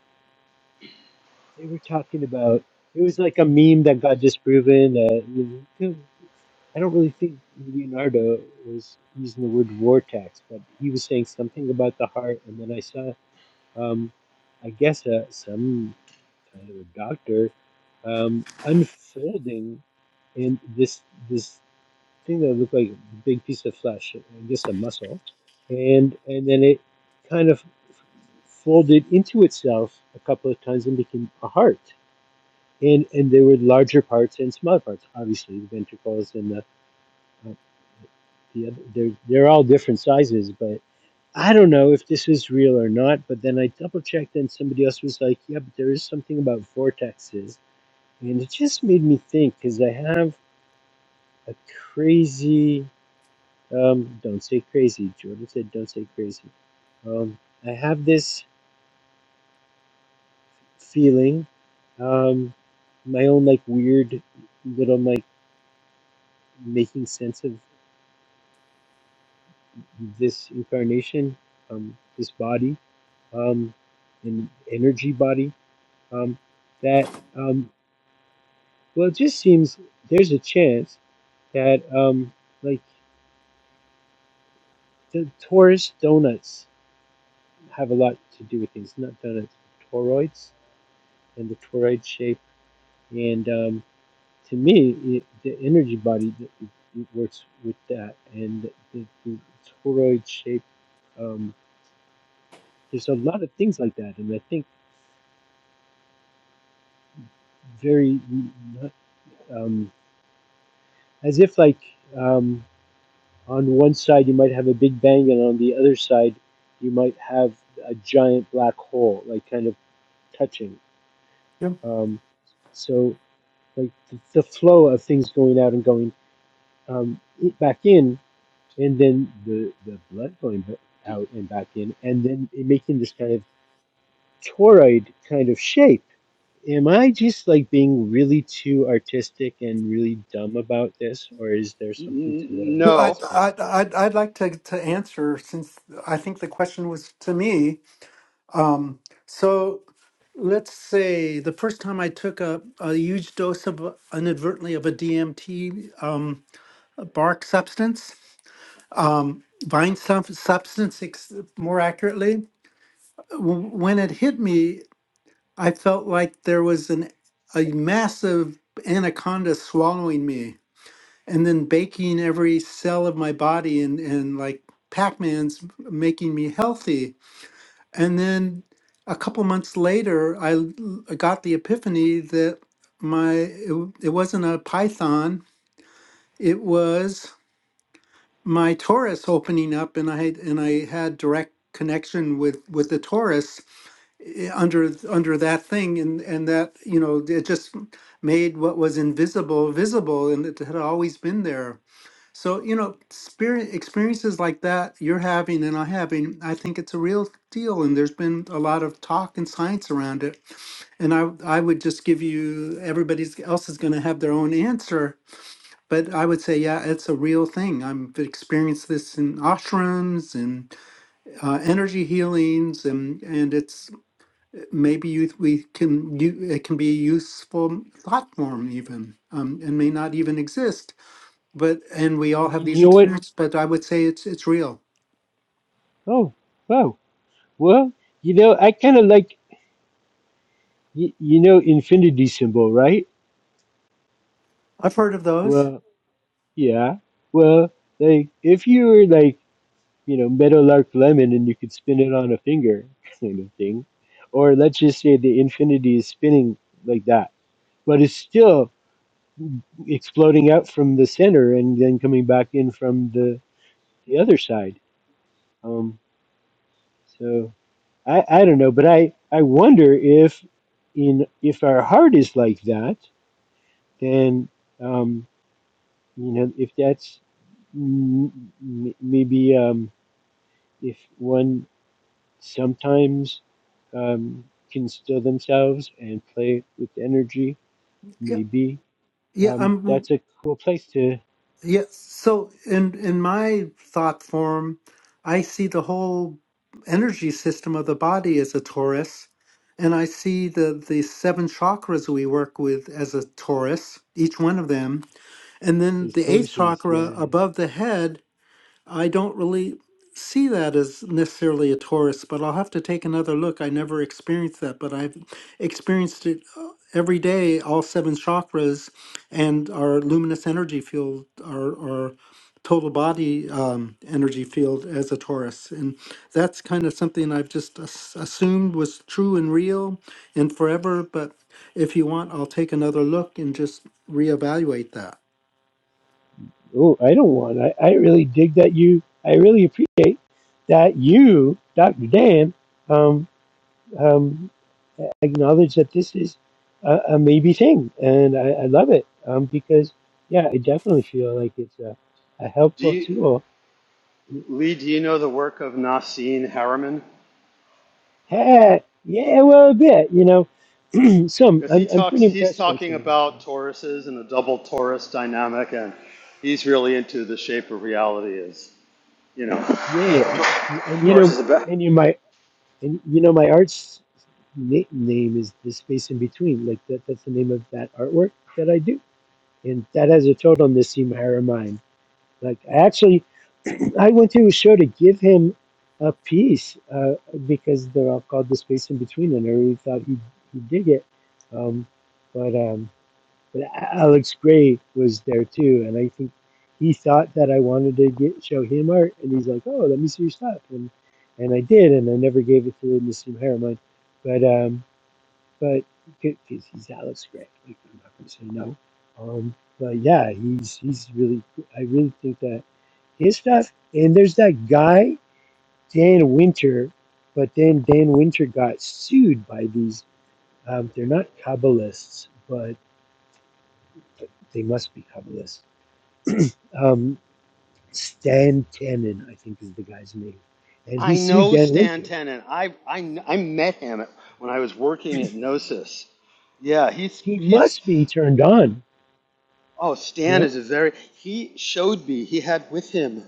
they were talking about, it was like a meme that got disproven that I don't really think Leonardo was using the word vortex, but he was saying something about the heart. And then I saw, um, I guess, uh, some. kind of a doctor, um, unfolding and this this thing that looked like a big piece of flesh, I guess a muscle, and and then it kind of folded into itself a couple of times and became a heart. And and there were larger parts and smaller parts. Obviously, the ventricles and the uh, the other they're they're all different sizes, but I don't know if this is real or not. But then I double checked, and somebody else was like, "Yeah, but there is something about vortexes." And it just made me think because I have a crazy, um, don't say crazy. Jordan said, don't say crazy. Um, I have this feeling, um, my own like weird little like making sense of this incarnation, um, this body, um, an energy body, um, that, um, well, it just seems there's a chance that, um, like the Taurus donuts have a lot to do with these nut donuts toroids and the toroid shape. And um, to me, it, the energy body it, it works with that, and the, the, toroid shape. Um, there's a lot of things like that, and I think very um, as if like um, on one side you might have a big bang, and on the other side you might have a giant black hole, like kind of touching.
Yeah.
Um, so like the, the flow of things going out and going um, i- back in, and then the the blood going b- out and back in, and then it making this kind of toroid kind of shape. Am I just like being really too artistic and really dumb about this, or is there something
N-
to what I'm
No, I,
no.
asking?
I, I'd, I'd like to, to answer since I think the question was to me. Um, so let's say the first time I took a, a huge dose of inadvertently of a DMT um, bark substance, um, vine sub- substance ex- more accurately, w- when it hit me, I felt like there was an a massive anaconda swallowing me and then baking every cell of my body and, and like pac-man's making me healthy and then a couple months later i l- I got the epiphany that my it, w- it wasn't a python it was my taurus opening up and i had and i had direct connection with with the taurus eh, under th- under that thing and and that you know it just made what was invisible visible and it had always been there so, you know, spirit experiences like that you're having and i having, I think it's a real deal. And there's been a lot of talk and science around it. And I I would just give you everybody else is going to have their own answer. But I would say, yeah, it's a real thing. I've experienced this in ashrams and uh, energy healings, and and it's maybe you, we can you, it can be a useful thought form even, um, and may not even exist but and we all have
You
these
know what?
experiences but i would say it's it's real
Oh, wow. Well, you know, I kind of like y- you know infinity symbol, right?
i've heard of those
Well, yeah. Well, like if you were like you know, Meadowlark Lemon and you could spin it on a finger kind of thing. Or let's just say the infinity is spinning like that, but it's still exploding out from the center and then coming back in from the, the other side. Um, so I, I don't know, but I, I wonder if in if our heart is like that, then um, you know if that's m- m- maybe um, if one sometimes um, can still themselves and play with energy.
yeah
Maybe
yeah
um,
i'm well,
that's a cool place to
yeah so in in my thought form i see the whole energy system of the body as a taurus and i see the the seven chakras we work with as a taurus each one of them and then
is
the eighth
tortoises.
chakra
Yeah.
above the head I don't really see that as necessarily a Taurus, but I'll have to take another look. I never experienced that, but I've experienced it uh, every day, all seven chakras and our luminous energy field, our, our total body um, energy field as a Taurus. And that's kind of something I've just as- assumed was true and real and forever. But if you want, I'll take another look and just reevaluate that.
Oh, I don't want. I, I really dig that you. I really appreciate that you, Doctor Dan, um, um, acknowledge that this is a, a maybe thing, and I, I love it um, because yeah, I definitely feel like it's a, a
Do
helpful
you,
tool
Lee? Do you know the work of Nassim Harriman?
Yeah, yeah, well, a bit, you know. Some,
Because he
I'm, I'm
talks,
pretty
he's
impressed by
talking
some of this
about
thing.
toruses and the double torus dynamic, and he's really into the shape of reality. Is you know.
Yeah, and you
Taurus
know,
is a bit.
and you my, and you know, my art's na name is the space in between. Like that, that's the name of that artwork that I do, and that has a total Nassim Haramein. Like I actually, I went to a show to give him a piece uh, because they're all called the space in between, and I really thought he he dig it. Um, but um, But Alex Gray was there too, and I think he thought that I wanted to get show him art, and he's like, "Oh, let me see your stuff," and and I did, and I never gave it to Nassim Harriman, but um, but because he's Alex Gray, like I'm not gonna say no. Um, but yeah, he's he's really I really think that his stuff, and there's that guy Dan Winter, but then Dan Winter got sued by these. Um, they're not Kabbalists, but they must be Kabbalists um, Stan Tannen, I think is the guy's name, and he
I
sued
know
Dan
Stan
Winter.
Tenen. I I I met him at, when I was working at Gnosis. Yeah, he's
He
he's.
must be turned on.
Oh, Stan
No,
is a very. He showed me. He had with him.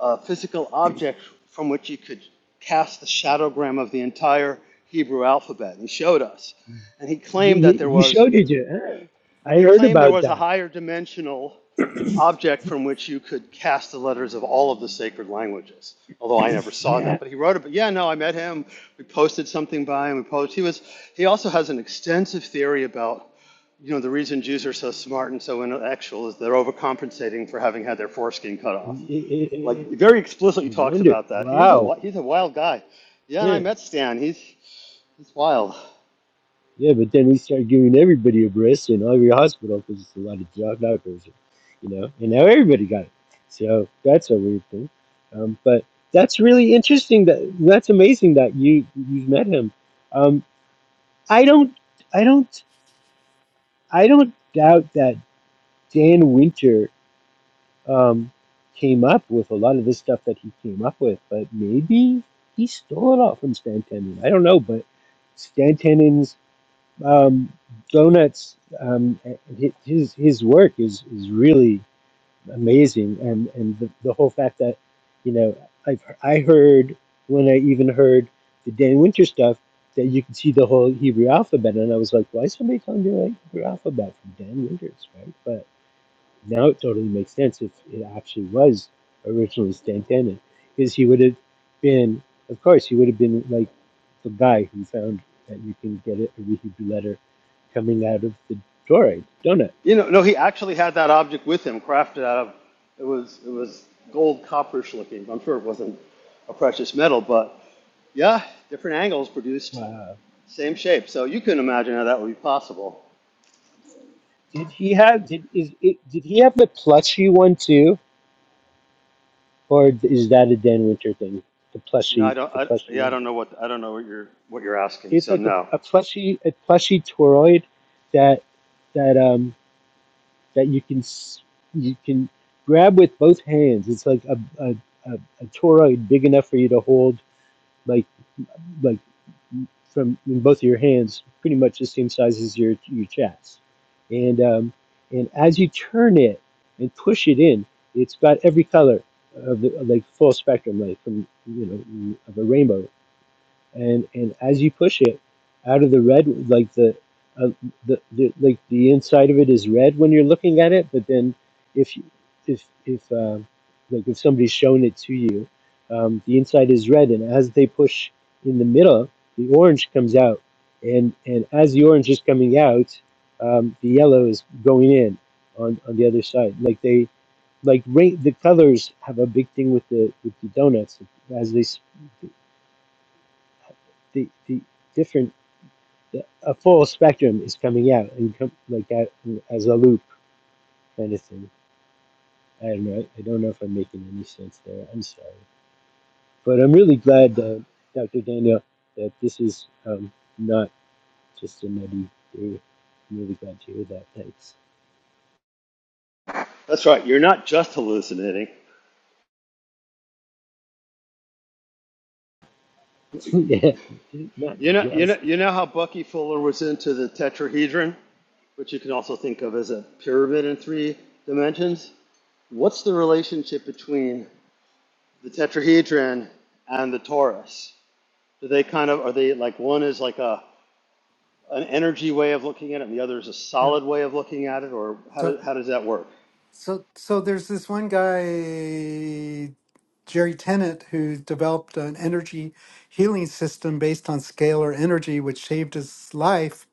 a physical object from which you could cast the shadowgram of the entire Hebrew alphabet. And he showed us.
you,
And he claimed that
you,
there
you
was
showed it to. Huh? I
he
heard
claimed there
about
was a
that.
higher dimensional object from which you could cast the letters of all of the sacred languages. Although I never saw that,
Yeah,
but he wrote about. Yeah, no, I met him. We posted something by him. We posted. He was. He also has an extensive theory about you know the reason Jews are so smart and so intellectual is they're overcompensating for having had their foreskin cut
I
off
I-
like
I-
very explicitly
I
talks
wonder.
about that. He's a
Wow.
wi- he's a wild guy. Yeah, and I
Huh.
met Stan. He's he's wild.
Yeah, but then we start giving everybody a breast in every hospital because it's a lot of job doctors, you know, and now everybody got it. So that's a weird thing. Um, but that's really interesting. That that's amazing that you you met him. Um, I don't, I don't, I don't doubt that Dan Winter um, came up with a lot of this stuff that he came up with, but maybe he stole it all from Stan Tenen. I don't know, but Stan Tenen's um, donuts, um, hi- his his work is is really amazing and and the, the whole fact that you know I've I heard when I even heard the Dan Winter stuff that you could see the whole Hebrew alphabet and I was like why is somebody calling me like Hebrew alphabet from Dan Winters right but now it totally makes sense if it actually was originally Stan Tandon because he would have been of course he would have been like the guy who found that you can get a Hebrew letter coming out of the Torah donut
You know, no, he actually had that object with him, crafted out of it was it was gold copperish looking. I'm sure it wasn't a precious metal, but yeah, different angles produced
wow
same shape. So you can imagine how that would be possible.
Did he have did is it, did he have the plushie one too, or is that a Dan Winter thing? The
No, I
plushie,
don't.
the
I,
plushie
yeah, I
one.
don't know what I don't know what you're what you're asking.
It's
So
like a,
no,
a plushie, a plushie toroid that that um that you can s- you can grab with both hands. It's like a a, a, a toroid big enough for you to hold like like from in both of your hands, pretty much the same size as your your chest. And um, and as you turn it and push it in, it's got every color of the of, like full spectrum, like from you know of a rainbow and and as you push it out of the red like the uh, the, the like the inside of it is red when you're looking at it but then if you if if uh, like if somebody's shown it to you um, the inside is red and as they push in the middle the orange comes out and and as the orange is coming out um, the yellow is going in on on the other side like they like rain, the colors have a big thing with the with the donuts as they s- the, the different the- a full spectrum is coming out and com- like a, as a loop kind of thing. I don't know. I don't know if I'm making any sense there. I'm sorry, but I'm really glad that Dr. Daniel that this is um, not just a nutty theory. I'm really glad to hear that. Thanks.
that's right. You're not just hallucinating.
yeah, not
You know, you know,
just.
you know how Bucky Fuller was into the tetrahedron. which you can also think of as a pyramid in three dimensions. What's the relationship between the tetrahedron and the torus? Do they kind of are they like one is like a an energy way of looking at it, and the other is a
Yeah.
solid way of looking at it, or how
So
does how does that work?
So, so there's this one guy, Jerry Tennant, who developed an energy healing system based on scalar energy, which saved his life.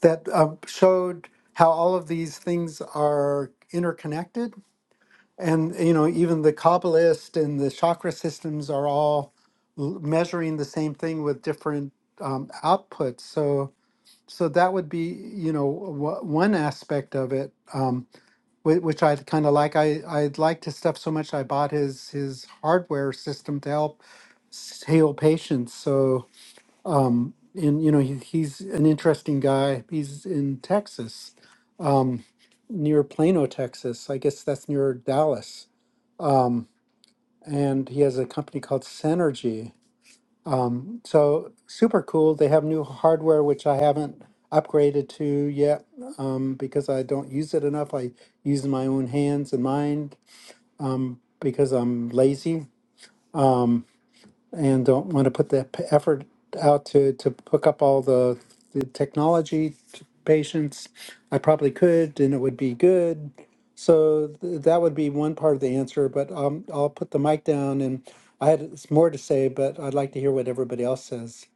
That uh, showed how all of these things are interconnected, and you know, even the Kabbalist and the chakra systems are all l- measuring the same thing with different um, outputs. So, so that would be you know w- one aspect of it. Um, whi- which I kind of like. I I liked his stuff so much. I bought his his hardware system to help s- heal patients. So um, and you know he, he's an interesting guy. He's in Texas, um, near Plano, Texas. I guess that's near Dallas. Um, and he has a company called Synergy. Um, so super cool. They have new hardware which I haven't upgraded to yet um, because I don't use it enough. I use my own hands and mind because I'm lazy and don't want to put the p- effort out to to hook up all the, the technology to patients. I probably could, and it would be good. So th- that would be one part of the answer. But um, I'll put the mic down, and I had s- more to say, but I'd like to hear what everybody else says.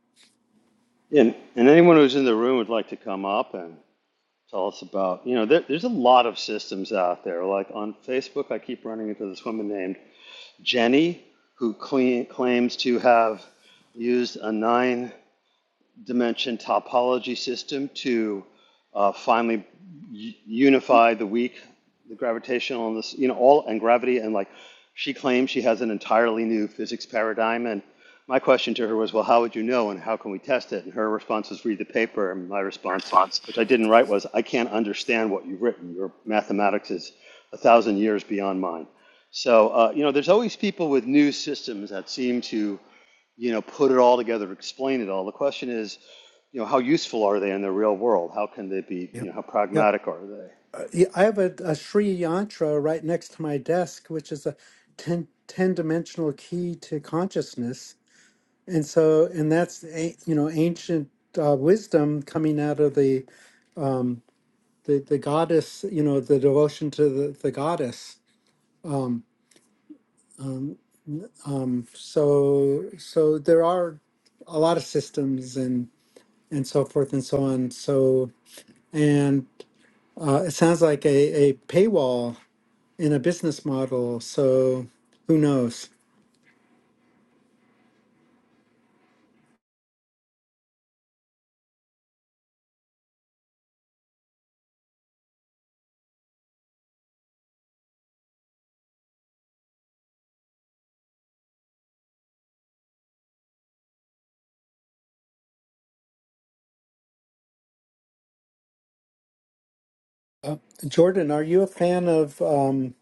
And and anyone who's in the room would like to come up and tell us about you know there, there's a lot of systems out there. Like on Facebook, I keep running into this woman named Jenny who clean, claims to have used a nine dimension topology system to uh, finally unify the weak, the gravitational, and this, you know, all and gravity. And like she claims she has an entirely new physics paradigm. And my question to her was, well, how would you know and how can we test it? And her response was, read the paper. And my response, which I didn't write, was, I can't understand what you've written. Your mathematics is a thousand years beyond mine. So, uh, you know, there's always people with new systems that seem to you know, put it all together, explain it all. The question is, you know, how useful are they in the real world? How can they be, you
Yep.
know, how
Yep.
pragmatic are they?
Uh, yeah, I have a, a Sri Yantra right next to my desk, which is a 10 10 dimensional key to consciousness And so, and that's a- you know ancient uh, wisdom coming out of the, the the goddess, you know, the devotion to the, the goddess. Um, so, so there are a lot of systems and and so forth and so on. So, and uh, it sounds like a, a paywall in a business model. So, who knows? Uh, Jordan, are you a fan of um,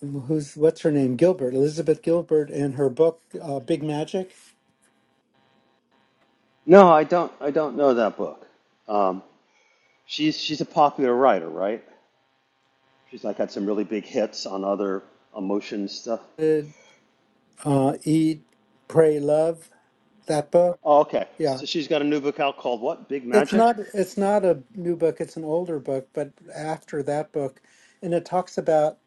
who's what's her name? Gilbert, Elizabeth Gilbert, and her book uh, Big Magic?
No, I don't. I don't know that book. Um, she's she's a popular writer, right? She's like had some really big hits on other emotion stuff.
Uh, uh, Eat, Pray, Love, that book.
Oh, okay.
Yeah.
So she's got a new book out called what? Big
It's
Magic.
not it's not a new book, it's an older book, but after that book, and it talks about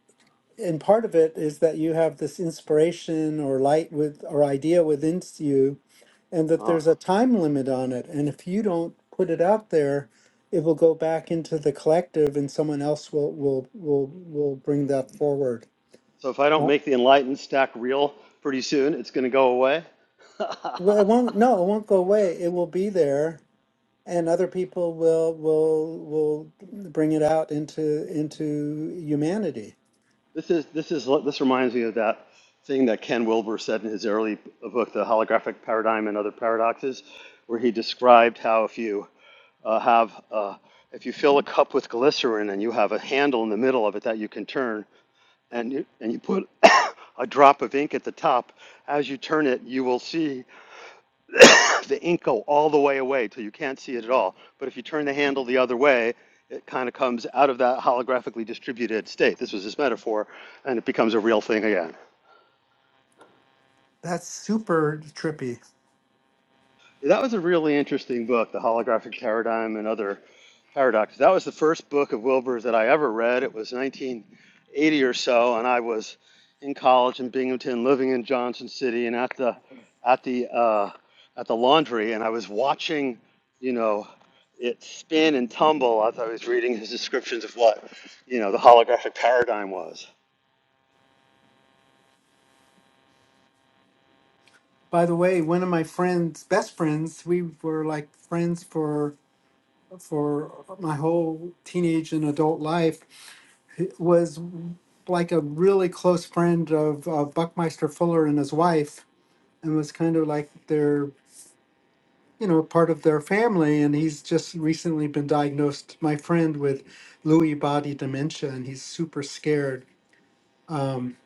and part of it is that you have this inspiration or light with or idea within you and that
Uh huh.
there's a time limit on it. And if you don't put it out there, it will go back into the collective and someone else will will will will bring that forward.
So if I don't
Uh,
make the enlightened stack real pretty soon, it's going to go away.
Well, it won't no, it won't go away. It will be there and other people will will will bring it out into into humanity.
This is this is this reminds me of that thing that Ken Wilber said in his early book, The Holographic Paradigm and Other Paradoxes, where he described how if you uh, have uh, if you fill a cup with glycerin and you have a handle in the middle of it that you can turn, and you, and you put a drop of ink at the top, as you turn it, you will see the ink go all the way away till you can't see it at all. But if you turn the handle the other way, it kind of comes out of that holographically distributed state. This was his metaphor, and it becomes a real thing again.
That's super trippy.
That was a really interesting book, The Holographic Paradigm and Other Paradoxes. That was the first book of Wilbur's that I ever read. It was 1980 or so, and I was in college in Binghamton, living in Johnson City, and at the at the uh, at the laundry, and I was watching, you know, it spin and tumble as I was reading his descriptions of what, you know, the holographic paradigm was.
By the way, one of my friends, best friends, we were like friends for for my whole teenage and adult life was like a really close friend of, of Buckmeister Fuller and his wife and was kind of like their you know, part of their family. And he's just recently been diagnosed, my friend, with Lewy body dementia, and he's super scared. Um,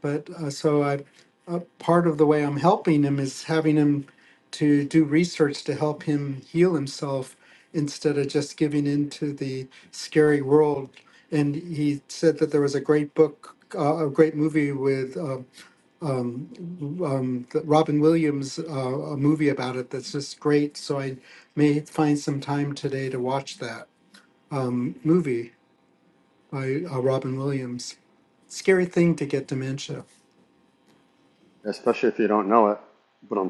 but uh, so I, uh, part of the way I'm helping him is having him to do research to help him heal himself instead of just giving into the scary world. And he said that there was a great book, uh, a great movie with. uh, um, the Robin Williams uh, a movie about it that's just great. So I may find some time today to watch that um, movie by uh, Robin Williams. Scary thing to get dementia.
Especially if you don't know it. But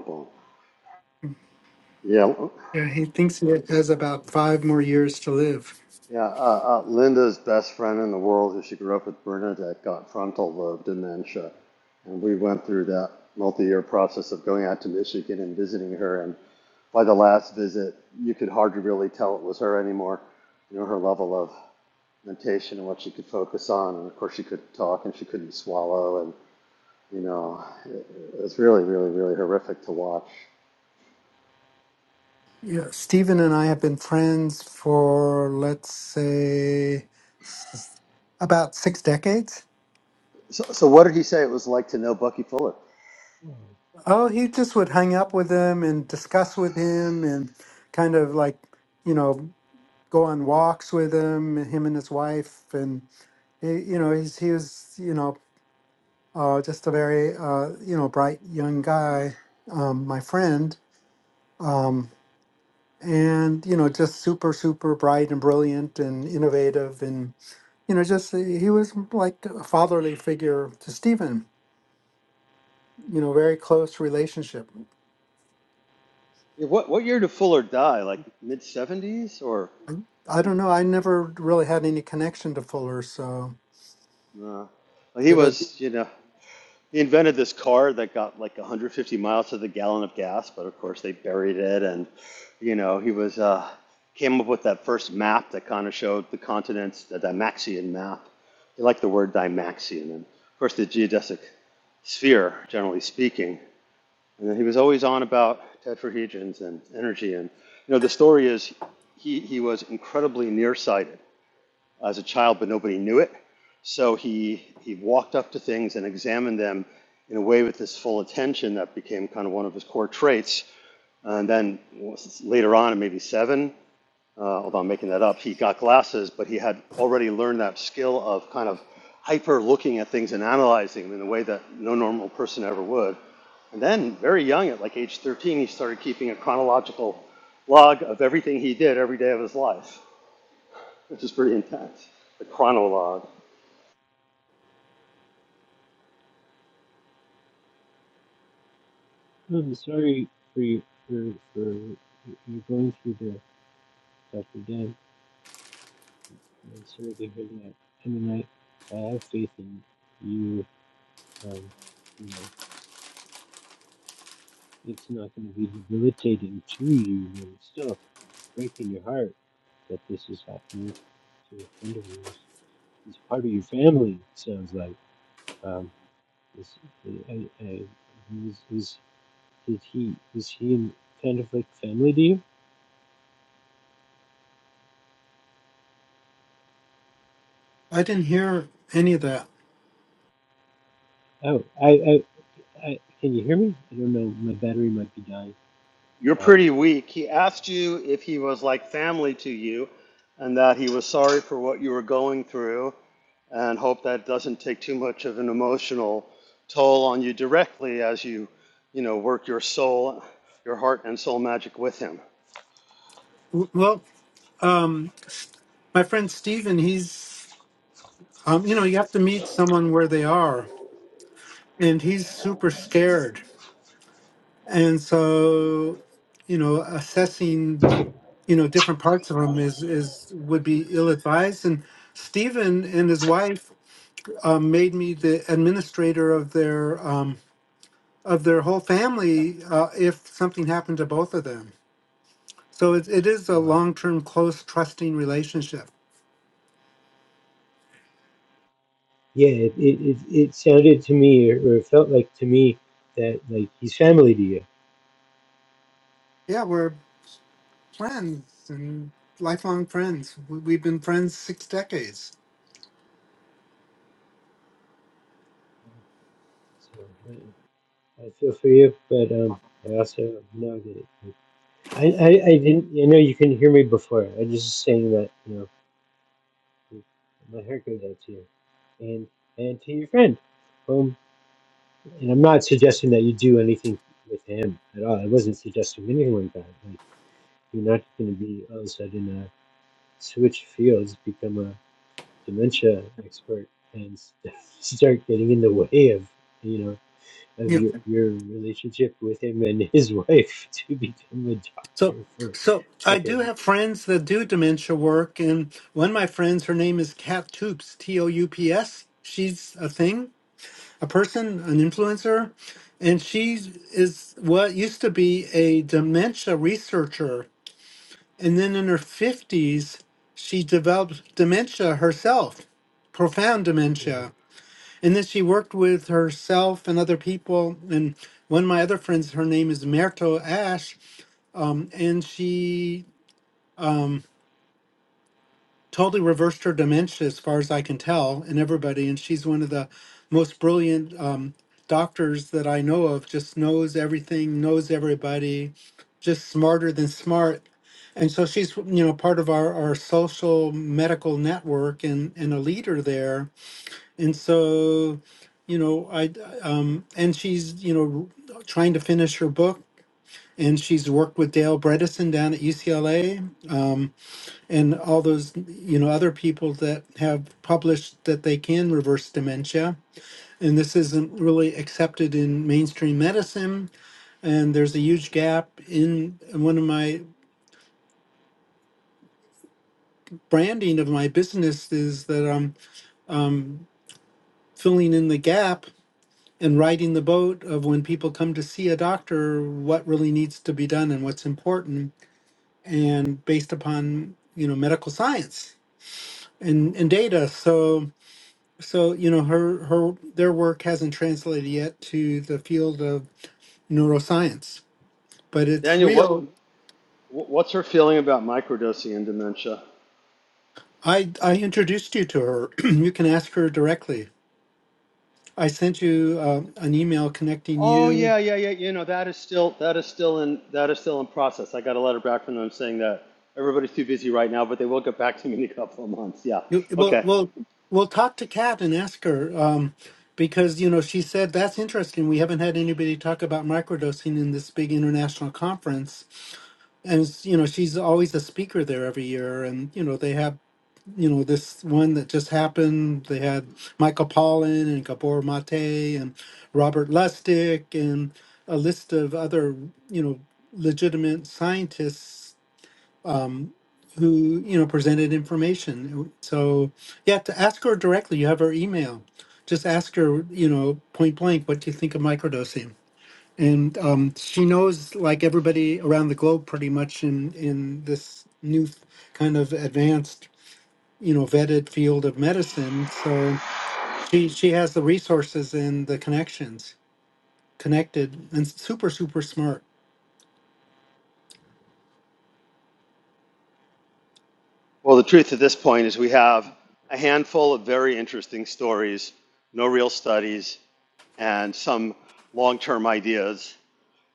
yeah.
Yeah, he thinks he has about five more years to live.
Yeah, uh, uh, Linda's best friend in the world, who she grew up with, Bernadette, got frontal lobe dementia, and we went through that multi-year process of going out to Michigan and visiting her. And by the last visit, you could hardly really tell it was her anymore. You know, her level of mentation and what she could focus on, and of course, she couldn't talk and she couldn't swallow, and you know, it, it was really, really, really horrific to watch.
Yeah, Stephen and I have been friends for let's say about six decades.
So, so what did he say it was like to know Bucky Fuller?
Oh,
Oh, he just would hang up with him and discuss with him and kind of like you know go on walks with him, him and his wife, and he, you know he's he was you know uh, just a very uh, you know bright young guy, um, my friend, um, and you know just super super bright and brilliant and innovative, and you know just he he was like a fatherly figure to Stephen, you know very close relationship.
Yeah, What what year did Fuller die? Like mid seventies or?
I don't know, I never really had any connection to Fuller, so
Uh, he
yeah, but
was, you know, he invented this car that got like 150 miles to the gallon of gas, but of course they buried it. And, you know, he was, uh, came up with that first map that kind of showed the continents, the Dymaxion map. He liked the word Dymaxion, And of course the geodesic sphere, generally speaking. And he was always on about tetrahedrons and energy. And, you know, the story is he, he was incredibly nearsighted as a child, but nobody knew it. So he, he walked up to things and examined them in a way with this full attention that became kind of one of his core traits. And then later on, at maybe seven, uh, although I'm making that up, he got glasses, but he had already learned that skill of kind of hyper looking at things and analyzing them in a way that no normal person ever would. And then, very young, at like age 13, he started keeping a chronological log of everything he did every day of his life, which is pretty intense. The chronologue.
I'm sorry for you for for you going through the Dr. Dan. I'm sorry to hear that. I mean, I I have faith in you. Um, you know, It's not going to be debilitating to you, but it's still breaking your heart that this is happening to a friend of yours. He's part of your family, it sounds like. Um, is, I, I, is, is, did he, is he kind of like family to you?
I didn't hear any of that.
Oh, I, I, I, can you hear me? I don't know. My battery might be dying.
You're
Um,
pretty weak. He asked you if he was like family to you and that he was sorry for what you were going through and hope that doesn't take too much of an emotional toll on you directly as you, you know, work your soul, your heart and soul magic with him.
W- Well, um, my friend Steven, he's, um, you know, you have to meet someone where they are, and he's super scared. And so, you know, assessing, you know, different parts of him is, is would be ill advised. And Steven and his wife um, made me the administrator of their, um, of their whole family uh, if something happened to both of them. So it, it is a
wow.
long term, close, trusting relationship.
Yeah, it, it, it, it sounded to me, or, or it felt like to me, that like he's family to you.
Yeah, we're friends and lifelong friends. We- We've been friends six decades.
So, uh, I feel for you, but um, I also know that it, I, I I didn't. I know you couldn't hear me before. I was just saying that you know my heart goes out to you and and to your friend. Um, and I'm not suggesting that you do anything with him at all. I wasn't suggesting anything like that. Like you're not going to be all of a sudden uh, switch fields, become a dementia expert, and start getting in the way of you know. of
Yeah.
your, your relationship with him and his wife to become a
So,
doctor for
so
for
I do
him.
have friends that do dementia work, and one of my friends, her name is Kat Toops, T O U P S. She's a thing, a person, an influencer, and she is what used to be a dementia researcher, and then in her fifties, she developed dementia herself, profound dementia And then she worked with herself and other people. And one of my other friends, her name is Merto Ash, um, and she totally reversed her dementia, as far as I can tell, in everybody. And she's one of the most brilliant um, doctors that I know of, just knows everything, knows everybody, just smarter than smart. And so she's, you know, part of our, our social medical network and, and a leader there and so you know i um and she's you know trying to finish her book and she's worked with dale bredesen down at ucla um, and all those you know other people that have published that they can reverse dementia and this isn't really accepted in mainstream medicine and there's a huge gap in one of my branding of my business is that i'm, I'm filling in the gap and riding the boat of when people come to see a doctor what really needs to be done and what's important and based upon you know medical science and and data so so you know her her their work hasn't translated yet to the field of neuroscience but it's
Daniel, what
real
what's her feeling about microdosing and dementia?
i i introduced you to her you can ask her directly i sent you uh, an email connecting
Oh
you
yeah, yeah, yeah. You know that is still that is still in that is still in process. I got a letter back from them saying that everybody's too busy right now, but they will get back to me in a couple of months. Yeah.
You- Well,
Okay.
well, will Talk to Kat and ask her um, because you know she said that's interesting. We haven't had anybody talk about microdosing in this big international conference, and it's- you know she's always a speaker there every year. And you know they have you know this one that just happened. They had Michael Pollan and Gabor Mate and Robert Lustig and a list of other you know legitimate scientists who you know presented information. So yeah, to ask her directly. You have her email. Just ask her, you know, point blank, what do you think of microdosing? And um, she knows, like everybody around the globe, pretty much in in this new f- kind of advanced, you know, vetted field of medicine. So she she has the resources and the connections, connected and super super smart.
Well, the truth at this point is we have a handful of very interesting stories, no real studies, and some long term ideas.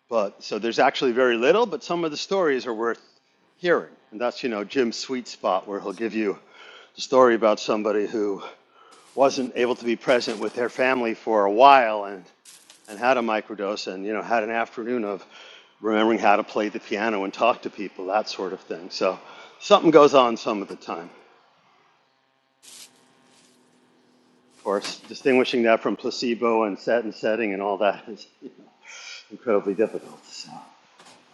But so there's actually very little, but some of the stories are worth hearing. And that's, you know, Jim's sweet spot where he'll give you the story about somebody who wasn't able to be present with their family for a while and, and had a microdose and, you know, had an afternoon of remembering how to play the piano and talk to people, that sort of thing. So something goes on some of the time. Of course, distinguishing that from placebo and set and setting and all that is incredibly difficult. So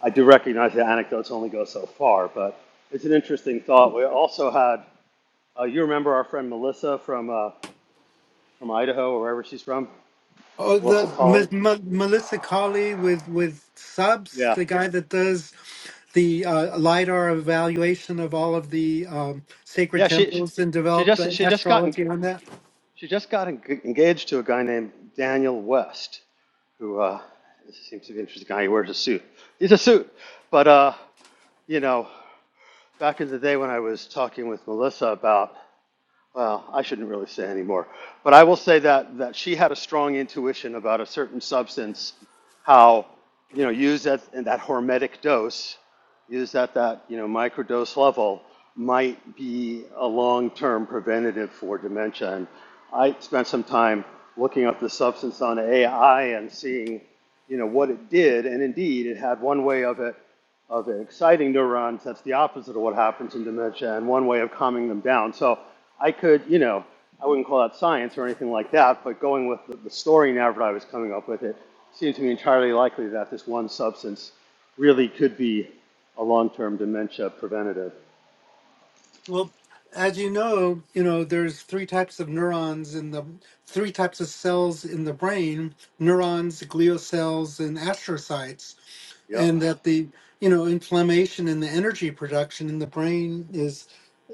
I do recognize the anecdotes only go so far, but it's an interesting thought. We also had, uh, you remember our friend Melissa from uh, from Idaho or wherever she's from,
Oh,
Melissa
the
Colley.
M- M- Melissa Colley with with Subs,
Yeah,
the guy that does the uh, lidar evaluation of all of the um, sacred
yeah. She
temples and
she
developed
just
uh,
she just got en-
astrology on that.
she just got en- engaged to a guy named Daniel West, who uh, seems to be an interesting guy. He wears a suit. He's a suit, but uh, you know. back in the day when I was talking with Melissa about, well, I shouldn't really say anymore, but I will say that that she had a strong intuition about a certain substance, how you know used at in that hormetic dose, used at that you know microdose level, might be a long-term preventative for dementia. And I spent some time looking up the substance on AI and seeing you know what it did, and indeed it had one way of it of exciting neurons. That's the opposite of what happens in dementia, and one way of calming them down. So I could, you know, I wouldn't call that science or anything like that, but going with the, the story now that I was coming up with, it seemed to me entirely likely that this one substance really could be a long term dementia preventative.
Well, as you know, you know there's three types of neurons in the three types of cells in the brain: neurons, glial cells, and astrocytes.
Yep.
And that the you know inflammation and the energy production in the brain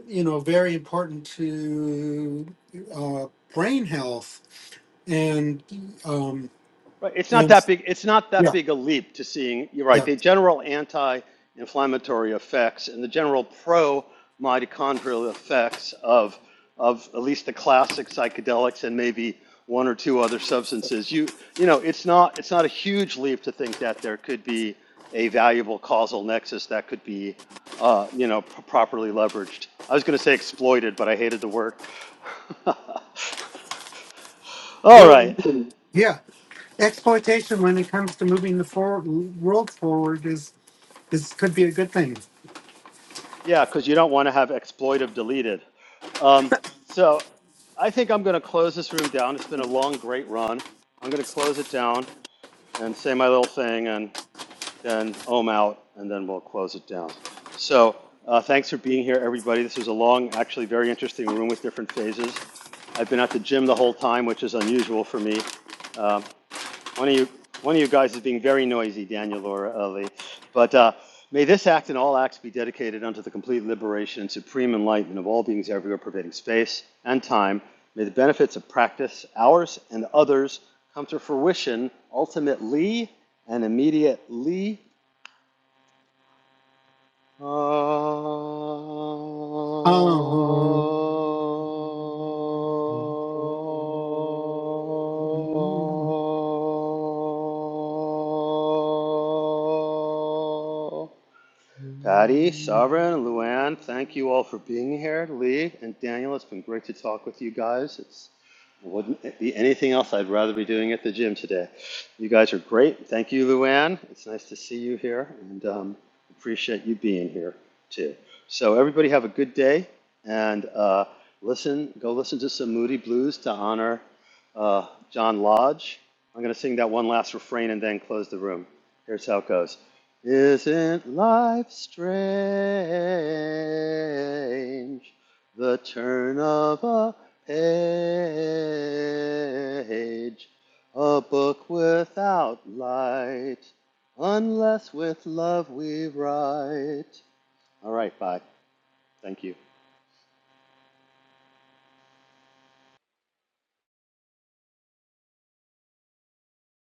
you know, very important to uh, brain health and um,
Right. It's not
and
that big. It's not that
yeah,
big a leap to seeing. You're right.
yeah,
The general anti-inflammatory effects and the general pro-mitochondrial effects of of at least the classic psychedelics and maybe one or two other substances. You you know, it's not it's not a huge leap to think that there could be a valuable causal nexus that could be uh, you know p- properly leveraged. I was going to say exploited, but I hated the word. All
well,
right.
yeah, exploitation when it comes to moving the for- world forward is is could be a good thing.
Yeah, because you don't want to have exploitive deleted. Um, so I think I'm going to close this room down. It's been a long, great run. I'm going to close it down and say my little thing and then ohm out and then we'll close it down. So uh, thanks for being here, everybody. This was a long, actually very interesting room with different phases. I've been at the gym the whole time, which is unusual for me. Um, one of you, one of you guys is being very noisy, Daniel or Ellie. But uh, may this act and all acts be dedicated unto the complete liberation and supreme enlightenment of all beings everywhere, pervading space and time. May the benefits of practice, ours and others, come to fruition ultimately and immediately
Um,
Ah. Patty, Sovereign, Luann, thank you all for being here. Lee and Daniel, it's been great to talk with you guys. It's it wouldn't be anything else I'd rather be doing at the gym today. You guys are great. Thank you, Luann. It's nice to see you here, and um, appreciate you being here too. So everybody have a good day, and uh, listen. Go listen to some Moody Blues to honor uh, John Lodge. I'm going to sing that one last refrain and then close the room. Here's how it goes. Isn't life strange? The turn of a page, a book without light, unless with love we write. All right, bye. Thank you.